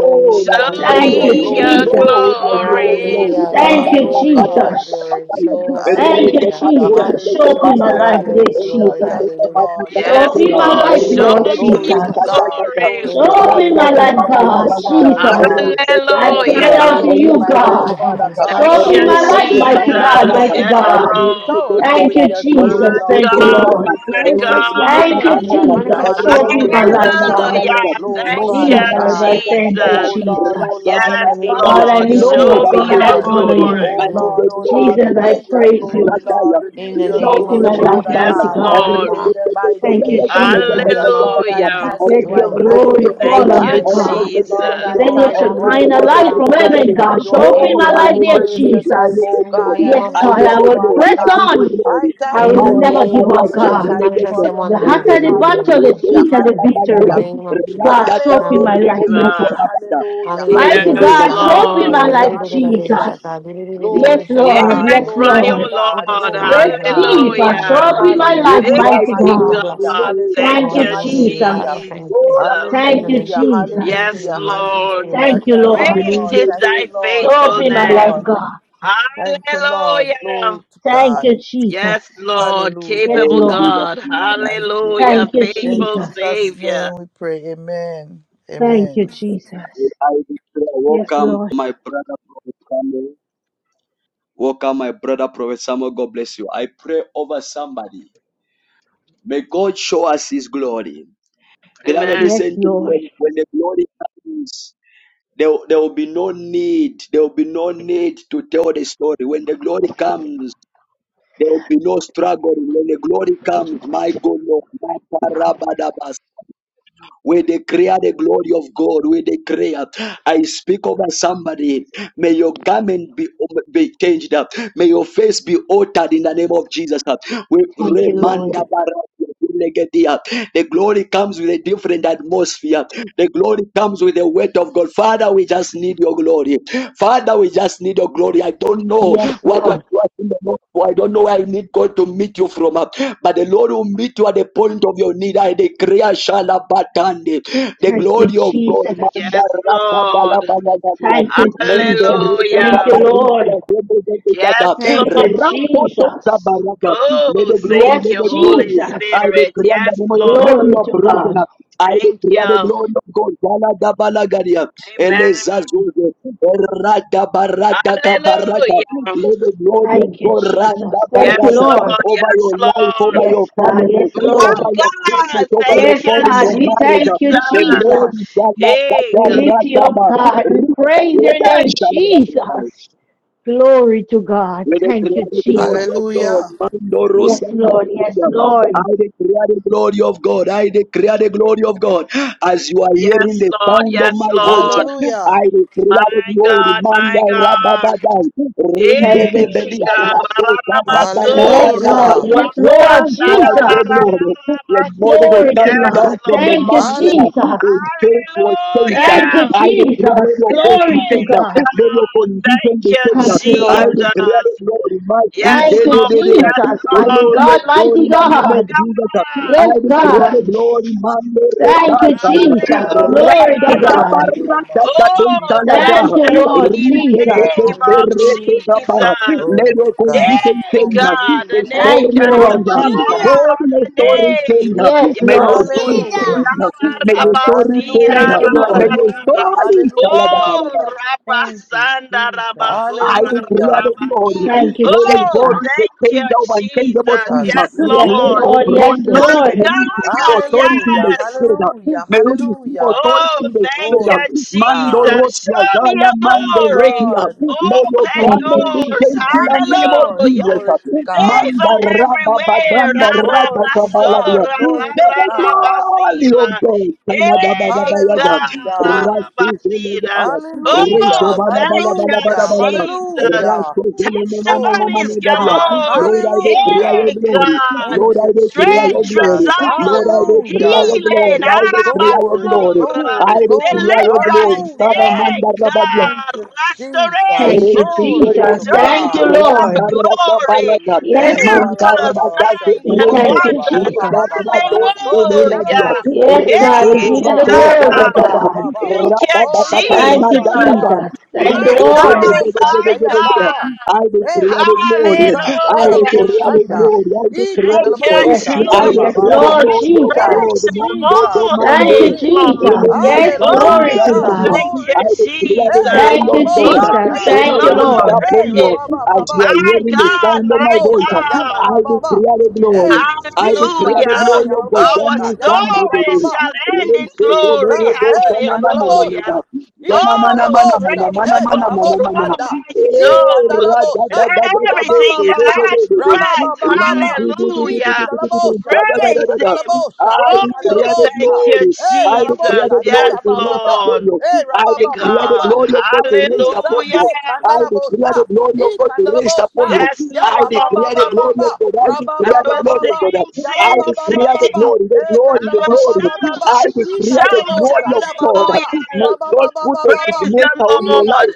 Speaker 8: We
Speaker 10: Show
Speaker 1: you
Speaker 8: need
Speaker 5: Thank
Speaker 8: your
Speaker 5: you,
Speaker 10: me
Speaker 1: glory.
Speaker 3: Glory.
Speaker 10: your
Speaker 8: glory, we
Speaker 5: Jesus.
Speaker 1: Lord,
Speaker 8: need your
Speaker 1: give you
Speaker 8: glory,
Speaker 10: glory.
Speaker 1: glory.
Speaker 8: oh
Speaker 3: Hallelujah.
Speaker 5: Thank
Speaker 3: Glory,
Speaker 8: God,
Speaker 5: you,
Speaker 8: oh
Speaker 3: glory, glory,
Speaker 8: God.
Speaker 5: Jesus.
Speaker 3: glory. Show us the
Speaker 8: Hallelujah,
Speaker 5: Thank
Speaker 3: glory,
Speaker 5: you,
Speaker 3: God.
Speaker 5: Jesus. Show
Speaker 3: Show
Speaker 5: me
Speaker 3: us
Speaker 5: my
Speaker 8: hallelujah,
Speaker 3: the
Speaker 5: life, great
Speaker 3: wonders,
Speaker 8: hallelujah.
Speaker 3: Lord.
Speaker 5: Jesus.
Speaker 8: Thank you,
Speaker 3: Hallelujah.
Speaker 8: Lord, thank
Speaker 5: Show
Speaker 10: Yes,
Speaker 8: you,
Speaker 5: me
Speaker 3: In
Speaker 5: my
Speaker 3: the
Speaker 8: Lord.
Speaker 10: Lord.
Speaker 5: life,
Speaker 3: name
Speaker 10: Show
Speaker 5: Lord
Speaker 3: of
Speaker 10: me
Speaker 8: Glory to
Speaker 10: your
Speaker 5: Jesus.
Speaker 3: Jesus.
Speaker 8: God.
Speaker 10: glory.
Speaker 8: Glory
Speaker 3: In
Speaker 8: to
Speaker 3: the
Speaker 5: Show
Speaker 8: God.
Speaker 5: me
Speaker 3: name
Speaker 5: my
Speaker 8: Top
Speaker 3: of
Speaker 8: in
Speaker 5: life,
Speaker 8: my
Speaker 5: God,
Speaker 8: life,
Speaker 3: Jesus.
Speaker 8: Father
Speaker 5: Jesus.
Speaker 8: God.
Speaker 3: Hallelujah.
Speaker 5: I
Speaker 8: Oh
Speaker 3: In the
Speaker 5: cry
Speaker 8: God,
Speaker 10: Hallelujah.
Speaker 5: out to
Speaker 3: name
Speaker 8: top in
Speaker 5: you,
Speaker 8: my
Speaker 3: of
Speaker 5: God.
Speaker 8: life, Father
Speaker 3: Jesus.
Speaker 1: Lord, I give
Speaker 8: God.
Speaker 3: God,
Speaker 5: Show
Speaker 10: Thank you,
Speaker 5: me
Speaker 1: you
Speaker 8: Shower
Speaker 5: my
Speaker 8: me with
Speaker 3: show
Speaker 5: life,
Speaker 3: us
Speaker 8: your
Speaker 5: mighty
Speaker 8: glory,
Speaker 5: God,
Speaker 10: Jesus.
Speaker 8: Father
Speaker 5: mighty
Speaker 10: Yes,
Speaker 8: God.
Speaker 3: the
Speaker 5: God.
Speaker 3: wonders.
Speaker 8: Shower
Speaker 10: Lord.
Speaker 8: me
Speaker 5: Thank
Speaker 8: with
Speaker 5: you,
Speaker 8: your glory,
Speaker 5: Jesus.
Speaker 10: My
Speaker 8: Lord.
Speaker 5: Thank you,
Speaker 8: Shower
Speaker 10: God,
Speaker 8: me
Speaker 5: Lord.
Speaker 8: with your
Speaker 10: my
Speaker 3: Manifest
Speaker 8: glory.
Speaker 3: the
Speaker 5: Thank
Speaker 3: wonders,
Speaker 5: you,
Speaker 10: God.
Speaker 3: God.
Speaker 8: Hallelujah,
Speaker 5: Jesus.
Speaker 3: Manifest your
Speaker 5: Show me
Speaker 3: glory.
Speaker 8: hallelujah.
Speaker 5: my
Speaker 8: My
Speaker 5: life,
Speaker 3: In the
Speaker 8: kids
Speaker 5: God.
Speaker 8: need
Speaker 10: Hallelujah.
Speaker 3: name
Speaker 8: your
Speaker 3: of
Speaker 8: glory,
Speaker 3: Jesus.
Speaker 10: Thank
Speaker 8: Father
Speaker 10: you,
Speaker 5: Jesus,
Speaker 8: God.
Speaker 3: Hallelujah.
Speaker 5: I thank you,
Speaker 10: Jesus.
Speaker 8: Oh Lord, oh
Speaker 5: Jesus.
Speaker 8: Lord,
Speaker 3: In
Speaker 8: my
Speaker 3: the
Speaker 10: Yes,
Speaker 3: name
Speaker 8: family
Speaker 3: of
Speaker 5: God, I
Speaker 8: need
Speaker 10: Lord.
Speaker 3: Jesus.
Speaker 8: your
Speaker 5: lift you
Speaker 10: Show
Speaker 5: up.
Speaker 3: Manifest your
Speaker 8: glory,
Speaker 10: me
Speaker 5: God, I
Speaker 10: your
Speaker 8: Lord.
Speaker 3: wonders, oh
Speaker 5: honor
Speaker 1: glory.
Speaker 3: God.
Speaker 5: you.
Speaker 3: Your
Speaker 10: glory.
Speaker 1: I
Speaker 8: Oh
Speaker 1: give
Speaker 8: Lord,
Speaker 3: glory.
Speaker 1: you
Speaker 8: oh
Speaker 1: glory,
Speaker 8: Lord,
Speaker 5: Jesus,
Speaker 8: we
Speaker 5: I
Speaker 1: Jesus
Speaker 8: need your
Speaker 1: Christ.
Speaker 5: praise
Speaker 10: And
Speaker 5: you.
Speaker 8: glory, Lord.
Speaker 1: Satire.
Speaker 8: We
Speaker 3: In
Speaker 8: need
Speaker 3: the
Speaker 8: your
Speaker 5: Show up
Speaker 3: name
Speaker 5: in
Speaker 8: glory,
Speaker 3: of
Speaker 5: my life,
Speaker 8: Father
Speaker 3: Jesus.
Speaker 10: Yes,
Speaker 5: mighty
Speaker 8: God.
Speaker 5: God.
Speaker 10: Lord.
Speaker 8: In
Speaker 3: Hallelujah.
Speaker 8: the mighty
Speaker 5: Thank you,
Speaker 8: name of
Speaker 3: In the
Speaker 5: Jesus.
Speaker 8: Jesus,
Speaker 3: name of
Speaker 8: Lord, I
Speaker 10: Hallelujah.
Speaker 8: thank
Speaker 3: Jesus,
Speaker 5: Let
Speaker 8: you. I
Speaker 5: your
Speaker 3: Lord.
Speaker 8: thank
Speaker 5: glory
Speaker 8: you.
Speaker 3: Lord,
Speaker 5: fall
Speaker 10: Thank
Speaker 3: we
Speaker 5: on
Speaker 10: you,
Speaker 8: I
Speaker 5: me,
Speaker 3: thank you.
Speaker 5: God.
Speaker 8: thank you,
Speaker 3: We
Speaker 8: Lord.
Speaker 3: thank you,
Speaker 10: Jesus.
Speaker 8: I
Speaker 5: Send your
Speaker 3: Lord.
Speaker 8: thank you. I
Speaker 5: Shekinah light
Speaker 8: worship
Speaker 3: Hallelujah.
Speaker 5: from
Speaker 8: you. I
Speaker 5: heaven,
Speaker 1: Every
Speaker 8: lift
Speaker 5: God.
Speaker 8: you
Speaker 5: Show
Speaker 8: up.
Speaker 5: up in
Speaker 3: In
Speaker 1: Lord,
Speaker 3: the
Speaker 5: my
Speaker 1: I
Speaker 8: I
Speaker 5: life,
Speaker 1: give
Speaker 3: name
Speaker 5: dear
Speaker 1: the
Speaker 3: of
Speaker 8: praise your
Speaker 1: glory, I
Speaker 5: Jesus.
Speaker 8: name,
Speaker 1: give
Speaker 3: Jesus.
Speaker 8: oh
Speaker 1: the
Speaker 3: In the
Speaker 8: God.
Speaker 1: glory,
Speaker 3: name
Speaker 8: I
Speaker 5: Yes,
Speaker 3: of
Speaker 1: I
Speaker 8: lift
Speaker 5: God,
Speaker 8: you
Speaker 1: give
Speaker 8: up,
Speaker 5: I
Speaker 3: Jesus.
Speaker 1: the
Speaker 5: will
Speaker 8: Father
Speaker 1: glory,
Speaker 5: press
Speaker 1: I
Speaker 8: God.
Speaker 1: give the
Speaker 5: on.
Speaker 8: I
Speaker 1: glory.
Speaker 5: I
Speaker 8: thank you
Speaker 3: In the
Speaker 5: will
Speaker 8: for
Speaker 1: Manda
Speaker 5: never
Speaker 8: your
Speaker 5: give
Speaker 3: name of
Speaker 5: up,
Speaker 8: glory.
Speaker 1: barakia,
Speaker 8: I
Speaker 5: God.
Speaker 3: Jesus.
Speaker 8: thank you
Speaker 3: Manifest
Speaker 8: for
Speaker 1: delegate,
Speaker 3: your
Speaker 8: your
Speaker 5: The
Speaker 3: wonders, O
Speaker 8: glory.
Speaker 1: rete,
Speaker 5: harder the
Speaker 3: Lord.
Speaker 5: battle, the
Speaker 3: Hallelujah.
Speaker 8: Hallelujah.
Speaker 1: rete,
Speaker 5: sweeter the
Speaker 3: In the
Speaker 1: yakabalaba,
Speaker 8: Hallelujah.
Speaker 5: victory.
Speaker 3: name of
Speaker 5: God,
Speaker 3: Jesus.
Speaker 1: radada,
Speaker 5: show up in my
Speaker 1: rete,
Speaker 8: Hallelujah.
Speaker 10: My
Speaker 3: Hallelujah.
Speaker 5: life, mighty
Speaker 8: Jesus.
Speaker 10: God.
Speaker 5: God.
Speaker 1: kabalada.
Speaker 8: Hallelujah.
Speaker 1: Oh,
Speaker 3: Hallelujah,
Speaker 5: Mighty
Speaker 10: Yes,
Speaker 5: God,
Speaker 8: Hallelujah.
Speaker 3: Lord.
Speaker 1: Jesus,
Speaker 5: show up in
Speaker 10: Lord.
Speaker 5: my
Speaker 8: Hallelujah.
Speaker 5: life,
Speaker 8: Hallelujah.
Speaker 5: Jesus. Yes,
Speaker 8: Glory to
Speaker 10: Hear
Speaker 5: Lord.
Speaker 8: God.
Speaker 10: my
Speaker 3: Hallelujah.
Speaker 5: Yes,
Speaker 8: Glory
Speaker 10: cry,
Speaker 8: to
Speaker 10: O
Speaker 5: Lord.
Speaker 3: And
Speaker 8: God.
Speaker 3: if I say
Speaker 10: Lord.
Speaker 8: Glory
Speaker 5: Yes,
Speaker 3: wonders
Speaker 8: to
Speaker 3: when you're
Speaker 8: God.
Speaker 3: doing it
Speaker 5: Jesus.
Speaker 3: in the
Speaker 5: Show
Speaker 10: Hallelujah.
Speaker 5: up in
Speaker 3: mighty
Speaker 5: my
Speaker 3: name
Speaker 1: we
Speaker 5: life,
Speaker 3: of
Speaker 8: Hallelujah,
Speaker 1: cry
Speaker 3: Jesus.
Speaker 5: mighty
Speaker 1: to
Speaker 10: Hey,
Speaker 3: God, we
Speaker 5: God.
Speaker 1: you, we
Speaker 8: hallelujah,
Speaker 3: bless you.
Speaker 10: God.
Speaker 1: need you.
Speaker 5: Thank
Speaker 10: Thank
Speaker 8: hallelujah,
Speaker 3: Lord, we
Speaker 5: you,
Speaker 10: you,
Speaker 3: honor you.
Speaker 5: Jesus.
Speaker 3: God,
Speaker 8: hallelujah.
Speaker 3: we
Speaker 10: Jesus.
Speaker 3: thank you.
Speaker 1: Lord,
Speaker 3: In
Speaker 5: Thank
Speaker 3: the
Speaker 5: you,
Speaker 3: name
Speaker 8: Hallelujah,
Speaker 3: of Jesus,
Speaker 5: Jesus.
Speaker 3: come to
Speaker 10: Yes,
Speaker 3: the
Speaker 8: hallelujah,
Speaker 3: Lord and
Speaker 10: Lord.
Speaker 3: say
Speaker 8: hallelujah.
Speaker 3: one.
Speaker 5: Thank you,
Speaker 8: Thank
Speaker 1: I
Speaker 8: you,
Speaker 5: Lord.
Speaker 10: Great
Speaker 1: need
Speaker 8: Lord.
Speaker 10: is
Speaker 1: you,
Speaker 8: Thank you,
Speaker 10: thy
Speaker 1: Lord.
Speaker 8: Lord.
Speaker 5: Show up
Speaker 8: Thank
Speaker 5: in
Speaker 8: you,
Speaker 5: my
Speaker 10: faithfulness.
Speaker 5: life,
Speaker 8: Lord.
Speaker 3: Amen.
Speaker 5: God.
Speaker 8: Thank you, Lord. Glory
Speaker 10: Hallelujah.
Speaker 8: to
Speaker 5: Thank
Speaker 8: God.
Speaker 5: you, Jesus.
Speaker 10: Yes, Lord.
Speaker 5: Yes,
Speaker 8: Hallelujah.
Speaker 10: Capable
Speaker 1: Oh,
Speaker 5: Lord.
Speaker 10: God.
Speaker 1: Jesus,
Speaker 8: Thank you.
Speaker 10: Hallelujah.
Speaker 5: Thank you,
Speaker 8: In
Speaker 10: Faithful
Speaker 5: Jesus.
Speaker 8: Jesus'
Speaker 10: Savior.
Speaker 8: name we pray. Amen.
Speaker 5: Thank you,
Speaker 8: Amen.
Speaker 5: Jesus.
Speaker 1: I declare,
Speaker 5: Yes,
Speaker 1: welcome
Speaker 5: Lord.
Speaker 1: my brother, Prophet Samuel. Welcome my brother, Prophet Samuel. God bless you. I pray over somebody. May God show us His glory. Beloved,
Speaker 10: Amen.
Speaker 5: Yes,
Speaker 1: listen to me.
Speaker 5: Lord.
Speaker 1: When, when the glory comes, there, there will be no need. There will be no need to tell the story. When the glory comes, there will be no struggle. When the glory comes, my God, no. We declare the glory of God. We declare. I speak over somebody. May your garment be, be changed. up. May your face be altered in the name of Jesus. We
Speaker 5: Thank
Speaker 1: pray,
Speaker 5: you, Lord.
Speaker 1: Manda Barati, Legedia. The glory comes with a different atmosphere. The glory comes with the weight of God. Father, we just need your glory. Father, we just need your glory. I don't know.
Speaker 5: Yes,
Speaker 1: What you are
Speaker 5: Lord.
Speaker 1: asking the Lord for, I don't know where I need God to meet you from. uh, But the Lord will meet you at the point of your need. I declare Shalabatande. The
Speaker 5: Thank you,
Speaker 1: glory of God.
Speaker 5: Jesus.
Speaker 10: Yes, Lord.
Speaker 5: Thank you, Jesus. Thank
Speaker 10: Hallelujah.
Speaker 5: you, Lord.
Speaker 10: Yes,
Speaker 5: Thank you,
Speaker 10: Lord.
Speaker 5: Jesus.
Speaker 1: May
Speaker 10: Oh,
Speaker 1: the glory,
Speaker 5: Yes,
Speaker 10: thank
Speaker 1: may
Speaker 10: you,
Speaker 1: the
Speaker 10: Holy
Speaker 1: glory.
Speaker 5: Jesus.
Speaker 1: I
Speaker 10: Spirit.
Speaker 1: declare the
Speaker 10: Yes,
Speaker 1: name of Jesus, maybe you
Speaker 5: Glory
Speaker 10: Lord.
Speaker 1: are
Speaker 5: to
Speaker 1: broken
Speaker 5: God.
Speaker 1: up. I
Speaker 10: Thank you.
Speaker 1: declare the glory of God.
Speaker 10: Amen.
Speaker 1: Elezazuzo, Errata Barata Kabarata,
Speaker 10: Hallelujah.
Speaker 1: let the glory of
Speaker 5: Thank you,
Speaker 1: God
Speaker 5: Jesus.
Speaker 1: randa
Speaker 5: Thank you,
Speaker 10: Yes,
Speaker 1: barata
Speaker 5: Lord.
Speaker 10: Lord.
Speaker 1: over your
Speaker 10: Yes,
Speaker 1: life, over
Speaker 10: Lord.
Speaker 5: Yes,
Speaker 1: your
Speaker 5: God.
Speaker 1: family,
Speaker 5: Yes,
Speaker 10: My
Speaker 5: Lord.
Speaker 1: over your business,
Speaker 10: God.
Speaker 1: over your
Speaker 10: Thank you,
Speaker 5: Yes,
Speaker 1: calling,
Speaker 5: God.
Speaker 1: your
Speaker 5: We
Speaker 1: marriage.
Speaker 5: thank you,
Speaker 1: The
Speaker 10: Jesus.
Speaker 5: Jesus.
Speaker 1: glory Dala
Speaker 10: Hey,
Speaker 5: We
Speaker 10: God.
Speaker 5: lift you
Speaker 1: Barata
Speaker 5: up,
Speaker 1: Ba.
Speaker 5: God. We praise your name, Jesus. Glory to God.
Speaker 1: With the
Speaker 5: Thank you,
Speaker 1: creative glory
Speaker 5: Jesus.
Speaker 1: of God,
Speaker 8: Hallelujah.
Speaker 1: Mandoro
Speaker 5: Yes, Lord. Yes,
Speaker 1: Sandaria.
Speaker 5: Lord.
Speaker 1: I declare the glory of God. I declare the glory of God. As you are hearing
Speaker 10: Yes,
Speaker 1: the
Speaker 10: Lord.
Speaker 1: sound of
Speaker 10: Yes,
Speaker 1: my voice,
Speaker 10: Lord.
Speaker 8: Hallelujah.
Speaker 1: I declare the
Speaker 10: My
Speaker 1: glory.
Speaker 10: God. My
Speaker 1: Manda
Speaker 10: God.
Speaker 1: rababadai. Rinde
Speaker 5: Thank you,
Speaker 10: Hey,
Speaker 1: lebedia
Speaker 10: God.
Speaker 5: Jesus.
Speaker 10: ra ra
Speaker 1: rato
Speaker 10: ra ba so
Speaker 5: Yes,
Speaker 1: sarabadabarata.
Speaker 10: ra
Speaker 5: Lord.
Speaker 8: Hallelujah.
Speaker 10: ba
Speaker 5: Yes,
Speaker 10: ra
Speaker 5: Lord.
Speaker 1: Lord, so
Speaker 10: ra
Speaker 1: as
Speaker 10: ra
Speaker 5: Jesus.
Speaker 1: your
Speaker 10: ra ra
Speaker 1: glory, the
Speaker 10: ra
Speaker 1: body was
Speaker 5: Glory to
Speaker 1: coming down
Speaker 10: Yes,
Speaker 5: God.
Speaker 1: from the
Speaker 5: Thank you,
Speaker 10: Lord.
Speaker 8: Hallelujah.
Speaker 1: mountain.
Speaker 5: Jesus.
Speaker 1: His face was changed.
Speaker 5: Thank
Speaker 10: Hallelujah.
Speaker 5: you,
Speaker 1: I
Speaker 5: Jesus.
Speaker 1: declare let your face be
Speaker 5: Glory to
Speaker 10: Hey,
Speaker 1: changed.
Speaker 5: God.
Speaker 1: Let your
Speaker 10: God.
Speaker 1: condition
Speaker 10: Thank
Speaker 1: be
Speaker 10: you,
Speaker 1: changed.
Speaker 5: Thank you,
Speaker 1: I
Speaker 5: Lord.
Speaker 1: declare
Speaker 10: Jesus.
Speaker 1: the glory. My two
Speaker 10: Yes,
Speaker 5: Thank
Speaker 1: day,
Speaker 5: you,
Speaker 1: day, day,
Speaker 10: Lord.
Speaker 1: day.
Speaker 10: Yes,
Speaker 5: Jesus.
Speaker 1: The
Speaker 5: Mighty
Speaker 1: glory
Speaker 10: Lord.
Speaker 5: God,
Speaker 1: of God
Speaker 5: mighty
Speaker 1: in the name
Speaker 10: My
Speaker 1: of
Speaker 5: God.
Speaker 1: Jesus. I
Speaker 10: God.
Speaker 5: Yes,
Speaker 1: declare the
Speaker 5: God.
Speaker 1: glory, Mando
Speaker 5: Thank you,
Speaker 1: Rodasaya,
Speaker 8: Father
Speaker 5: Jesus.
Speaker 8: God, in
Speaker 5: Glory
Speaker 1: Raja
Speaker 8: the
Speaker 5: to
Speaker 10: Hallelujah.
Speaker 8: mighty
Speaker 5: God.
Speaker 8: name
Speaker 1: Jabarada
Speaker 8: of Jesus.
Speaker 10: Oh,
Speaker 1: Kadintanaja,
Speaker 5: Thank
Speaker 10: blessed
Speaker 5: you, Lord
Speaker 10: be the
Speaker 5: Jesus.
Speaker 1: Rute
Speaker 10: name of
Speaker 1: Terete
Speaker 10: Jesus.
Speaker 1: Kapa,
Speaker 8: Glory
Speaker 1: Lero
Speaker 8: to God.
Speaker 1: Condition
Speaker 10: Yay,
Speaker 1: Kenya,
Speaker 10: God,
Speaker 1: the
Speaker 10: the name
Speaker 5: Thank
Speaker 1: story
Speaker 5: you,
Speaker 10: that is
Speaker 5: Lord
Speaker 1: Kenya,
Speaker 10: above
Speaker 5: Jesus.
Speaker 10: all
Speaker 11: Hallelujah.
Speaker 1: God the
Speaker 10: other
Speaker 1: story
Speaker 10: names.
Speaker 1: Kenya,
Speaker 5: Yes,
Speaker 1: may your
Speaker 5: Lord
Speaker 10: Yes, Lord.
Speaker 1: story
Speaker 5: Jesus.
Speaker 8: Hallelujah,
Speaker 11: Jesus.
Speaker 10: Ah,
Speaker 1: Kenya,
Speaker 8: Jesus.
Speaker 1: may
Speaker 10: ra, ra,
Speaker 1: your
Speaker 10: ba,
Speaker 1: story
Speaker 10: si, ra,
Speaker 5: Thank
Speaker 1: Kenya,
Speaker 11: Jesus.
Speaker 5: you,
Speaker 8: Hallelujah.
Speaker 10: ra,
Speaker 1: may
Speaker 10: ra,
Speaker 5: Lord.
Speaker 1: your
Speaker 10: ra, ra.
Speaker 8: Hallelujah.
Speaker 1: story
Speaker 8: Hallelujah.
Speaker 10: Oh,
Speaker 1: Salada
Speaker 11: Thank you,
Speaker 10: Rabasanda
Speaker 11: Jesus.
Speaker 10: Rabaho
Speaker 1: I declare
Speaker 8: Hallelujah.
Speaker 1: the
Speaker 11: Hallelujah.
Speaker 1: glory.
Speaker 10: Rabahi.
Speaker 5: Thank you,
Speaker 1: Let it
Speaker 10: Oh,
Speaker 1: go
Speaker 5: Jesus.
Speaker 1: with the glory be
Speaker 10: thank you,
Speaker 1: changed over unchangeable
Speaker 10: Jesus.
Speaker 8: Uh,
Speaker 1: things.
Speaker 10: Yes,
Speaker 11: Hallelujah.
Speaker 5: Yes,
Speaker 10: Lord.
Speaker 1: Let of
Speaker 5: Lord. Yes,
Speaker 1: Ronde,
Speaker 10: My
Speaker 5: Lord.
Speaker 1: may you receive
Speaker 10: God,
Speaker 1: authority in
Speaker 8: Hallelujah.
Speaker 1: the
Speaker 10: yes.
Speaker 1: spirit.
Speaker 11: Thank
Speaker 8: Hallelujah.
Speaker 1: May you receive
Speaker 8: Hallelujah.
Speaker 1: authority
Speaker 10: Oh,
Speaker 1: in the
Speaker 10: thank
Speaker 1: spirit.
Speaker 10: you,
Speaker 8: Glory to
Speaker 1: Mando
Speaker 10: Jesus.
Speaker 8: God.
Speaker 1: Rosia,
Speaker 10: Show me
Speaker 1: Zala
Speaker 10: your
Speaker 8: Thank
Speaker 1: Mando
Speaker 8: you,
Speaker 10: glory.
Speaker 1: Regia.
Speaker 8: Lord.
Speaker 1: May your
Speaker 10: Open
Speaker 5: Thank
Speaker 1: garment
Speaker 5: you,
Speaker 8: Thank
Speaker 1: be
Speaker 8: you.
Speaker 10: doors.
Speaker 1: changed
Speaker 5: Jesus.
Speaker 1: in the
Speaker 8: Thank you,
Speaker 1: name of
Speaker 8: Lord.
Speaker 10: Hallelujah.
Speaker 1: Jesus.
Speaker 8: Glory to God.
Speaker 1: Manda
Speaker 10: Favor
Speaker 1: Rabba
Speaker 10: everywhere.
Speaker 1: Badanda Rada
Speaker 8: Glory to God.
Speaker 1: Kabaladia.
Speaker 10: Arabasura,
Speaker 8: Glory to
Speaker 1: Let the
Speaker 8: God.
Speaker 1: glory of
Speaker 10: rarabasira.
Speaker 1: God. Kalada Bada
Speaker 10: Hey,
Speaker 1: Bayada.
Speaker 10: God.
Speaker 8: Hallelujah.
Speaker 1: Rasu
Speaker 10: Arabasira.
Speaker 1: Zelegadia. Rezo
Speaker 10: Oh,
Speaker 8: Hallelujah.
Speaker 1: Bada Bada
Speaker 10: thank you,
Speaker 1: Bada Bada
Speaker 8: Hallelujah.
Speaker 1: Bada.
Speaker 10: Jesus.
Speaker 8: Hallelujah. Glory to
Speaker 10: Testimonies
Speaker 1: Rakozelelemanamanidadia.
Speaker 8: God.
Speaker 10: galore.
Speaker 1: Lord, I declare
Speaker 8: Hallelujah.
Speaker 1: your
Speaker 10: Hey,
Speaker 1: glory.
Speaker 10: God.
Speaker 8: Thank
Speaker 1: Lord,
Speaker 11: you.
Speaker 1: I
Speaker 8: you,
Speaker 1: declare your
Speaker 10: Strange
Speaker 8: Jesus.
Speaker 1: glory. Lord, I
Speaker 10: results.
Speaker 1: declare
Speaker 8: Hallelujah.
Speaker 1: your glory.
Speaker 10: Healing.
Speaker 1: I
Speaker 11: Hallelujah.
Speaker 1: declare your
Speaker 8: Glory,
Speaker 1: glory.
Speaker 10: Arabasura.
Speaker 1: I
Speaker 8: glory, glory.
Speaker 1: declare your glory.
Speaker 10: Deliverance.
Speaker 1: Father,
Speaker 8: Hallelujah.
Speaker 10: Hey,
Speaker 1: man,
Speaker 8: Thank
Speaker 10: God.
Speaker 8: you, Jesus.
Speaker 5: Thank
Speaker 10: Restoration.
Speaker 5: you,
Speaker 8: Glory
Speaker 5: Jesus.
Speaker 8: to
Speaker 10: Show
Speaker 1: Rosigoria,
Speaker 5: Thank you,
Speaker 8: God.
Speaker 1: Randa
Speaker 10: your
Speaker 5: Lord.
Speaker 1: Raka
Speaker 10: glory,
Speaker 1: Baraka,
Speaker 11: Mighty
Speaker 5: Yes,
Speaker 8: Hey,
Speaker 5: Lord.
Speaker 8: ya la ba ba
Speaker 10: miracles,
Speaker 8: ba,
Speaker 1: Mandaraka
Speaker 10: signs,
Speaker 8: shanda
Speaker 5: We
Speaker 10: and
Speaker 8: ya ba
Speaker 1: Ronde,
Speaker 5: thank
Speaker 8: ba
Speaker 5: you,
Speaker 10: wonders.
Speaker 5: Jesus.
Speaker 1: Lekatra Dos
Speaker 8: Glory, ya la
Speaker 10: Hallelujah.
Speaker 8: la
Speaker 1: Emiradia,
Speaker 8: bo, shanda
Speaker 5: Yes,
Speaker 8: ya
Speaker 5: God, we
Speaker 10: Hey,
Speaker 8: Baba, ba
Speaker 5: give you
Speaker 1: Risegura
Speaker 5: the
Speaker 8: ba,
Speaker 1: Dosa
Speaker 5: glory,
Speaker 10: God.
Speaker 1: Gadaba,
Speaker 5: God.
Speaker 10: Thank you,
Speaker 8: Glory,
Speaker 1: Rababa
Speaker 8: ya
Speaker 5: Thank
Speaker 10: Jesus.
Speaker 5: you,
Speaker 8: Baba,
Speaker 1: Raja Gada,
Speaker 5: Jesus. Thank you,
Speaker 10: My
Speaker 8: Hey, ya la la
Speaker 5: Lord.
Speaker 8: bo,
Speaker 10: God,
Speaker 8: shanda
Speaker 10: my
Speaker 8: ya
Speaker 1: Risegura,
Speaker 10: God.
Speaker 1: I
Speaker 8: Hey,
Speaker 1: declare the glory,
Speaker 10: Hallelujah.
Speaker 8: Jesus, ya
Speaker 1: I
Speaker 8: la la
Speaker 5: Thank you,
Speaker 8: bo,
Speaker 1: declare the
Speaker 8: shanda.
Speaker 5: Jesus.
Speaker 1: glory, I
Speaker 8: I
Speaker 1: declare
Speaker 8: kanda la
Speaker 10: Thank
Speaker 1: the glory,
Speaker 5: Yes,
Speaker 10: you,
Speaker 1: I
Speaker 5: Lord.
Speaker 10: Jesus.
Speaker 5: Yes,
Speaker 1: declare the
Speaker 5: Lord
Speaker 1: glory of
Speaker 8: Hey,
Speaker 5: Jesus.
Speaker 1: God,
Speaker 10: Restoration of
Speaker 1: Mando
Speaker 8: Jesus,
Speaker 10: all
Speaker 5: Thank
Speaker 1: Domande,
Speaker 5: you,
Speaker 10: things,
Speaker 8: glory.
Speaker 1: I declare
Speaker 10: Lord.
Speaker 5: Jesus.
Speaker 1: the
Speaker 5: Yes, glory
Speaker 10: Oh,
Speaker 5: to
Speaker 8: Hallelujah,
Speaker 1: glory
Speaker 5: God.
Speaker 10: thank you,
Speaker 8: glory. Hey, ya
Speaker 10: Jesus.
Speaker 8: la
Speaker 5: Thank
Speaker 8: la
Speaker 1: of
Speaker 5: you,
Speaker 8: bo,
Speaker 1: God.
Speaker 5: Jesus.
Speaker 8: shanda
Speaker 10: Oh,
Speaker 8: ya
Speaker 1: Let
Speaker 5: Thank
Speaker 1: it
Speaker 5: you,
Speaker 1: rest
Speaker 5: Lord.
Speaker 8: Hey,
Speaker 1: upon
Speaker 8: ra
Speaker 10: glory.
Speaker 1: you
Speaker 8: Baba.
Speaker 1: as you are
Speaker 10: My
Speaker 1: hearing the
Speaker 8: He
Speaker 10: God,
Speaker 1: sound of my
Speaker 10: my
Speaker 1: voice.
Speaker 8: kandalabosha, ya ba
Speaker 10: God.
Speaker 1: I
Speaker 8: ba ba ba.
Speaker 1: declare the glory.
Speaker 8: Hey,
Speaker 1: I declare
Speaker 8: Jesus,
Speaker 1: the
Speaker 8: hey,
Speaker 10: Hallelujah.
Speaker 1: glory of God.
Speaker 10: Our
Speaker 8: alabosha,
Speaker 1: Jana
Speaker 8: ya ba
Speaker 1: sandre
Speaker 8: ba ba
Speaker 1: de
Speaker 8: ba
Speaker 10: story
Speaker 1: de.
Speaker 8: ba.
Speaker 10: shall end in
Speaker 1: Rese
Speaker 10: glory.
Speaker 1: zovero
Speaker 8: Jesus,
Speaker 1: do
Speaker 8: hey,
Speaker 1: jana mana mana
Speaker 10: Hallelujah.
Speaker 1: da.
Speaker 8: kandalabosha. He
Speaker 1: Jana mana
Speaker 10: Oh,
Speaker 1: mana mana
Speaker 8: kandalabosha,
Speaker 10: praise
Speaker 1: mana
Speaker 10: the
Speaker 8: hey,
Speaker 1: mana mana
Speaker 10: Lord.
Speaker 8: yalabosha
Speaker 1: mana.
Speaker 10: Oh,
Speaker 8: da.
Speaker 10: my
Speaker 8: He
Speaker 1: Eh,
Speaker 10: soul.
Speaker 1: ra da
Speaker 8: kandalabosha,
Speaker 1: da da da
Speaker 10: Let
Speaker 8: ya
Speaker 1: da de
Speaker 8: ba ba
Speaker 10: everything
Speaker 8: ba
Speaker 10: that
Speaker 8: ba.
Speaker 10: has
Speaker 8: Ra ba ba ba ba ba.
Speaker 10: breath.
Speaker 8: He
Speaker 10: Hallelujah.
Speaker 8: kandalabosha, yes,
Speaker 10: Praise Him.
Speaker 8: kandalabosha,
Speaker 1: I
Speaker 8: he
Speaker 10: Oh,
Speaker 1: declare the
Speaker 8: kandalabosha.
Speaker 10: thank you,
Speaker 1: glory.
Speaker 8: Hey,
Speaker 1: I declare
Speaker 10: Jesus.
Speaker 1: the
Speaker 8: yalabosha da
Speaker 1: glory
Speaker 10: Yes,
Speaker 8: ya
Speaker 1: to
Speaker 8: ba ba
Speaker 1: rest
Speaker 8: ba.
Speaker 1: upon
Speaker 10: Lord.
Speaker 1: you.
Speaker 8: Hey, ra
Speaker 1: I
Speaker 8: ba
Speaker 10: My
Speaker 8: ba ba
Speaker 1: declare
Speaker 8: ba
Speaker 1: the
Speaker 10: God.
Speaker 8: ba.
Speaker 1: glory of God to rest
Speaker 8: Jesus,
Speaker 1: upon
Speaker 10: Hallelujah.
Speaker 1: you.
Speaker 8: eh,
Speaker 1: I declare the
Speaker 8: Kandalabosa,
Speaker 1: glory of
Speaker 8: E
Speaker 1: God to rest upon
Speaker 8: Kandalabosa,
Speaker 1: you.
Speaker 10: Yes,
Speaker 8: Ya
Speaker 1: I
Speaker 8: ba ba ba
Speaker 1: declare the
Speaker 8: ba
Speaker 10: Lord.
Speaker 8: ba
Speaker 1: glory of
Speaker 8: ba,
Speaker 1: God. I
Speaker 8: Ra ba
Speaker 10: I
Speaker 1: declare
Speaker 8: ba
Speaker 1: the
Speaker 8: ba
Speaker 10: was
Speaker 8: ba
Speaker 1: glory of
Speaker 8: ba,
Speaker 1: God.
Speaker 10: sing,
Speaker 8: Ya la
Speaker 1: I
Speaker 10: sing,
Speaker 8: ba ba ba
Speaker 1: declare
Speaker 8: ba
Speaker 1: the
Speaker 8: ba,
Speaker 10: sing.
Speaker 1: glory, the
Speaker 8: eh,
Speaker 1: glory,
Speaker 10: I
Speaker 1: the
Speaker 8: Kandala ba
Speaker 10: was
Speaker 8: ba
Speaker 1: glory.
Speaker 8: ba ba
Speaker 10: shout,
Speaker 8: ba,
Speaker 1: I
Speaker 8: E
Speaker 10: shout,
Speaker 1: declare the
Speaker 10: shout.
Speaker 1: glory
Speaker 8: Kandalabosa,
Speaker 1: of
Speaker 8: Ya ba ba
Speaker 1: God.
Speaker 10: Hallelujah.
Speaker 8: ba,
Speaker 1: May
Speaker 8: Ra ba
Speaker 1: God
Speaker 8: ba ba
Speaker 1: put
Speaker 8: ba
Speaker 1: a
Speaker 8: ba ba,
Speaker 10: Praise the
Speaker 1: signature on your
Speaker 8: E
Speaker 10: Lord.
Speaker 1: life.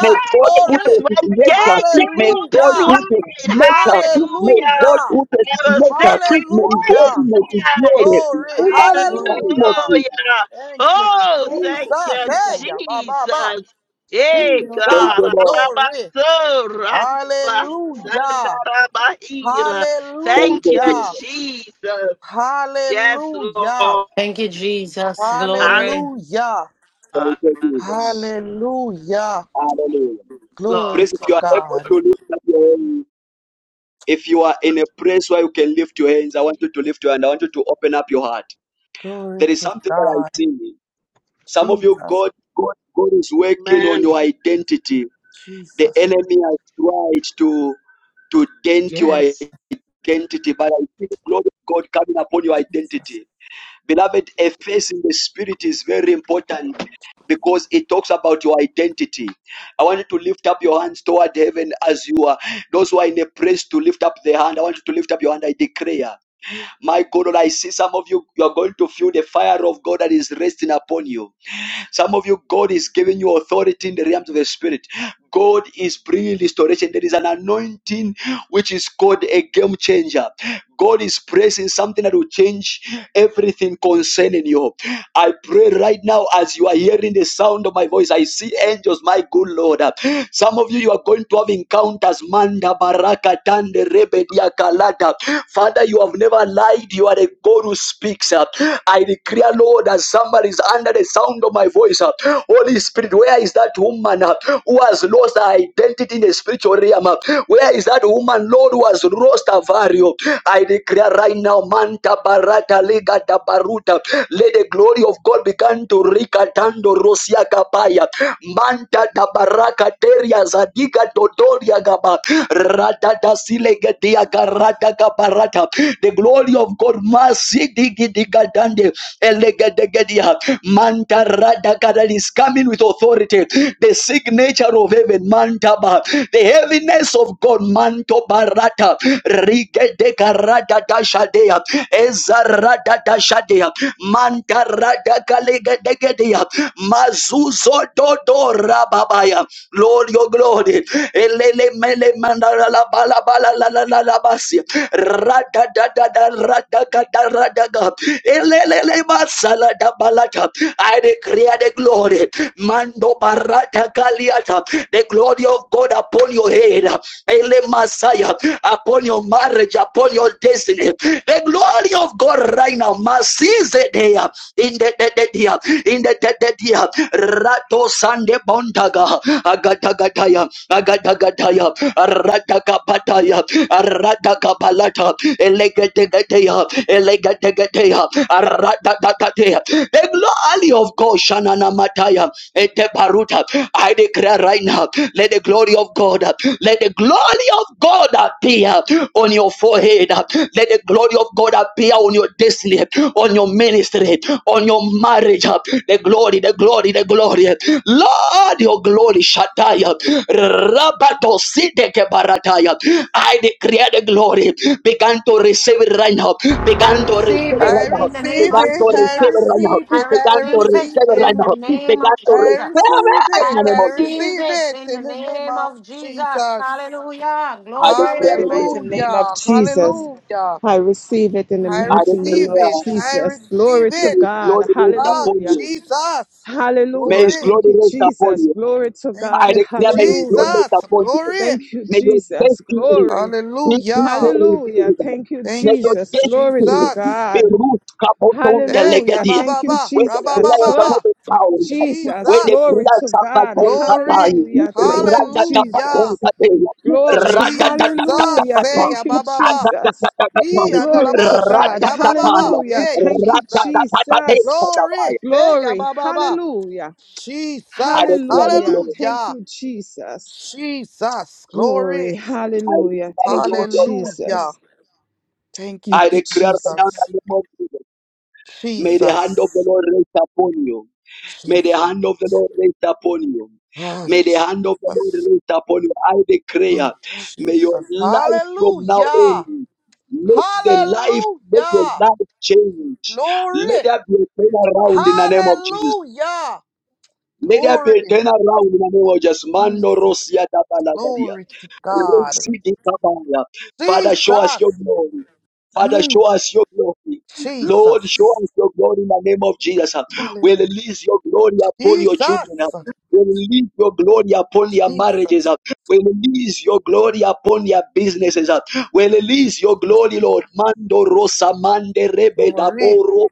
Speaker 1: May God put
Speaker 10: because
Speaker 1: a
Speaker 8: glory,
Speaker 10: when
Speaker 1: signature.
Speaker 10: the
Speaker 1: May God
Speaker 10: gates are open
Speaker 8: Hallelujah,
Speaker 1: put a
Speaker 10: wide,
Speaker 1: signature. May
Speaker 10: hallelujah,
Speaker 1: God
Speaker 8: Hallelujah,
Speaker 1: put a
Speaker 10: I will sit
Speaker 1: signature.
Speaker 10: right
Speaker 1: May
Speaker 10: by
Speaker 1: His
Speaker 10: his
Speaker 8: Hallelujah,
Speaker 1: heaviness His
Speaker 10: side.
Speaker 1: glory. In
Speaker 8: glory,
Speaker 1: the
Speaker 5: Lord, in
Speaker 1: name of
Speaker 8: Hallelujah.
Speaker 1: Jesus.
Speaker 10: Hallelujah.
Speaker 8: Thank you,
Speaker 10: Oh,
Speaker 5: the name of
Speaker 10: thank
Speaker 8: Jesus.
Speaker 10: you,
Speaker 5: Jesus.
Speaker 8: Hey, ya,
Speaker 5: Thank
Speaker 8: ba, ba, ba.
Speaker 10: Jesus. Hey,
Speaker 5: you, Lord.
Speaker 1: Thank
Speaker 8: Jesus,
Speaker 10: God.
Speaker 1: you, Lord.
Speaker 8: glory.
Speaker 10: Arabaso, rabasanda,
Speaker 8: Hallelujah.
Speaker 10: rabahira.
Speaker 1: Thank
Speaker 10: Thank
Speaker 1: you,
Speaker 10: you,
Speaker 8: Hallelujah.
Speaker 1: Jesus.
Speaker 10: Jesus. Yes,
Speaker 8: Hallelujah.
Speaker 10: Lord.
Speaker 3: Thank you, Jesus.
Speaker 10: Hallelujah,
Speaker 3: Glory.
Speaker 8: Hallelujah.
Speaker 1: Thank you, Jesus.
Speaker 8: Hallelujah.
Speaker 1: Hallelujah.
Speaker 8: Glory
Speaker 1: Praise if
Speaker 8: to
Speaker 1: you are
Speaker 10: Lord.
Speaker 1: able
Speaker 8: God.
Speaker 1: to lift up your hands, If you are in a place where you can lift your hands, I want you to lift your hand. I want you to open up your heart.
Speaker 8: Glory
Speaker 1: There is
Speaker 8: to
Speaker 1: something that I
Speaker 8: God.
Speaker 1: see. Some of you,
Speaker 8: Jesus,
Speaker 1: God, God, God is working on
Speaker 10: Man,
Speaker 1: your identity. The
Speaker 8: Jesus,
Speaker 1: enemy has tried to to dent your
Speaker 10: yes.
Speaker 1: identity, but I see the glory of God coming upon your
Speaker 8: Jesus.
Speaker 1: identity. Beloved, a face in the spirit is very important because it talks about your identity. I want you to lift up your hands toward heaven as you are. Those who are in a place to lift up their hand, I want you to lift up your hand. I declare, my God, Lord, I see some of you, you are going to feel the fire of God that is resting upon you. Some of you, God is giving you authority in the realms of the Spirit. God is bringing restoration. There is an anointing which is called a game changer. God is pressing something that will change everything concerning you. I pray right now as you are hearing the sound of my voice. I see angels, my good Lord. Some of you, you are going to have encounters. Manda baraka tande rebedia kalata. Father, you have never lied. You are the God who speaks. I declare, Lord, as somebody is under the sound of my voice. Holy Spirit, where is that woman who has lost her identity in the spiritual realm? Where is that woman, Lord, who has lost her value? I declare right now, Manta barata lega da baruta. Let the the glory of God began to rikatando rosia kapaya manta tabaraka teria zadiga totoria gaba rata tasilega dia karata kaparata the glory of God masi digi diga dande elegedegedia manta rada kadali is coming with authority the signature of heaven manta ba the heaviness of God manto barata rigede karata tashadea ezarada tashadea Mantarada kalegedegedia. Mazuzo dodo rababaya. Lord, your glory. Elele mele mandala la bala bala la la la la basi. Rada da da da rada da rada ga. Elele le masala da balata. I declare the glory. Mando barata kaliata. The glory of God upon your head. Ele Messiah. Upon your marriage. Upon your destiny. The glory of God right now. mas in the de- de- dia, in the de- de- dia, Rato Sande Bondaga, Agatagataya, Agatagataya, Ratagapataya, Ratagabalata, Elegategatea, Elegategatea, Ratagatea. The glory of God, Shanana Mataya, Eteparuta. I declare right now, let the glory of God, let the glory of God appear on your forehead. Let the glory of God appear on your destiny on your ministry, on your marriage. The glory, the glory, the glory. Lord, your glory, Shataya. Rabato Sideke Barataya. I declare the glory. Began to receive it right now.
Speaker 3: I
Speaker 1: Began to receive
Speaker 3: receive
Speaker 1: it
Speaker 8: I
Speaker 1: right
Speaker 3: it
Speaker 1: now.
Speaker 3: in the name
Speaker 8: receive
Speaker 1: Began
Speaker 3: of
Speaker 1: to
Speaker 8: it. I
Speaker 1: receive it
Speaker 3: Jesus.
Speaker 1: right now.
Speaker 8: receive
Speaker 3: I
Speaker 8: it. I
Speaker 1: Began to
Speaker 3: receive
Speaker 1: receive
Speaker 3: it
Speaker 8: receive
Speaker 1: it
Speaker 8: it.
Speaker 3: in
Speaker 1: right
Speaker 3: the
Speaker 1: now.
Speaker 3: name of
Speaker 1: Began to
Speaker 8: I
Speaker 1: receive it
Speaker 3: Jesus.
Speaker 8: receive
Speaker 1: in
Speaker 8: it.
Speaker 3: I
Speaker 1: the
Speaker 8: I
Speaker 1: name of Jesus.
Speaker 3: receive
Speaker 8: receive
Speaker 3: it
Speaker 8: it
Speaker 3: in the
Speaker 8: in the name
Speaker 3: name
Speaker 8: of
Speaker 3: of Jesus.
Speaker 8: Jesus.
Speaker 3: Hallelujah.
Speaker 1: I declare
Speaker 6: In the
Speaker 3: Glory.
Speaker 1: the
Speaker 6: mighty
Speaker 1: glory.
Speaker 6: name of
Speaker 8: Hallelujah.
Speaker 6: Jesus,
Speaker 8: Hallelujah.
Speaker 6: I receive it in the
Speaker 8: I
Speaker 1: I
Speaker 6: mighty name
Speaker 8: receive
Speaker 6: of
Speaker 1: declare
Speaker 8: it. I
Speaker 6: Jesus.
Speaker 8: receive
Speaker 6: Glory
Speaker 1: may
Speaker 6: to
Speaker 8: it.
Speaker 1: his
Speaker 6: God.
Speaker 1: glory rest
Speaker 8: Oh,
Speaker 1: upon
Speaker 6: Hallelujah.
Speaker 1: you.
Speaker 8: Jesus.
Speaker 1: May
Speaker 6: Hallelujah.
Speaker 1: his
Speaker 8: Glory.
Speaker 6: Thank
Speaker 1: glory
Speaker 6: you,
Speaker 1: rest upon
Speaker 6: Jesus.
Speaker 1: you.
Speaker 6: Glory to
Speaker 8: Thank
Speaker 1: I
Speaker 6: God.
Speaker 8: you,
Speaker 1: declare may you not
Speaker 6: Hallelujah.
Speaker 8: Jesus.
Speaker 1: disappoint you.
Speaker 8: Glory.
Speaker 6: Thank you,
Speaker 1: May your
Speaker 6: Jesus.
Speaker 1: destiny be
Speaker 6: Glory.
Speaker 1: be be
Speaker 8: Hallelujah.
Speaker 6: Hallelujah.
Speaker 1: revealed.
Speaker 6: Thank you,
Speaker 1: May
Speaker 8: Thank you,
Speaker 1: your
Speaker 6: Jesus. Glory to
Speaker 1: destiny
Speaker 8: Jesus.
Speaker 1: be
Speaker 6: God.
Speaker 1: root kapoton the
Speaker 8: Hey,
Speaker 6: Hallelujah.
Speaker 1: legadia.
Speaker 6: Thank you,
Speaker 8: yabababa,
Speaker 1: Where the
Speaker 6: Jesus.
Speaker 1: players are
Speaker 6: Huh.
Speaker 8: rabababa,
Speaker 1: not found.
Speaker 6: Jesus.
Speaker 1: Where the
Speaker 6: Glory
Speaker 8: Jesus.
Speaker 6: to
Speaker 1: players are not
Speaker 6: God.
Speaker 1: going to
Speaker 8: Glory.
Speaker 1: die.
Speaker 6: Hallelujah. Thank you,
Speaker 1: Rada da da da
Speaker 8: Hallelujah.
Speaker 6: Jesus. Glory.
Speaker 1: Rada da
Speaker 8: Jesus.
Speaker 6: Hallelujah.
Speaker 8: Hey,
Speaker 6: Thank you,
Speaker 8: yabababa.
Speaker 1: da
Speaker 6: Jesus.
Speaker 1: da da da Rada da da da
Speaker 8: Ee,
Speaker 6: Glory
Speaker 1: da
Speaker 6: to
Speaker 1: Rada
Speaker 8: andalabosha,
Speaker 6: God.
Speaker 1: da da
Speaker 8: yabababa.
Speaker 6: Hallelujah.
Speaker 8: Hey,
Speaker 6: Thank
Speaker 1: Rada
Speaker 6: you,
Speaker 1: da
Speaker 8: Jesus.
Speaker 6: Jesus.
Speaker 1: da da da
Speaker 8: Glory. Hey, ya,
Speaker 6: Glory.
Speaker 8: ba, ba, ba.
Speaker 6: Hallelujah.
Speaker 1: I
Speaker 8: Jesus.
Speaker 1: declare the
Speaker 6: Hallelujah.
Speaker 1: glory.
Speaker 6: Thank
Speaker 8: Hallelujah.
Speaker 6: you, Jesus.
Speaker 8: Jesus.
Speaker 6: Glory.
Speaker 8: Glory.
Speaker 1: I
Speaker 6: Hallelujah.
Speaker 1: declare the
Speaker 6: Thank you,
Speaker 1: glory of God.
Speaker 8: Hallelujah.
Speaker 6: Jesus.
Speaker 8: Thank you,
Speaker 1: I
Speaker 6: Thank you,
Speaker 1: declare right now in
Speaker 8: Jesus.
Speaker 6: Jesus.
Speaker 1: the name of Jesus. May the hand of
Speaker 8: Jesus.
Speaker 1: the Lord rest upon you. May the
Speaker 8: Jesus.
Speaker 1: hand of the Lord rest upon you.
Speaker 8: Ah,
Speaker 1: May the hand of the Lord
Speaker 8: Jesus.
Speaker 1: rest upon you. I
Speaker 8: Ah,
Speaker 1: declare, may your
Speaker 8: Jesus.
Speaker 1: life from now
Speaker 8: Hallelujah.
Speaker 1: on, let the life, let your
Speaker 8: Hallelujah.
Speaker 1: life change. Let
Speaker 8: Glory.
Speaker 1: there be a turnaround in the name of Jesus.
Speaker 8: Hallelujah.
Speaker 1: Let there be a
Speaker 8: Glory.
Speaker 1: turnaround in the name of Jesus. Mando
Speaker 8: Jesus.
Speaker 1: Rosia Dabalagadia.
Speaker 8: Glory to God.
Speaker 1: Father, show us your
Speaker 8: Jesus.
Speaker 1: glory. Father,
Speaker 8: Mm,
Speaker 1: show us your glory. Lord,
Speaker 8: Jesus.
Speaker 1: show us your glory in the name of Jesus.
Speaker 8: Hallelujah.
Speaker 1: We release your glory upon your children.
Speaker 8: Jesus,
Speaker 1: We release your glory upon your marriages.
Speaker 8: Jesus,
Speaker 1: We release your glory upon your businesses. We release your
Speaker 8: yes,
Speaker 1: glory, Lord. Mando rosa mande rebe da
Speaker 8: glory,
Speaker 1: boro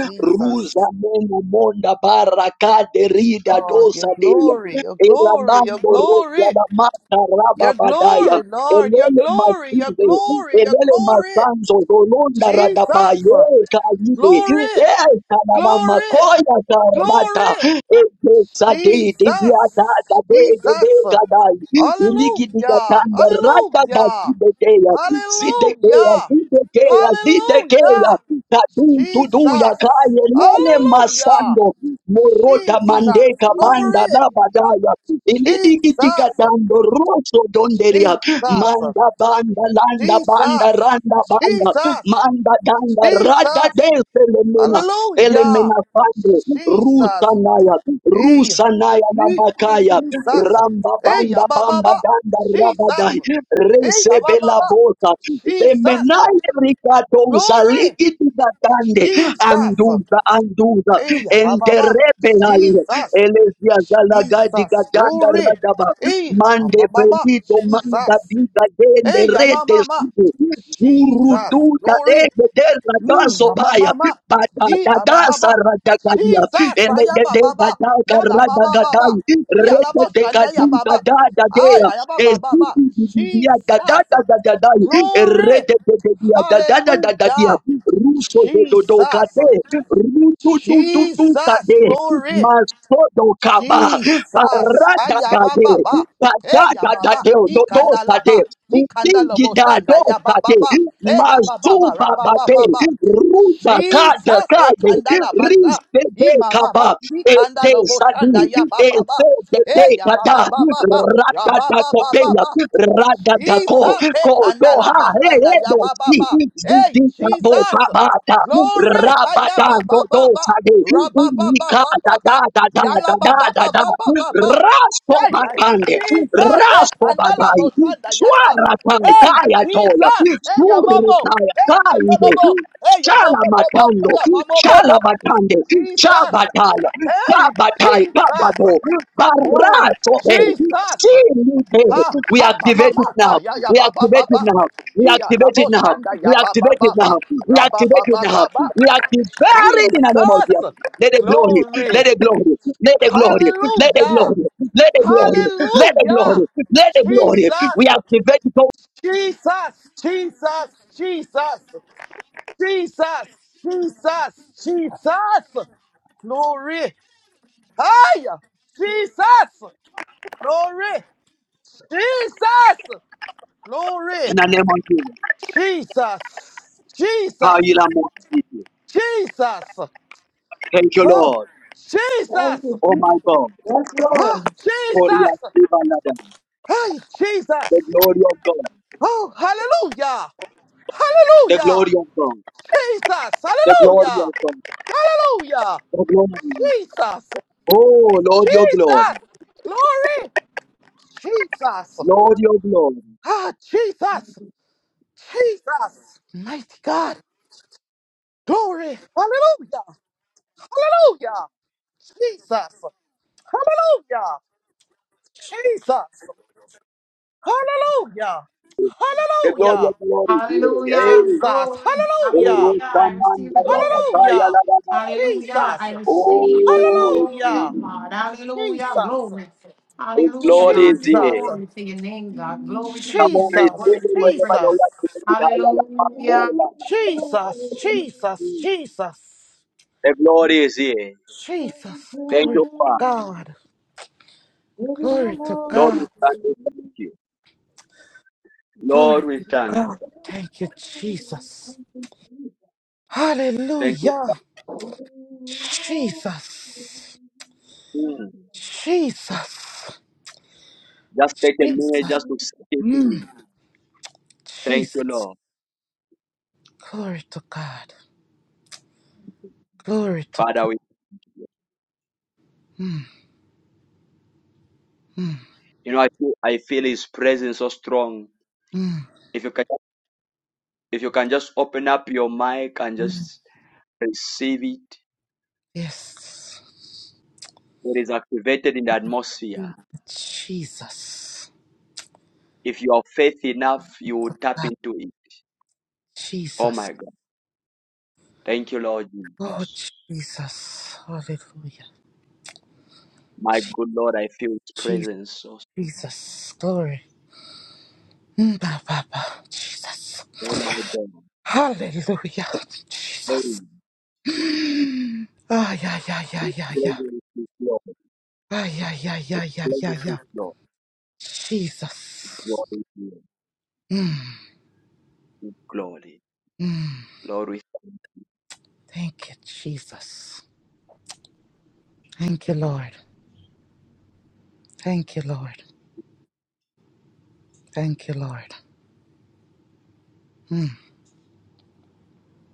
Speaker 8: Jesus,
Speaker 1: ruza mena monda baraka de rida
Speaker 8: Lord, your
Speaker 1: dosa de.
Speaker 8: glory, your glory, your
Speaker 1: Elamambo
Speaker 8: glory,
Speaker 1: Rosiana Mata
Speaker 8: your
Speaker 1: Rababadaya.
Speaker 8: glory, Lord, your
Speaker 1: Elele
Speaker 8: glory, your
Speaker 1: Masive,
Speaker 8: glory, your
Speaker 1: Elele
Speaker 8: glory,
Speaker 1: Masanzo, Rolonda
Speaker 8: Jesus,
Speaker 1: Radabaye, Kayide,
Speaker 8: glory,
Speaker 1: Eh, Kanana
Speaker 8: glory,
Speaker 1: Makoya Karata,
Speaker 8: glory,
Speaker 1: Eke Sade, dibia da,
Speaker 8: Jesus,
Speaker 1: da, de de de
Speaker 8: Jesus,
Speaker 1: Kadai, Uligi
Speaker 8: hallelujah,
Speaker 1: Digatanda, Rata
Speaker 8: hallelujah,
Speaker 1: Basidekeya, Sidekeya,
Speaker 8: hallelujah,
Speaker 1: Sidekeya,
Speaker 8: hallelujah,
Speaker 1: Sidekeya, Kadu, tudu ya
Speaker 8: Jesus.
Speaker 1: Kaye, Lele
Speaker 8: Hallelujah.
Speaker 1: Masando, Moroda
Speaker 8: Jesus.
Speaker 1: mandeka banda
Speaker 8: Glory.
Speaker 1: la badaya.
Speaker 8: Jesus.
Speaker 1: Ilidigidiga dando roso donderia.
Speaker 8: Jesus.
Speaker 1: Manda banda landa banda
Speaker 8: Jesus.
Speaker 1: randa banda.
Speaker 8: Jesus.
Speaker 1: Manda danda rada
Speaker 8: Jesus.
Speaker 1: des lemena.
Speaker 8: Hallelujah.
Speaker 1: Elemena fande. Rusa
Speaker 8: Jesus.
Speaker 1: naya.
Speaker 8: Hey.
Speaker 1: Rusa naya na
Speaker 8: Hey.
Speaker 5: Thank
Speaker 1: makaya.
Speaker 5: you,
Speaker 8: Jesus.
Speaker 1: Ramba
Speaker 8: Hey,
Speaker 1: banda bamba
Speaker 8: Ababa.
Speaker 1: danda
Speaker 8: Jesus.
Speaker 1: rabadai.
Speaker 8: Hey,
Speaker 1: recebe
Speaker 8: Ababa.
Speaker 1: la bota.
Speaker 8: Jesus.
Speaker 1: Demenai rikatonsa
Speaker 8: Glory.
Speaker 1: ligidi dande.
Speaker 8: Jesus.
Speaker 1: Anduza anduza
Speaker 8: Hey, Ababa.
Speaker 1: enterebelai
Speaker 8: Jesus.
Speaker 1: elesia galagadi
Speaker 8: Jesus,
Speaker 1: gadanda
Speaker 8: glory.
Speaker 1: ragaba
Speaker 8: Hey,
Speaker 1: mande
Speaker 8: mama,
Speaker 1: belito manda
Speaker 8: Jesus.
Speaker 1: diga dende
Speaker 8: Hey, mama,
Speaker 1: rede
Speaker 8: mama,
Speaker 1: sudu zuru
Speaker 8: Jesus,
Speaker 1: duda
Speaker 8: glory.
Speaker 1: dege dera
Speaker 8: Mm,
Speaker 1: daso
Speaker 8: mama,
Speaker 1: baya
Speaker 8: mama.
Speaker 1: bada
Speaker 8: Hey,
Speaker 1: dadasa
Speaker 8: ababa,
Speaker 1: radagadia
Speaker 8: Jesus,
Speaker 1: elegede
Speaker 8: ayababa,
Speaker 1: gadaka
Speaker 8: yala baba, baba,
Speaker 1: radagadai
Speaker 8: yala
Speaker 1: rede de
Speaker 8: boshanda
Speaker 1: gaduka
Speaker 8: yababa. Ay,
Speaker 1: dada
Speaker 8: ayababa, baba, Jesus, glory. Hallelujah, Jesus, Jesus, glory. Jesus. Ayababa. Hey, ya mama. Ikandala ba. Ikandala boshanda ya baba ba. Hey, ya baba ba.
Speaker 1: Mazuba
Speaker 8: Rababa
Speaker 1: bade,
Speaker 8: baba.
Speaker 1: ruba kada
Speaker 8: Jesus. Hey,
Speaker 1: kade,
Speaker 8: kandala basha.
Speaker 1: rizbe
Speaker 8: Ima
Speaker 1: kaba,
Speaker 8: mama.
Speaker 1: Ede
Speaker 8: Ikandala
Speaker 1: sadi,
Speaker 8: boshanda ya
Speaker 1: ede
Speaker 8: baba ba.
Speaker 1: de de
Speaker 8: Hey, ya
Speaker 1: kada,
Speaker 8: baba ba ba ba.
Speaker 1: rada da
Speaker 8: Rababa ba ba
Speaker 1: kopela,
Speaker 8: ba.
Speaker 1: rada da ko,
Speaker 8: Jesus, hey,
Speaker 1: ko
Speaker 8: kanda la
Speaker 1: doha, he
Speaker 8: basanda
Speaker 1: he
Speaker 8: ya
Speaker 1: do
Speaker 8: ba ba
Speaker 1: si,
Speaker 8: ba. Hey,
Speaker 1: zidi kabo
Speaker 8: Jesus,
Speaker 1: kabata,
Speaker 8: glory, ha
Speaker 1: raba
Speaker 8: ya
Speaker 1: da
Speaker 8: ba
Speaker 1: do
Speaker 8: ba ba
Speaker 1: do
Speaker 8: ba,
Speaker 1: sadi,
Speaker 8: ra ba ba ba
Speaker 1: nika
Speaker 8: ba
Speaker 1: da
Speaker 8: ba
Speaker 1: da
Speaker 8: ba,
Speaker 1: da da
Speaker 8: ya la
Speaker 1: da
Speaker 8: ba ba
Speaker 1: da da
Speaker 8: ba
Speaker 1: da,
Speaker 8: ba ba ba ba.
Speaker 1: rasto
Speaker 8: Say, uh,
Speaker 1: bakande,
Speaker 8: Jesus, hey,
Speaker 1: rasto
Speaker 8: kanda la
Speaker 1: badai,
Speaker 8: basanda ya ba.
Speaker 1: Suara tai,
Speaker 8: Hey,
Speaker 1: tai atoia,
Speaker 8: Jesus, hey, ya
Speaker 1: suuru
Speaker 8: mamo, hey, kanda la bo, hey, ya bo bo bo bo,
Speaker 1: Chalabatando,
Speaker 8: ya mamo bo bo.
Speaker 1: Chalabatande,
Speaker 8: Jesus,
Speaker 1: Chabataya,
Speaker 8: hey,
Speaker 1: Chabatai,
Speaker 8: Jesus,
Speaker 1: Kabado,
Speaker 8: oh,
Speaker 1: Barasobe,
Speaker 8: Jesus.
Speaker 1: Silibe.
Speaker 8: Ha
Speaker 1: We
Speaker 8: ha ma ma
Speaker 1: activate it
Speaker 8: ma ha
Speaker 1: now.
Speaker 8: ya ya
Speaker 1: We
Speaker 8: ba ba
Speaker 1: activate
Speaker 8: ba
Speaker 1: it
Speaker 8: ba.
Speaker 1: now. We
Speaker 8: Ya la
Speaker 1: activate
Speaker 8: bo
Speaker 1: it now.
Speaker 8: sanda
Speaker 1: We
Speaker 8: ya ba ba
Speaker 1: activate it
Speaker 8: ba ba.
Speaker 1: now. We
Speaker 8: Ra ba ba
Speaker 1: activate it
Speaker 8: ba
Speaker 1: now.
Speaker 8: ba ba.
Speaker 1: We activate it in the name of Jesus.
Speaker 8: Jesus.
Speaker 1: Let the glory,
Speaker 8: Glory.
Speaker 1: let the glory, let the glory, let the
Speaker 8: Hallelujah.
Speaker 1: glory, let the glory, let the
Speaker 8: Hallelujah.
Speaker 1: glory, let the glory. We
Speaker 8: Jesus.
Speaker 1: activate it all
Speaker 8: Jesus. Jesus. Jesus. Jesus. Jesus. Jesus. Glory. Hiya. Jesus. Glory. Jesus. Glory.
Speaker 1: in the name of Jesus.
Speaker 8: Jesus,
Speaker 1: How
Speaker 8: Jesus,
Speaker 1: you love me.
Speaker 8: Jesus,
Speaker 1: Thank you,
Speaker 8: oh,
Speaker 1: Lord.
Speaker 5: thank
Speaker 8: Jesus,
Speaker 5: you,
Speaker 1: Oh my
Speaker 5: Jesus.
Speaker 1: God.
Speaker 5: Yes,
Speaker 8: oh,
Speaker 1: Gloria
Speaker 8: Jesus,
Speaker 1: to Baladam.
Speaker 8: hey, Jesus,
Speaker 1: The glory of God.
Speaker 8: oh, hallelujah,
Speaker 1: The
Speaker 8: hallelujah,
Speaker 1: glory of God.
Speaker 8: Jesus,
Speaker 1: The glory
Speaker 8: hallelujah,
Speaker 1: of God.
Speaker 8: hallelujah,
Speaker 1: The glory.
Speaker 8: Jesus,
Speaker 1: Oh Lord, your
Speaker 8: Jesus,
Speaker 1: glory.
Speaker 8: glory, Jesus,
Speaker 1: Lord, your glory.
Speaker 8: ah, Jesus, Jesus, mighty God, glory, hallelujah, hallelujah, Jesus, hallelujah, Jesus. Hallelujah.
Speaker 1: The glory
Speaker 8: Hallelujah.
Speaker 1: of glory. Hey.
Speaker 3: Hallelujah.
Speaker 8: Jesus.
Speaker 3: Glory.
Speaker 8: Hallelujah.
Speaker 1: Oh,
Speaker 3: Hallelujah. I
Speaker 1: Rosaman,
Speaker 3: receive the glory of God.
Speaker 1: Rabbataya,
Speaker 8: Hallelujah.
Speaker 1: Labana.
Speaker 3: Hallelujah. I
Speaker 8: Jesus.
Speaker 3: receive the
Speaker 1: Oh,
Speaker 3: glory
Speaker 8: Hallelujah.
Speaker 3: of
Speaker 1: Jesus.
Speaker 3: God. Hallelujah.
Speaker 8: Jesus.
Speaker 3: Glory.
Speaker 1: His
Speaker 3: Hallelujah,
Speaker 1: glory is
Speaker 3: God.
Speaker 8: Jesus.
Speaker 1: here.
Speaker 3: Glory to your name, God. Glory to your
Speaker 1: Come on,
Speaker 3: name. The
Speaker 1: receive
Speaker 8: Jesus.
Speaker 3: word is
Speaker 1: it
Speaker 3: to be
Speaker 1: wherever
Speaker 3: praised.
Speaker 8: Jesus.
Speaker 1: you are.
Speaker 3: Hallelujah.
Speaker 8: Jesus.
Speaker 5: Lord.
Speaker 8: Jesus. Jesus.
Speaker 1: The glory is here.
Speaker 5: Amen.
Speaker 8: Jesus.
Speaker 1: Thank
Speaker 8: Glory
Speaker 1: you,
Speaker 8: to
Speaker 1: Father.
Speaker 5: Amen.
Speaker 8: God. Glory to
Speaker 1: Lord, we
Speaker 8: God.
Speaker 1: thank you. Thank you. Lord,
Speaker 8: Glory
Speaker 1: we
Speaker 8: to
Speaker 1: thank.
Speaker 8: God. Thank you, Jesus.
Speaker 1: Thank you.
Speaker 8: Hallelujah. Jesus.
Speaker 1: Mm.
Speaker 8: Jesus.
Speaker 1: Just take a minute
Speaker 8: Jesus.
Speaker 1: just to sit with
Speaker 8: Mm.
Speaker 1: Thank you,
Speaker 8: Jesus.
Speaker 1: Lord.
Speaker 8: Glory to God. Glory to
Speaker 1: Father,
Speaker 8: God.
Speaker 1: we, you know, I feel, I feel His presence so strong.
Speaker 8: Mm.
Speaker 1: If you can, if you can just open up your mic and
Speaker 8: Mm.
Speaker 1: just receive it,
Speaker 8: Yes.
Speaker 1: it is activated in the atmosphere.
Speaker 8: Jesus.
Speaker 1: If you have faith enough, you will tap into it. Oh
Speaker 8: Jesus.
Speaker 1: my God. Thank you, Lord.
Speaker 8: Oh, Jesus. Hallelujah.
Speaker 1: My
Speaker 8: Je-
Speaker 1: good Lord, I feel His
Speaker 8: Je-
Speaker 1: presence so. strong.
Speaker 8: Jesus. Glory. Mm, ba, ba, ba. Jesus.
Speaker 1: Oh my God.
Speaker 8: Hallelujah.
Speaker 1: Praise.
Speaker 8: Jesus. Mm. Ah, yeah, yeah, yeah,
Speaker 1: His
Speaker 8: yeah, yeah.
Speaker 1: presence is Lord.
Speaker 8: Ah, yeah, yeah,
Speaker 1: His
Speaker 8: yeah, yeah, yeah,
Speaker 1: presence is
Speaker 8: yeah.
Speaker 1: Lord.
Speaker 8: Jesus.
Speaker 1: Glory to you. Glory. Lord, we
Speaker 8: Thank you, Jesus. Thank you, Lord. Thank you, Lord. Thank you, Lord.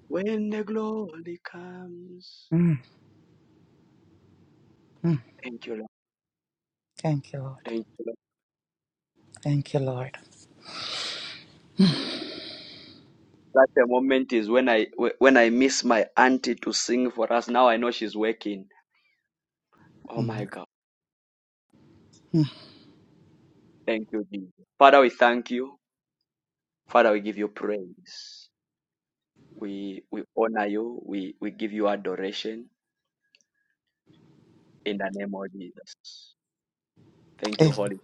Speaker 1: When the glory comes.
Speaker 8: mm mm.
Speaker 1: Thank you, Lord.
Speaker 8: Thank you, Lord.
Speaker 1: Thank you, Lord.
Speaker 8: Thank you, Lord.
Speaker 1: Such a moment is when I wh- when I miss my auntie to sing for us. Now I know she's working. Oh my
Speaker 8: Mm.
Speaker 1: God. Thank you, Jesus. Father, we thank you. Father, we give you praise. We we honor you. We we give you adoration in the name of Jesus. Thank you,
Speaker 8: A-
Speaker 1: Holy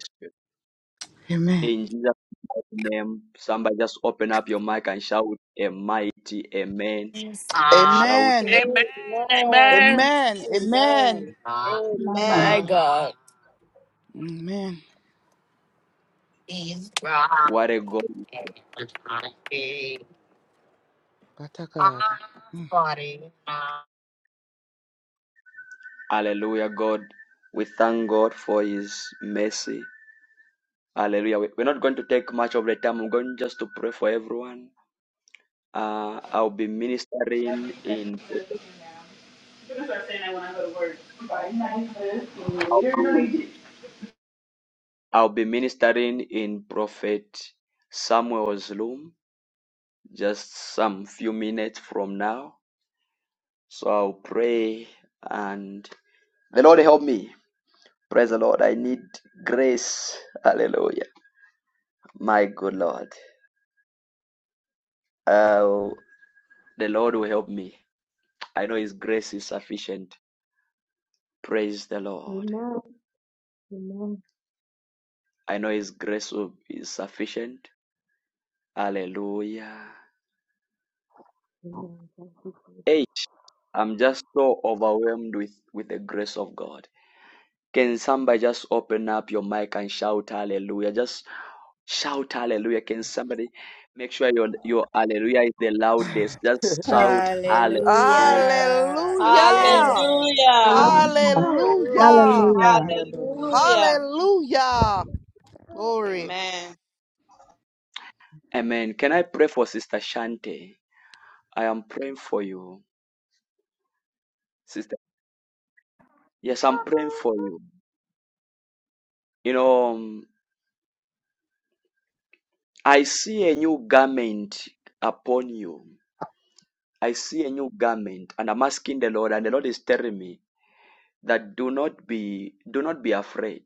Speaker 8: Amen.
Speaker 1: Spirit. In Jesus' name, somebody just open up your mic and shout a mighty amen.
Speaker 10: Yes. Ah,
Speaker 1: Shout
Speaker 8: Amen.
Speaker 10: Amen.
Speaker 13: Amen.
Speaker 10: Amen.
Speaker 8: Amen. Amen.
Speaker 13: Amen.
Speaker 10: ah.
Speaker 14: Amen.
Speaker 10: My
Speaker 13: Amen.
Speaker 10: God.
Speaker 8: Amen.
Speaker 1: what a God.
Speaker 8: Pata God. Mm.
Speaker 1: Hallelujah, God. We thank God for His mercy. Hallelujah. We- We're not going to take much of the time. I'm going just to pray for everyone. Uh, I'll be
Speaker 15: I'm
Speaker 1: ministering in
Speaker 15: gonna start saying that when I want to go to work. Five nine fifteen later, <laughs> no, you
Speaker 1: I'll be ministering in Prophet Samuel's room just some few minutes from now. So I'll pray and the Lord help me. Praise the Lord. I need grace. Hallelujah. My good Lord. Uh, the Lord will help me. I know His grace is sufficient Praise the Lord.
Speaker 5: Amen.
Speaker 1: I know His grace will be sufficient. Hallelujah.
Speaker 5: Thank you, Jesus.
Speaker 1: Eight. I'm just so overwhelmed with, with the grace of God. Can somebody just open up your mic and shout hallelujah? Just shout hallelujah. Can somebody make sure your your hallelujah is the loudest? Just shout hallelujah.
Speaker 16: Hallelujah.
Speaker 8: Hallelujah.
Speaker 16: Amen.
Speaker 13: Hallelujah.
Speaker 6: Yeah.
Speaker 14: Hallelujah.
Speaker 11: Hallelujah.
Speaker 8: Hallelujah.
Speaker 14: Hallelujah.
Speaker 6: Hallelujah.
Speaker 13: Hallelujah.
Speaker 8: Hallelujah. Glory.
Speaker 13: Amen.
Speaker 1: Amen. Can I pray for Sister Shante? I am praying for you, Sister. Yes, I'm praying for you. You know, um, I see a new garment upon you. I see a new garment, and I'm asking the Lord, and the Lord is telling me that do not be do not be afraid.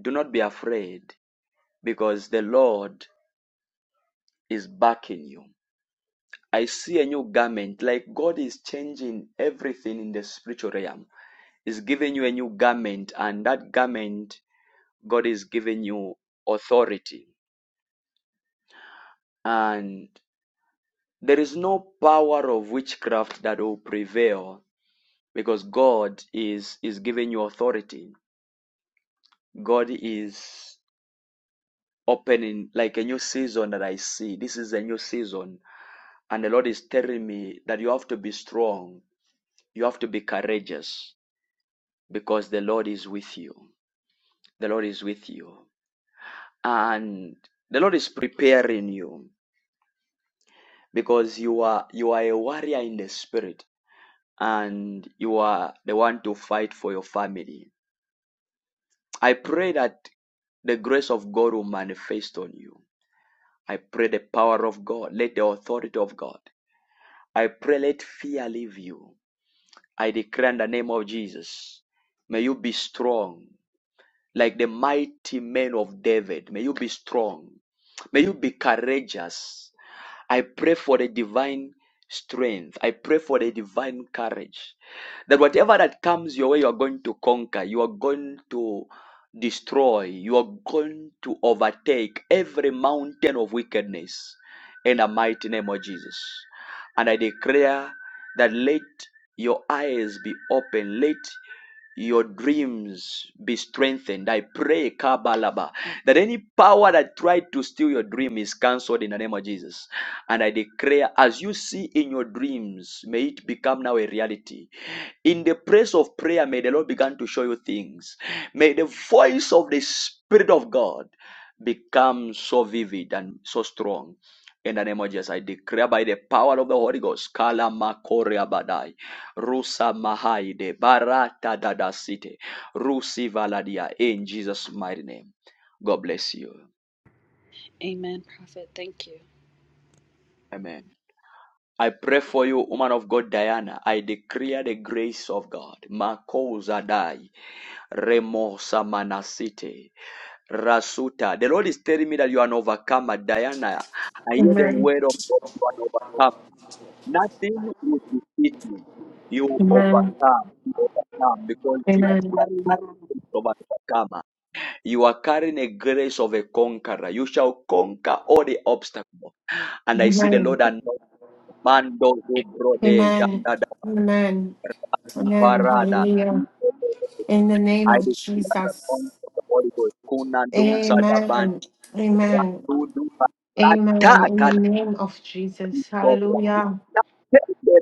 Speaker 1: Do not be afraid, because the Lord is backing you. I see a new garment, like God is changing everything in the spiritual realm. Is giving you a new garment, and that garment God is giving you authority. And there is no power of witchcraft that will prevail because God is is giving you authority. God is opening like a new season that I see. This is a new season, and the Lord is telling me that you have to be strong. You have to be courageous because the Lord is with you. The Lord is with you, and the Lord is preparing you because you are you are a warrior in the spirit, and you are the one to fight for your family. I pray that the grace of God will manifest on you I pray the power of God. Let the authority of God. I pray let fear leave you. I declare in the name of Jesus. May you be strong like the mighty men of David. May you be strong. May you be courageous. I pray for the divine strength. I pray for the divine courage. That whatever that comes your way, you are going to conquer. You are going to destroy. You are going to overtake every mountain of wickedness in the mighty name of Jesus. And I declare that let your eyes be open. Let your dreams be strengthened. I pray, Kabalaba, that any power that tried to steal your dream is cancelled in the name of Jesus. And I declare, as you see in your dreams, may it become now a reality. In the place of prayer, may the Lord begin to show you things. May the voice of the Spirit of God become so vivid and so strong. In the name of Jesus, I declare by the power of the Holy Ghost, Kalama Rusa Mahaide Barata Dada City Rusi Valadia in Jesus' mighty name. God bless you.
Speaker 11: Amen, Prophet. Thank you.
Speaker 1: Amen. I pray for you, woman of God, Diana. I declare the grace of God. Makosa dai, remo samanasite, rasuta. The Lord is telling me that you are an overcomer, Diana. I hear the
Speaker 3: Amen.
Speaker 1: word of God. You are an overcomer. Nothing will defeat you. You
Speaker 3: Amen.
Speaker 1: overcome. You overcome because you are
Speaker 3: Amen.
Speaker 1: carrying the spirit of an overcomer. You are carrying a grace of a conqueror. You shall conquer all the obstacles. And I see the
Speaker 3: Amen.
Speaker 1: Lord and Mando Brode
Speaker 3: Amen.
Speaker 1: Janda da
Speaker 3: Amen. Amen.
Speaker 1: Parada.
Speaker 3: Hallelujah. In the name
Speaker 1: I
Speaker 3: of
Speaker 1: declare the
Speaker 3: Jesus.
Speaker 1: conquer of the Holy Ghost. Kuna dunsa da ban
Speaker 3: Amen. Amen.
Speaker 1: Tudu ba-
Speaker 3: Amen. In the
Speaker 1: Ataka da
Speaker 3: name of Jesus.
Speaker 1: Cobra.
Speaker 3: Hallelujah.
Speaker 1: Tende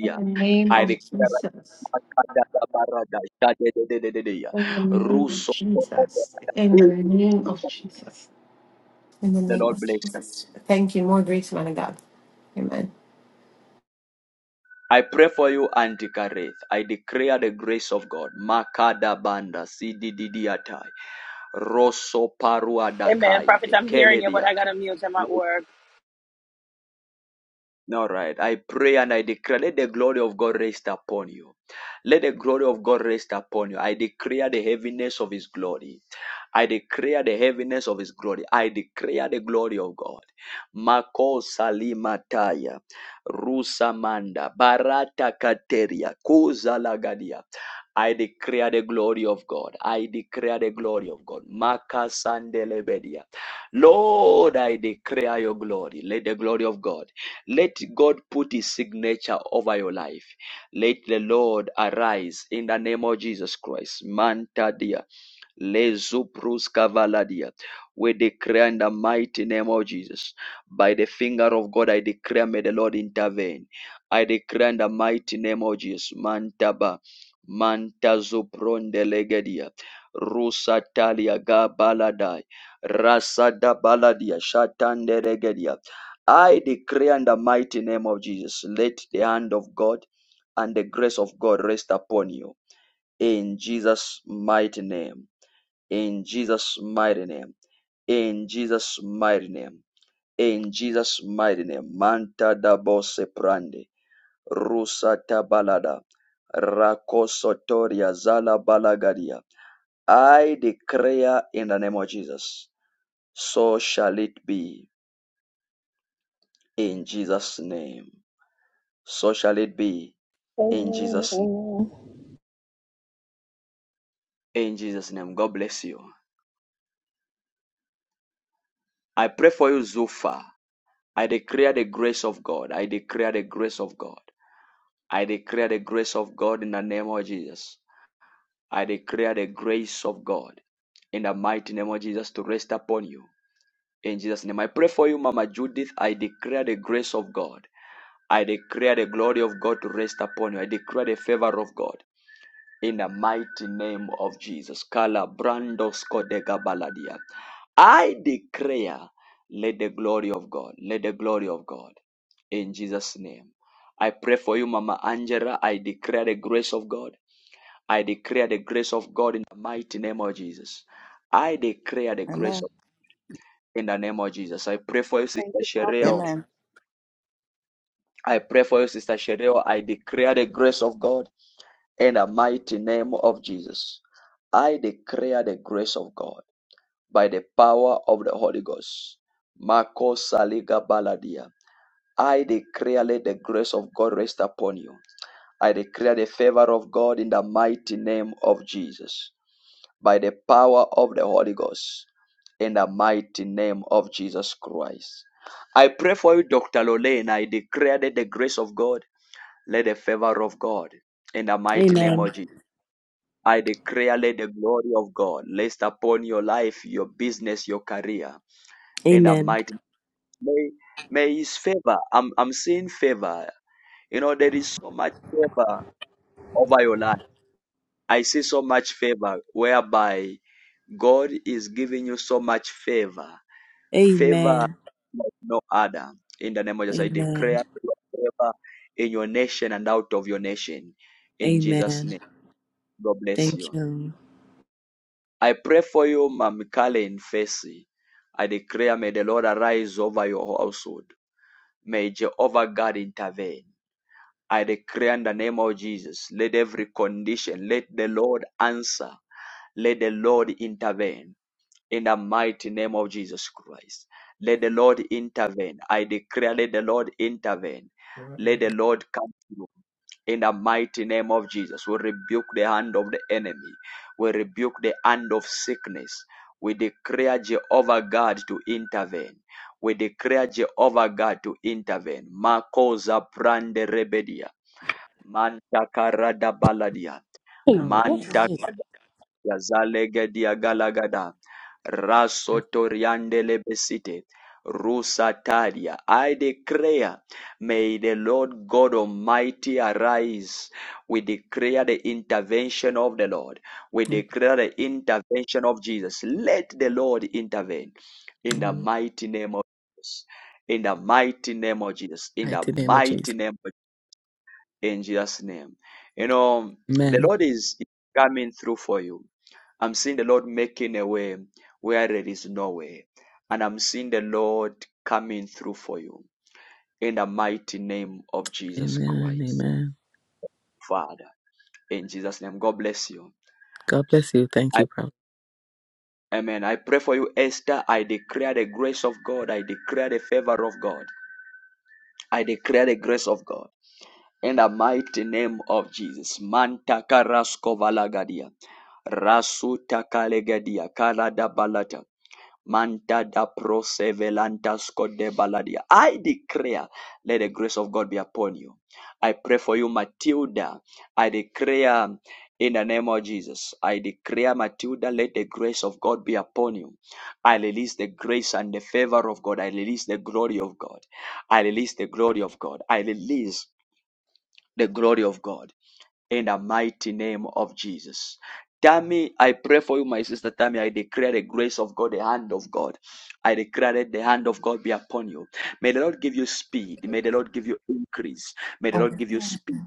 Speaker 3: In the name
Speaker 1: I
Speaker 3: of
Speaker 1: declare
Speaker 3: Jesus.
Speaker 1: Akada da Parada. Shade de de de de de.
Speaker 3: In the name of
Speaker 1: Russo.
Speaker 3: Jesus. In the name of Jesus. In the
Speaker 1: The
Speaker 3: name
Speaker 1: Lord
Speaker 3: of
Speaker 1: bless.
Speaker 3: Jesus. Thank you. More grace, man of God. Amen.
Speaker 1: I pray for you, Auntie Kareth. I declare the grace of God. Makada banda sididiatai. Rosso parua
Speaker 17: Amen.
Speaker 1: dakai
Speaker 17: Prophet,
Speaker 1: de
Speaker 17: I'm hearing you, but
Speaker 1: keledia.
Speaker 17: I got to mute. I'm at work.
Speaker 1: All right. I pray and I declare, let the glory of God rest upon you. Let the glory of God rest upon you. I declare the heaviness of His glory. I declare the heaviness of his glory. I declare the glory of God. Mako salimataya. Rusamanda. Barata kateria. Kuza I declare the glory of God. I declare the glory of God. Makasandelebedia. Lord, I declare your glory. Let the glory of God. Let God put his signature over your life. Let the Lord arise in the name of Jesus Christ. Manta dia. Lezuprus Kavaladia. We declare in the mighty name of Jesus. By the finger of God, I declare, may the Lord intervene. I declare in the mighty name of Jesus. Mantaba, Mantazupron delegadia. Rusa Talia Gabaladai, Rasada Baladia, Shatande Regedia. I declare in the mighty name of Jesus, let the hand of God and the grace of God rest upon you. In Jesus' mighty name in Jesus' mighty name. In Jesus' mighty name. In Jesus' mighty name. Manta da bose prande. Rusa tabalada. Rakosotoria zala balagadia. I declare in the name of Jesus. So shall it be in Jesus' name. So shall it be in
Speaker 17: Amen.
Speaker 1: Jesus' name.
Speaker 17: Amen.
Speaker 1: In Jesus' name. God bless you. I pray for you, Zufa. I declare the grace of God. I declare the grace of God. I declare the grace of God in the name of Jesus. I declare the grace of God in the mighty name of Jesus to rest upon you. In Jesus' name, I pray for you, Mama Judith. I declare the grace of God. I declare the glory of God to rest upon you. I declare the favor of God in the mighty name of Jesus. Kala brandos kodega baladia. I declare, let the glory of God, let the glory of God in Jesus' name. I pray for you, Mama Angela. I declare the grace of God. I declare the grace of God in the mighty name of Jesus. I declare the grace
Speaker 8: Amen.
Speaker 1: of God in the name of Jesus. I pray for you,
Speaker 5: Thank
Speaker 1: Sister
Speaker 5: you, Prophet.
Speaker 1: Shereo.
Speaker 8: Amen.
Speaker 1: I pray for you, Sister Shereo. I declare the grace of God in the mighty name of Jesus. I declare the grace of God by the power of the Holy Ghost. Marco Saliga Baladia. I declare let the grace of God rest upon you. I declare the favor of God in the mighty name of Jesus. by the power of the Holy Ghost in the mighty name of Jesus Christ. I pray for you, Dr. Lorraine. I declare that the grace of God, let the favor of God in the mighty name
Speaker 7: Amen.
Speaker 1: of Jesus. I declare, let the glory of God rest upon your life, your business, your career. In the mighty name. may, may His favor. I'm, I'm seeing favor. You know, there is so much favor over your life. I see so much favor whereby God is giving you so much favor. Favor
Speaker 7: Amen.
Speaker 1: like no other. In the name of Jesus, I declare
Speaker 7: Amen.
Speaker 1: favor in your nation and out of your nation. In Jesus'
Speaker 7: Amen.
Speaker 1: name, God bless
Speaker 7: Thank
Speaker 1: you.
Speaker 7: you.
Speaker 1: I pray for you, Mam Kalen Fesi. I declare, may the Lord arise over your household. May Jehovah God intervene. I declare in the name of Jesus, let every condition, let the Lord answer, let the Lord intervene in the mighty name of Jesus Christ. Let the Lord intervene. I declare, let the Lord intervene. Let the Lord come through. In the mighty name of Jesus, we rebuke the hand of the enemy. We rebuke the hand of sickness. We declare Jehovah God to intervene. We declare Jehovah God to intervene. Makosa prande rebedia. Manta karada baladia.
Speaker 18: Hey,
Speaker 12: Hallelujah.
Speaker 18: what is
Speaker 1: Manta
Speaker 18: this?
Speaker 1: Yazalegedia galagada. Rasotoriande lebesite. Rusataria. I declare, may the Lord God Almighty arise. We declare the intervention of the Lord. We
Speaker 12: In
Speaker 1: declare the intervention of Jesus. Let the Lord intervene in the
Speaker 12: the
Speaker 1: mighty name of Jesus. In the mighty name of Jesus. In the
Speaker 12: mighty name of
Speaker 1: mighty
Speaker 12: Jesus.
Speaker 1: name of in Jesus' name. You know, the
Speaker 12: Amen.
Speaker 1: Lord is coming through for you. I'm seeing the Lord making a way where there is no way. And I'm seeing the Lord coming through for you in the mighty name of Jesus
Speaker 12: Amen. and
Speaker 1: Christ,
Speaker 12: Amen.
Speaker 1: Father. In Jesus' name, God bless you.
Speaker 12: God bless you. Thank
Speaker 1: I,
Speaker 12: you, Prophet.
Speaker 1: amen. I pray for you, Esther. I declare the grace of God. I declare the favor of God. I declare the grace of God in the mighty name of Jesus. Mantaka rascovalagadia. Rasuta kalegadia. Kalada balata. Manta da prosevelantas de baladia. I declare, let the grace of God be upon you. I pray for you, Matilda. I declare in the name of Jesus. I declare, Matilda, let the grace of God be upon you. I release the grace and the favor of God. I release the glory of God. I release the glory of God. I release the glory of God in the mighty name of Jesus. Tammy, I pray for you, my sister Tammy. I declare the grace of God, the hand of God. I declare that the hand of God be upon you. May the Lord give you speed. May the Lord give you increase. May the Lord give you speed.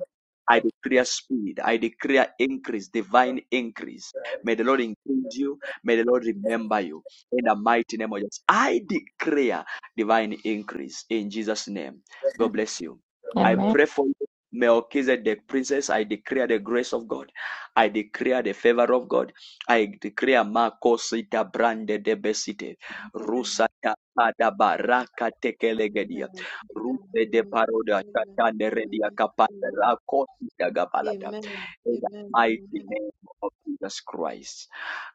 Speaker 1: I declare speed. I declare increase, divine increase. May the Lord increase you. May the Lord remember you. In the mighty name of Jesus. I declare divine increase in Jesus' name. God bless you. I
Speaker 19: Amen.
Speaker 1: pray for you. Melchizedek, princess, I declare the grace of God. I declare the favor of God. I declare Makosita Brande de Besite,
Speaker 13: Amen.
Speaker 1: Rusata Adabaraka Tekelegedia,
Speaker 13: Amen.
Speaker 1: Ruse de
Speaker 13: Amen.
Speaker 1: Paroda, Tatane Redia
Speaker 13: Amen.
Speaker 1: Kapata,
Speaker 13: Amen.
Speaker 1: Rakosita Gabalada, in the
Speaker 13: Amen. Amen. Amen.
Speaker 1: mighty
Speaker 13: Amen.
Speaker 1: name of Jesus Christ.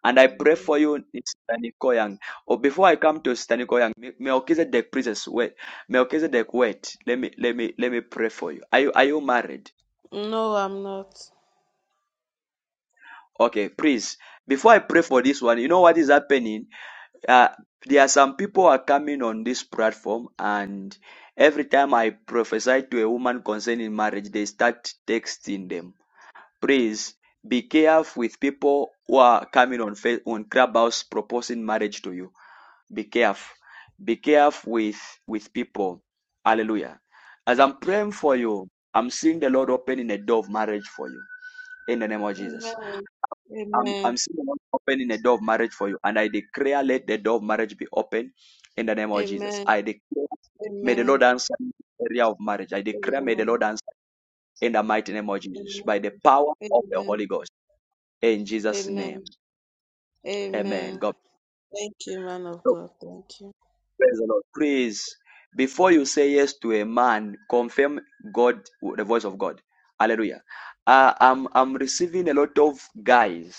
Speaker 1: And I pray for
Speaker 13: Amen.
Speaker 1: you, Sister Nikoyang. Oh, before I come to Sister Nikoyang, Melchizedek, princess, wait. Melchizedek, wait. Let me let me let me pray for you. Are you are you married?
Speaker 13: No, I'm not.
Speaker 1: Okay, please. Before I pray for this one, you know what is happening? Uh, there are some people who are coming on this platform, and every time I prophesy to a woman concerning marriage, they start texting them. Please be careful with people who are coming on fa- on Clubhouse proposing marriage to you Be careful. Be careful with, with people. Hallelujah. As I'm praying for you, I'm seeing the Lord opening a door of marriage for you. In the name of Jesus.
Speaker 13: Amen.
Speaker 1: I'm,
Speaker 13: Amen.
Speaker 1: I'm seeing the Lord opening a door of marriage for you. And I declare, let the door of marriage be open in the name of Jesus.
Speaker 13: Amen.
Speaker 1: I declare, may the
Speaker 13: Amen.
Speaker 1: Lord answer in the area of marriage. I declare, may the
Speaker 13: Amen.
Speaker 1: Lord answer in the mighty name of Jesus by
Speaker 13: Amen.
Speaker 1: the power of the Holy
Speaker 13: Amen.
Speaker 1: Ghost. In Jesus' name.
Speaker 13: Amen.
Speaker 1: Amen.
Speaker 13: Amen.
Speaker 1: God. bless.
Speaker 13: Thank you, man of God. Thank you.
Speaker 1: Praise the Lord. Please, before you say yes to a man, confirm God, the voice of God. Hallelujah. Uh, I'm I'm receiving a lot of guys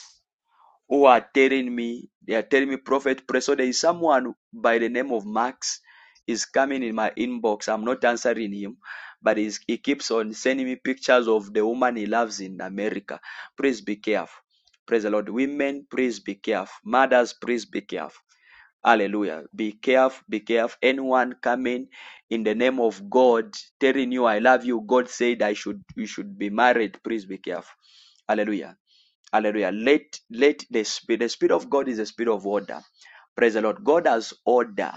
Speaker 1: who are telling me they are telling me prophet pray. So there is someone by the name of Max is coming in my inbox. I'm not answering him, but he's, he keeps on sending me pictures of the woman he loves in America. Please be careful. Praise the Lord. Women, please be careful. Mothers, please be careful. Hallelujah. Be careful, be careful. Anyone coming in the name of God telling you I love you, God said I should you should be married. Please be careful. Hallelujah. Hallelujah. Let let the spirit the spirit of God is a spirit of order. Praise the Lord. God has order.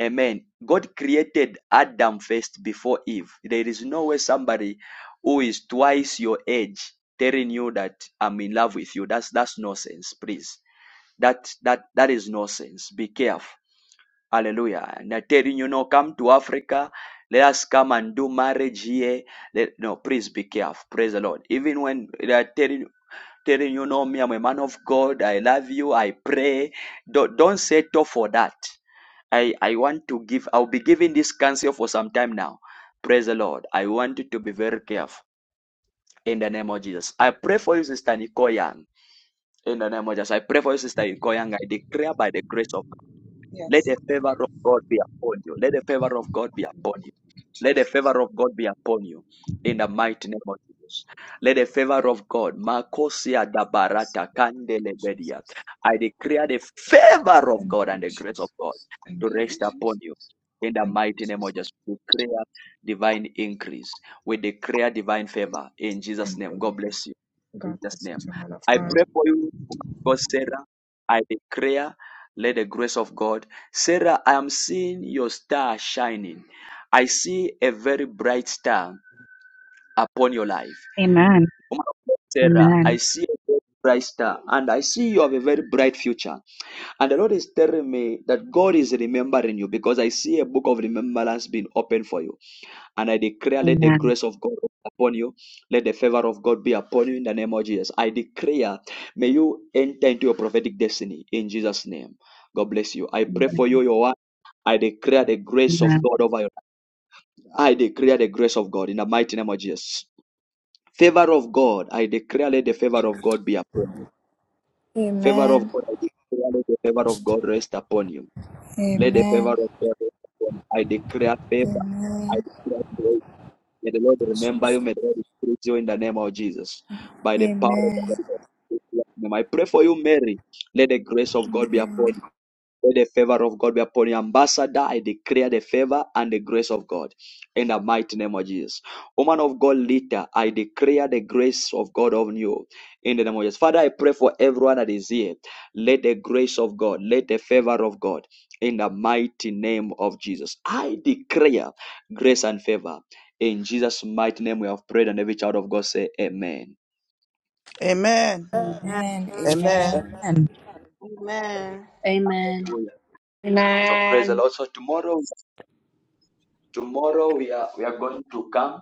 Speaker 1: Amen. God created Adam first before Eve. There is no way somebody who is twice your age telling you that I'm in love with you. That's that's nonsense, please. That that that is nonsense. Be careful. Hallelujah. And I'm telling you, no, come to Africa. Let us come and do marriage here. Let, no, please be careful. Praise the Lord. Even when they are telling telling you, no, me, I'm a man of God. I love you. I pray. Don't, don't settle for that. I, I want to give, I'll be giving this counsel for some time now. Praise the Lord. I want you to be very careful in the name of Jesus. I pray for you, Sister Nicole Young. In the name of Jesus. I pray for you, Sister Nicole Young. I declare by the grace of let
Speaker 6: Yes.
Speaker 1: the
Speaker 6: Thank
Speaker 1: favor of God be upon you. Let the favor of God be upon you.
Speaker 6: you,
Speaker 1: Let the
Speaker 6: Jesus. Thank you,
Speaker 1: favor of God be upon you. In
Speaker 6: yes.
Speaker 1: the mighty name of Jesus. Let the favor of God. Makosia dabarata
Speaker 6: Thank you,
Speaker 1: kandelebedia.
Speaker 6: Jesus.
Speaker 1: I declare the favor of God
Speaker 6: Thank you,
Speaker 1: and the grace of
Speaker 6: Jesus.
Speaker 1: God
Speaker 6: Thank
Speaker 1: to
Speaker 6: you,
Speaker 1: rest upon you.
Speaker 6: Jesus.
Speaker 1: In the
Speaker 6: Thank you,
Speaker 1: mighty name of
Speaker 6: Jesus.
Speaker 1: Jesus. We declare divine increase. We declare divine favor. In Jesus'
Speaker 6: Thank
Speaker 1: name.
Speaker 6: you,
Speaker 1: God
Speaker 6: Lord.
Speaker 1: bless you. In
Speaker 6: God
Speaker 1: Jesus'
Speaker 6: bless
Speaker 1: name.
Speaker 6: you, too, man of
Speaker 1: I
Speaker 6: God.
Speaker 1: pray for you, God Sarah. I declare, let the grace of God Sarah, I am seeing your star shining. I see a very bright star upon your life.
Speaker 14: Amen.
Speaker 1: Woman of God, Sarah, I
Speaker 14: Amen.
Speaker 1: see a very bright star and I see you have a very bright future. And the Lord is telling me that God is remembering you because I see a book of remembrance being opened for you. And I declare, let the
Speaker 14: Amen.
Speaker 1: grace of God upon you. Let the favor of God be upon you in the name of Jesus. I declare, may you enter into your prophetic destiny in Jesus' name. God bless you. I pray for
Speaker 14: Amen.
Speaker 1: you, your wife. I declare the grace of God over you. I declare the grace of God in the mighty name of Jesus. Favor of God. I declare, let the favor of God be upon you. Favor of
Speaker 16: Amen.
Speaker 1: God. I declare, let the favor of God rest upon you. Let the favor of
Speaker 16: Amen.
Speaker 1: God rest upon you. I declare favor. I
Speaker 16: Amen.
Speaker 1: declare favor. May the Lord remember
Speaker 16: Jesus.
Speaker 1: you. May the Lord increase you in the name of Jesus. By the power of the
Speaker 16: Amen.
Speaker 1: Holy Spirit, I pray for you, Mary. Let the grace of God be upon you. Let the favor of God be upon your ambassador. I declare the favor and the grace of God in the mighty name of Jesus. Woman of God, leader, I declare the grace of God on you in the name of Jesus. Father, I pray for everyone that is here. Let the grace of God, let the favor of God in the mighty name of Jesus. I declare grace and favor. In Jesus' mighty name, we have prayed, and every child of God say, Amen.
Speaker 8: Amen.
Speaker 16: Amen.
Speaker 8: Amen.
Speaker 16: Amen.
Speaker 14: Amen.
Speaker 13: Amen.
Speaker 11: Amen.
Speaker 1: So praise the
Speaker 3: Amen.
Speaker 1: Lord. So tomorrow, tomorrow we are we are going to come.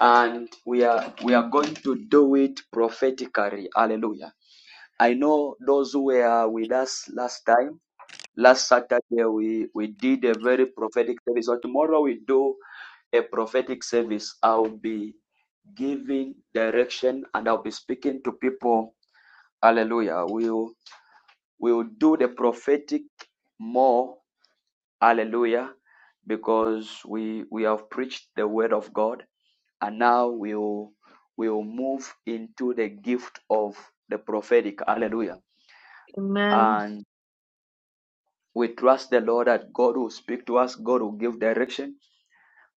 Speaker 1: and we are we are going to do it prophetically hallelujah i know those who were with us last time last saturday we we did a very prophetic service so tomorrow we do a prophetic service i'll be giving direction and i'll be speaking to people hallelujah we'll we'll do the prophetic more Hallelujah. Because we we have preached the word of God and now we'll we'll move into the gift of the prophetic. Hallelujah. And we trust the Lord that God will speak to us, God will give direction.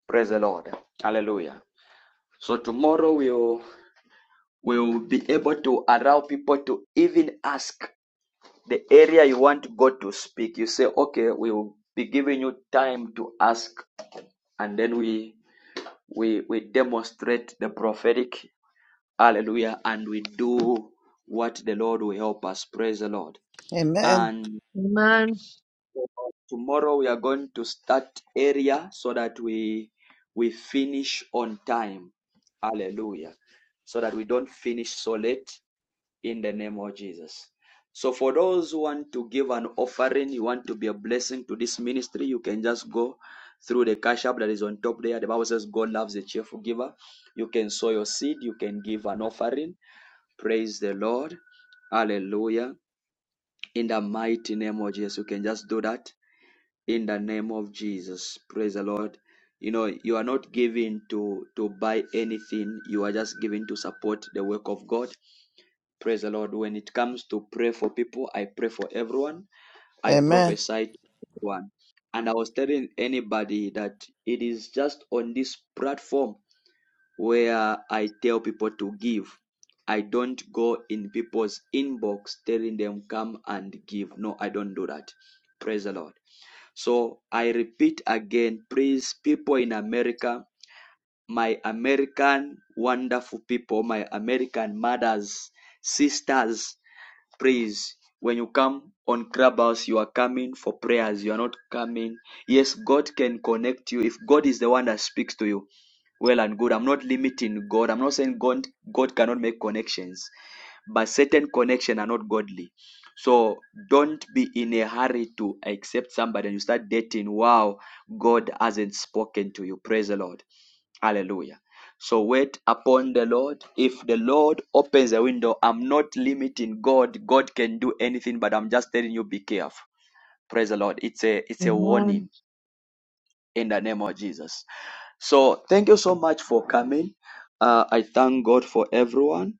Speaker 1: Praise the Lord. Hallelujah. So tomorrow we'll we'll be able to allow people to even ask the area you want God to speak. You say, okay, we'll be giving you time to ask, and then we we we demonstrate the prophetic hallelujah and we do what the lord will help us praise the lord
Speaker 8: Amen.
Speaker 1: and tomorrow we are going to start area so that we we finish on time hallelujah so that we don't finish so late in the name of Jesus. So, for those who want to give an offering, you want to be a blessing to this ministry, you can just go through the cash app that is on top there. The Bible says God loves a cheerful giver. You can sow your seed, you can give an offering. Praise the Lord. Hallelujah. In the mighty name of Jesus, you can just do that in the name of Jesus. Praise the Lord. You know, you are not giving to to buy anything. You are just giving to support the work of God Praise the Lord. When it comes to pray for people, I pray for everyone.
Speaker 8: Amen.
Speaker 1: I
Speaker 8: Amen.
Speaker 1: prophesy to everyone. And I was telling anybody that it is just on this platform where I tell people to give. I don't go in people's inbox telling them come and give. No, I don't do that. Praise the Lord. So I repeat again, please, people in America, my American wonderful people, my American mothers, sisters, praise. When you come on Clubhouse, you are coming for prayers. You are not coming. Yes, God can connect you. If God is the one that speaks to you, well and good. I'm not limiting God. I'm not saying God, God cannot make connections, but certain connections are not godly. So don't be in a hurry to accept somebody and you start dating. Wow, God hasn't spoken to you. Praise the Lord. Hallelujah. So wait upon the Lord. If the Lord opens the window, I'm not limiting God. God can do anything, but I'm just telling you be careful. Praise the Lord. It's a it's a
Speaker 5: Amen.
Speaker 1: warning in the name of Jesus. So thank you so much for coming. Uh, I thank God for everyone.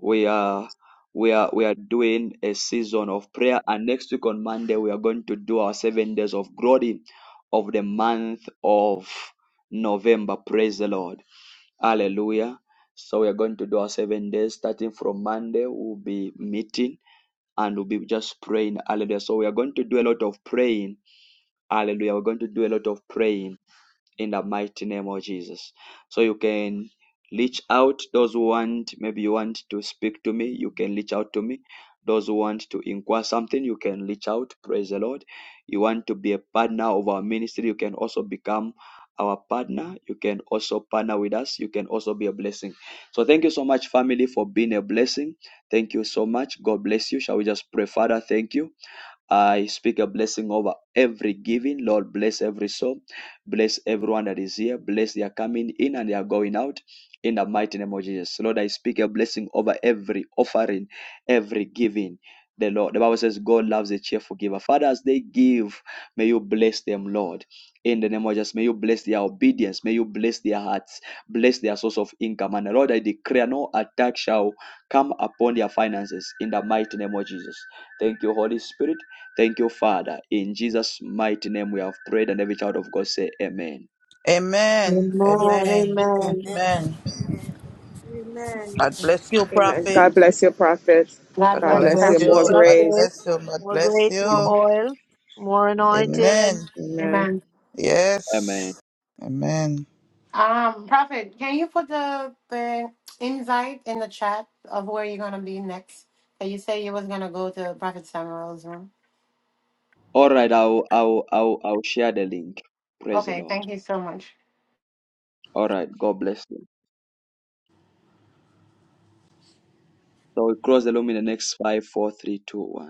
Speaker 1: We are we are we are doing a season of prayer, and next week on Monday we are going to do our seven days of glory of the month of November. Praise the Lord. Hallelujah. So we are going to do our seven days starting from Monday. We'll be meeting and we'll be just praying. Hallelujah. So we are going to do a lot of praying. Hallelujah. We're going to do a lot of praying in the mighty name of Jesus. So you can reach out those who want, maybe you want to speak to me, you can reach out to me. Those who want to inquire something, you can reach out. Praise the Lord. You want to be a partner of our ministry, you can also become our partner. You can also partner with us. You can also be a blessing. So thank you so much, family, for being a blessing. Thank you so much. God bless you. Shall we just pray, Father? Thank you. I speak a blessing over every giving. Lord, bless every soul. Bless everyone that is here. Bless their coming in and their going out. In the mighty name of Jesus. Lord, I speak a blessing over every offering, every giving. The Lord, the Bible says, God loves a cheerful giver. Father, as they give, may you bless them, Lord. In the name of Jesus, may you bless their obedience. May you bless their hearts. Bless their source of income. And Lord, I declare no attack shall come upon their finances. In the mighty name of Jesus. Thank you, Holy Spirit. Thank you, Father. In Jesus' mighty name we have prayed, and every child of God say amen.
Speaker 8: Amen.
Speaker 5: Amen.
Speaker 16: Amen.
Speaker 8: Amen.
Speaker 14: Amen.
Speaker 5: Amen.
Speaker 16: Amen.
Speaker 8: Amen.
Speaker 13: Amen.
Speaker 8: God bless you,
Speaker 6: Amen.
Speaker 8: prophet.
Speaker 6: God bless you, prophet.
Speaker 3: God
Speaker 8: God
Speaker 6: God
Speaker 5: God
Speaker 3: bless you,
Speaker 6: bless
Speaker 8: bless
Speaker 6: you.
Speaker 5: bless
Speaker 3: Prophet.
Speaker 5: you,
Speaker 6: More
Speaker 8: you. God
Speaker 5: prophet.
Speaker 6: grace.
Speaker 8: bless you. God
Speaker 5: More
Speaker 8: bless
Speaker 5: grace, more
Speaker 8: you.
Speaker 5: oil, more
Speaker 6: Yes.
Speaker 5: anointed.
Speaker 8: Amen.
Speaker 6: Amen.
Speaker 3: Amen.
Speaker 1: Amen.
Speaker 8: Yes. Amen.
Speaker 3: Um, Prophet, can you put the, the invite in the chat of where you're gonna be next? And you say you was gonna go to Prophet Samuel's room.
Speaker 1: All right, I'll I'll I'll I'll share the link. Praise the
Speaker 3: Okay,
Speaker 1: Lord.
Speaker 3: thank you so much.
Speaker 1: All right, God bless you. So we cross the room in the next five, four, three, two, one.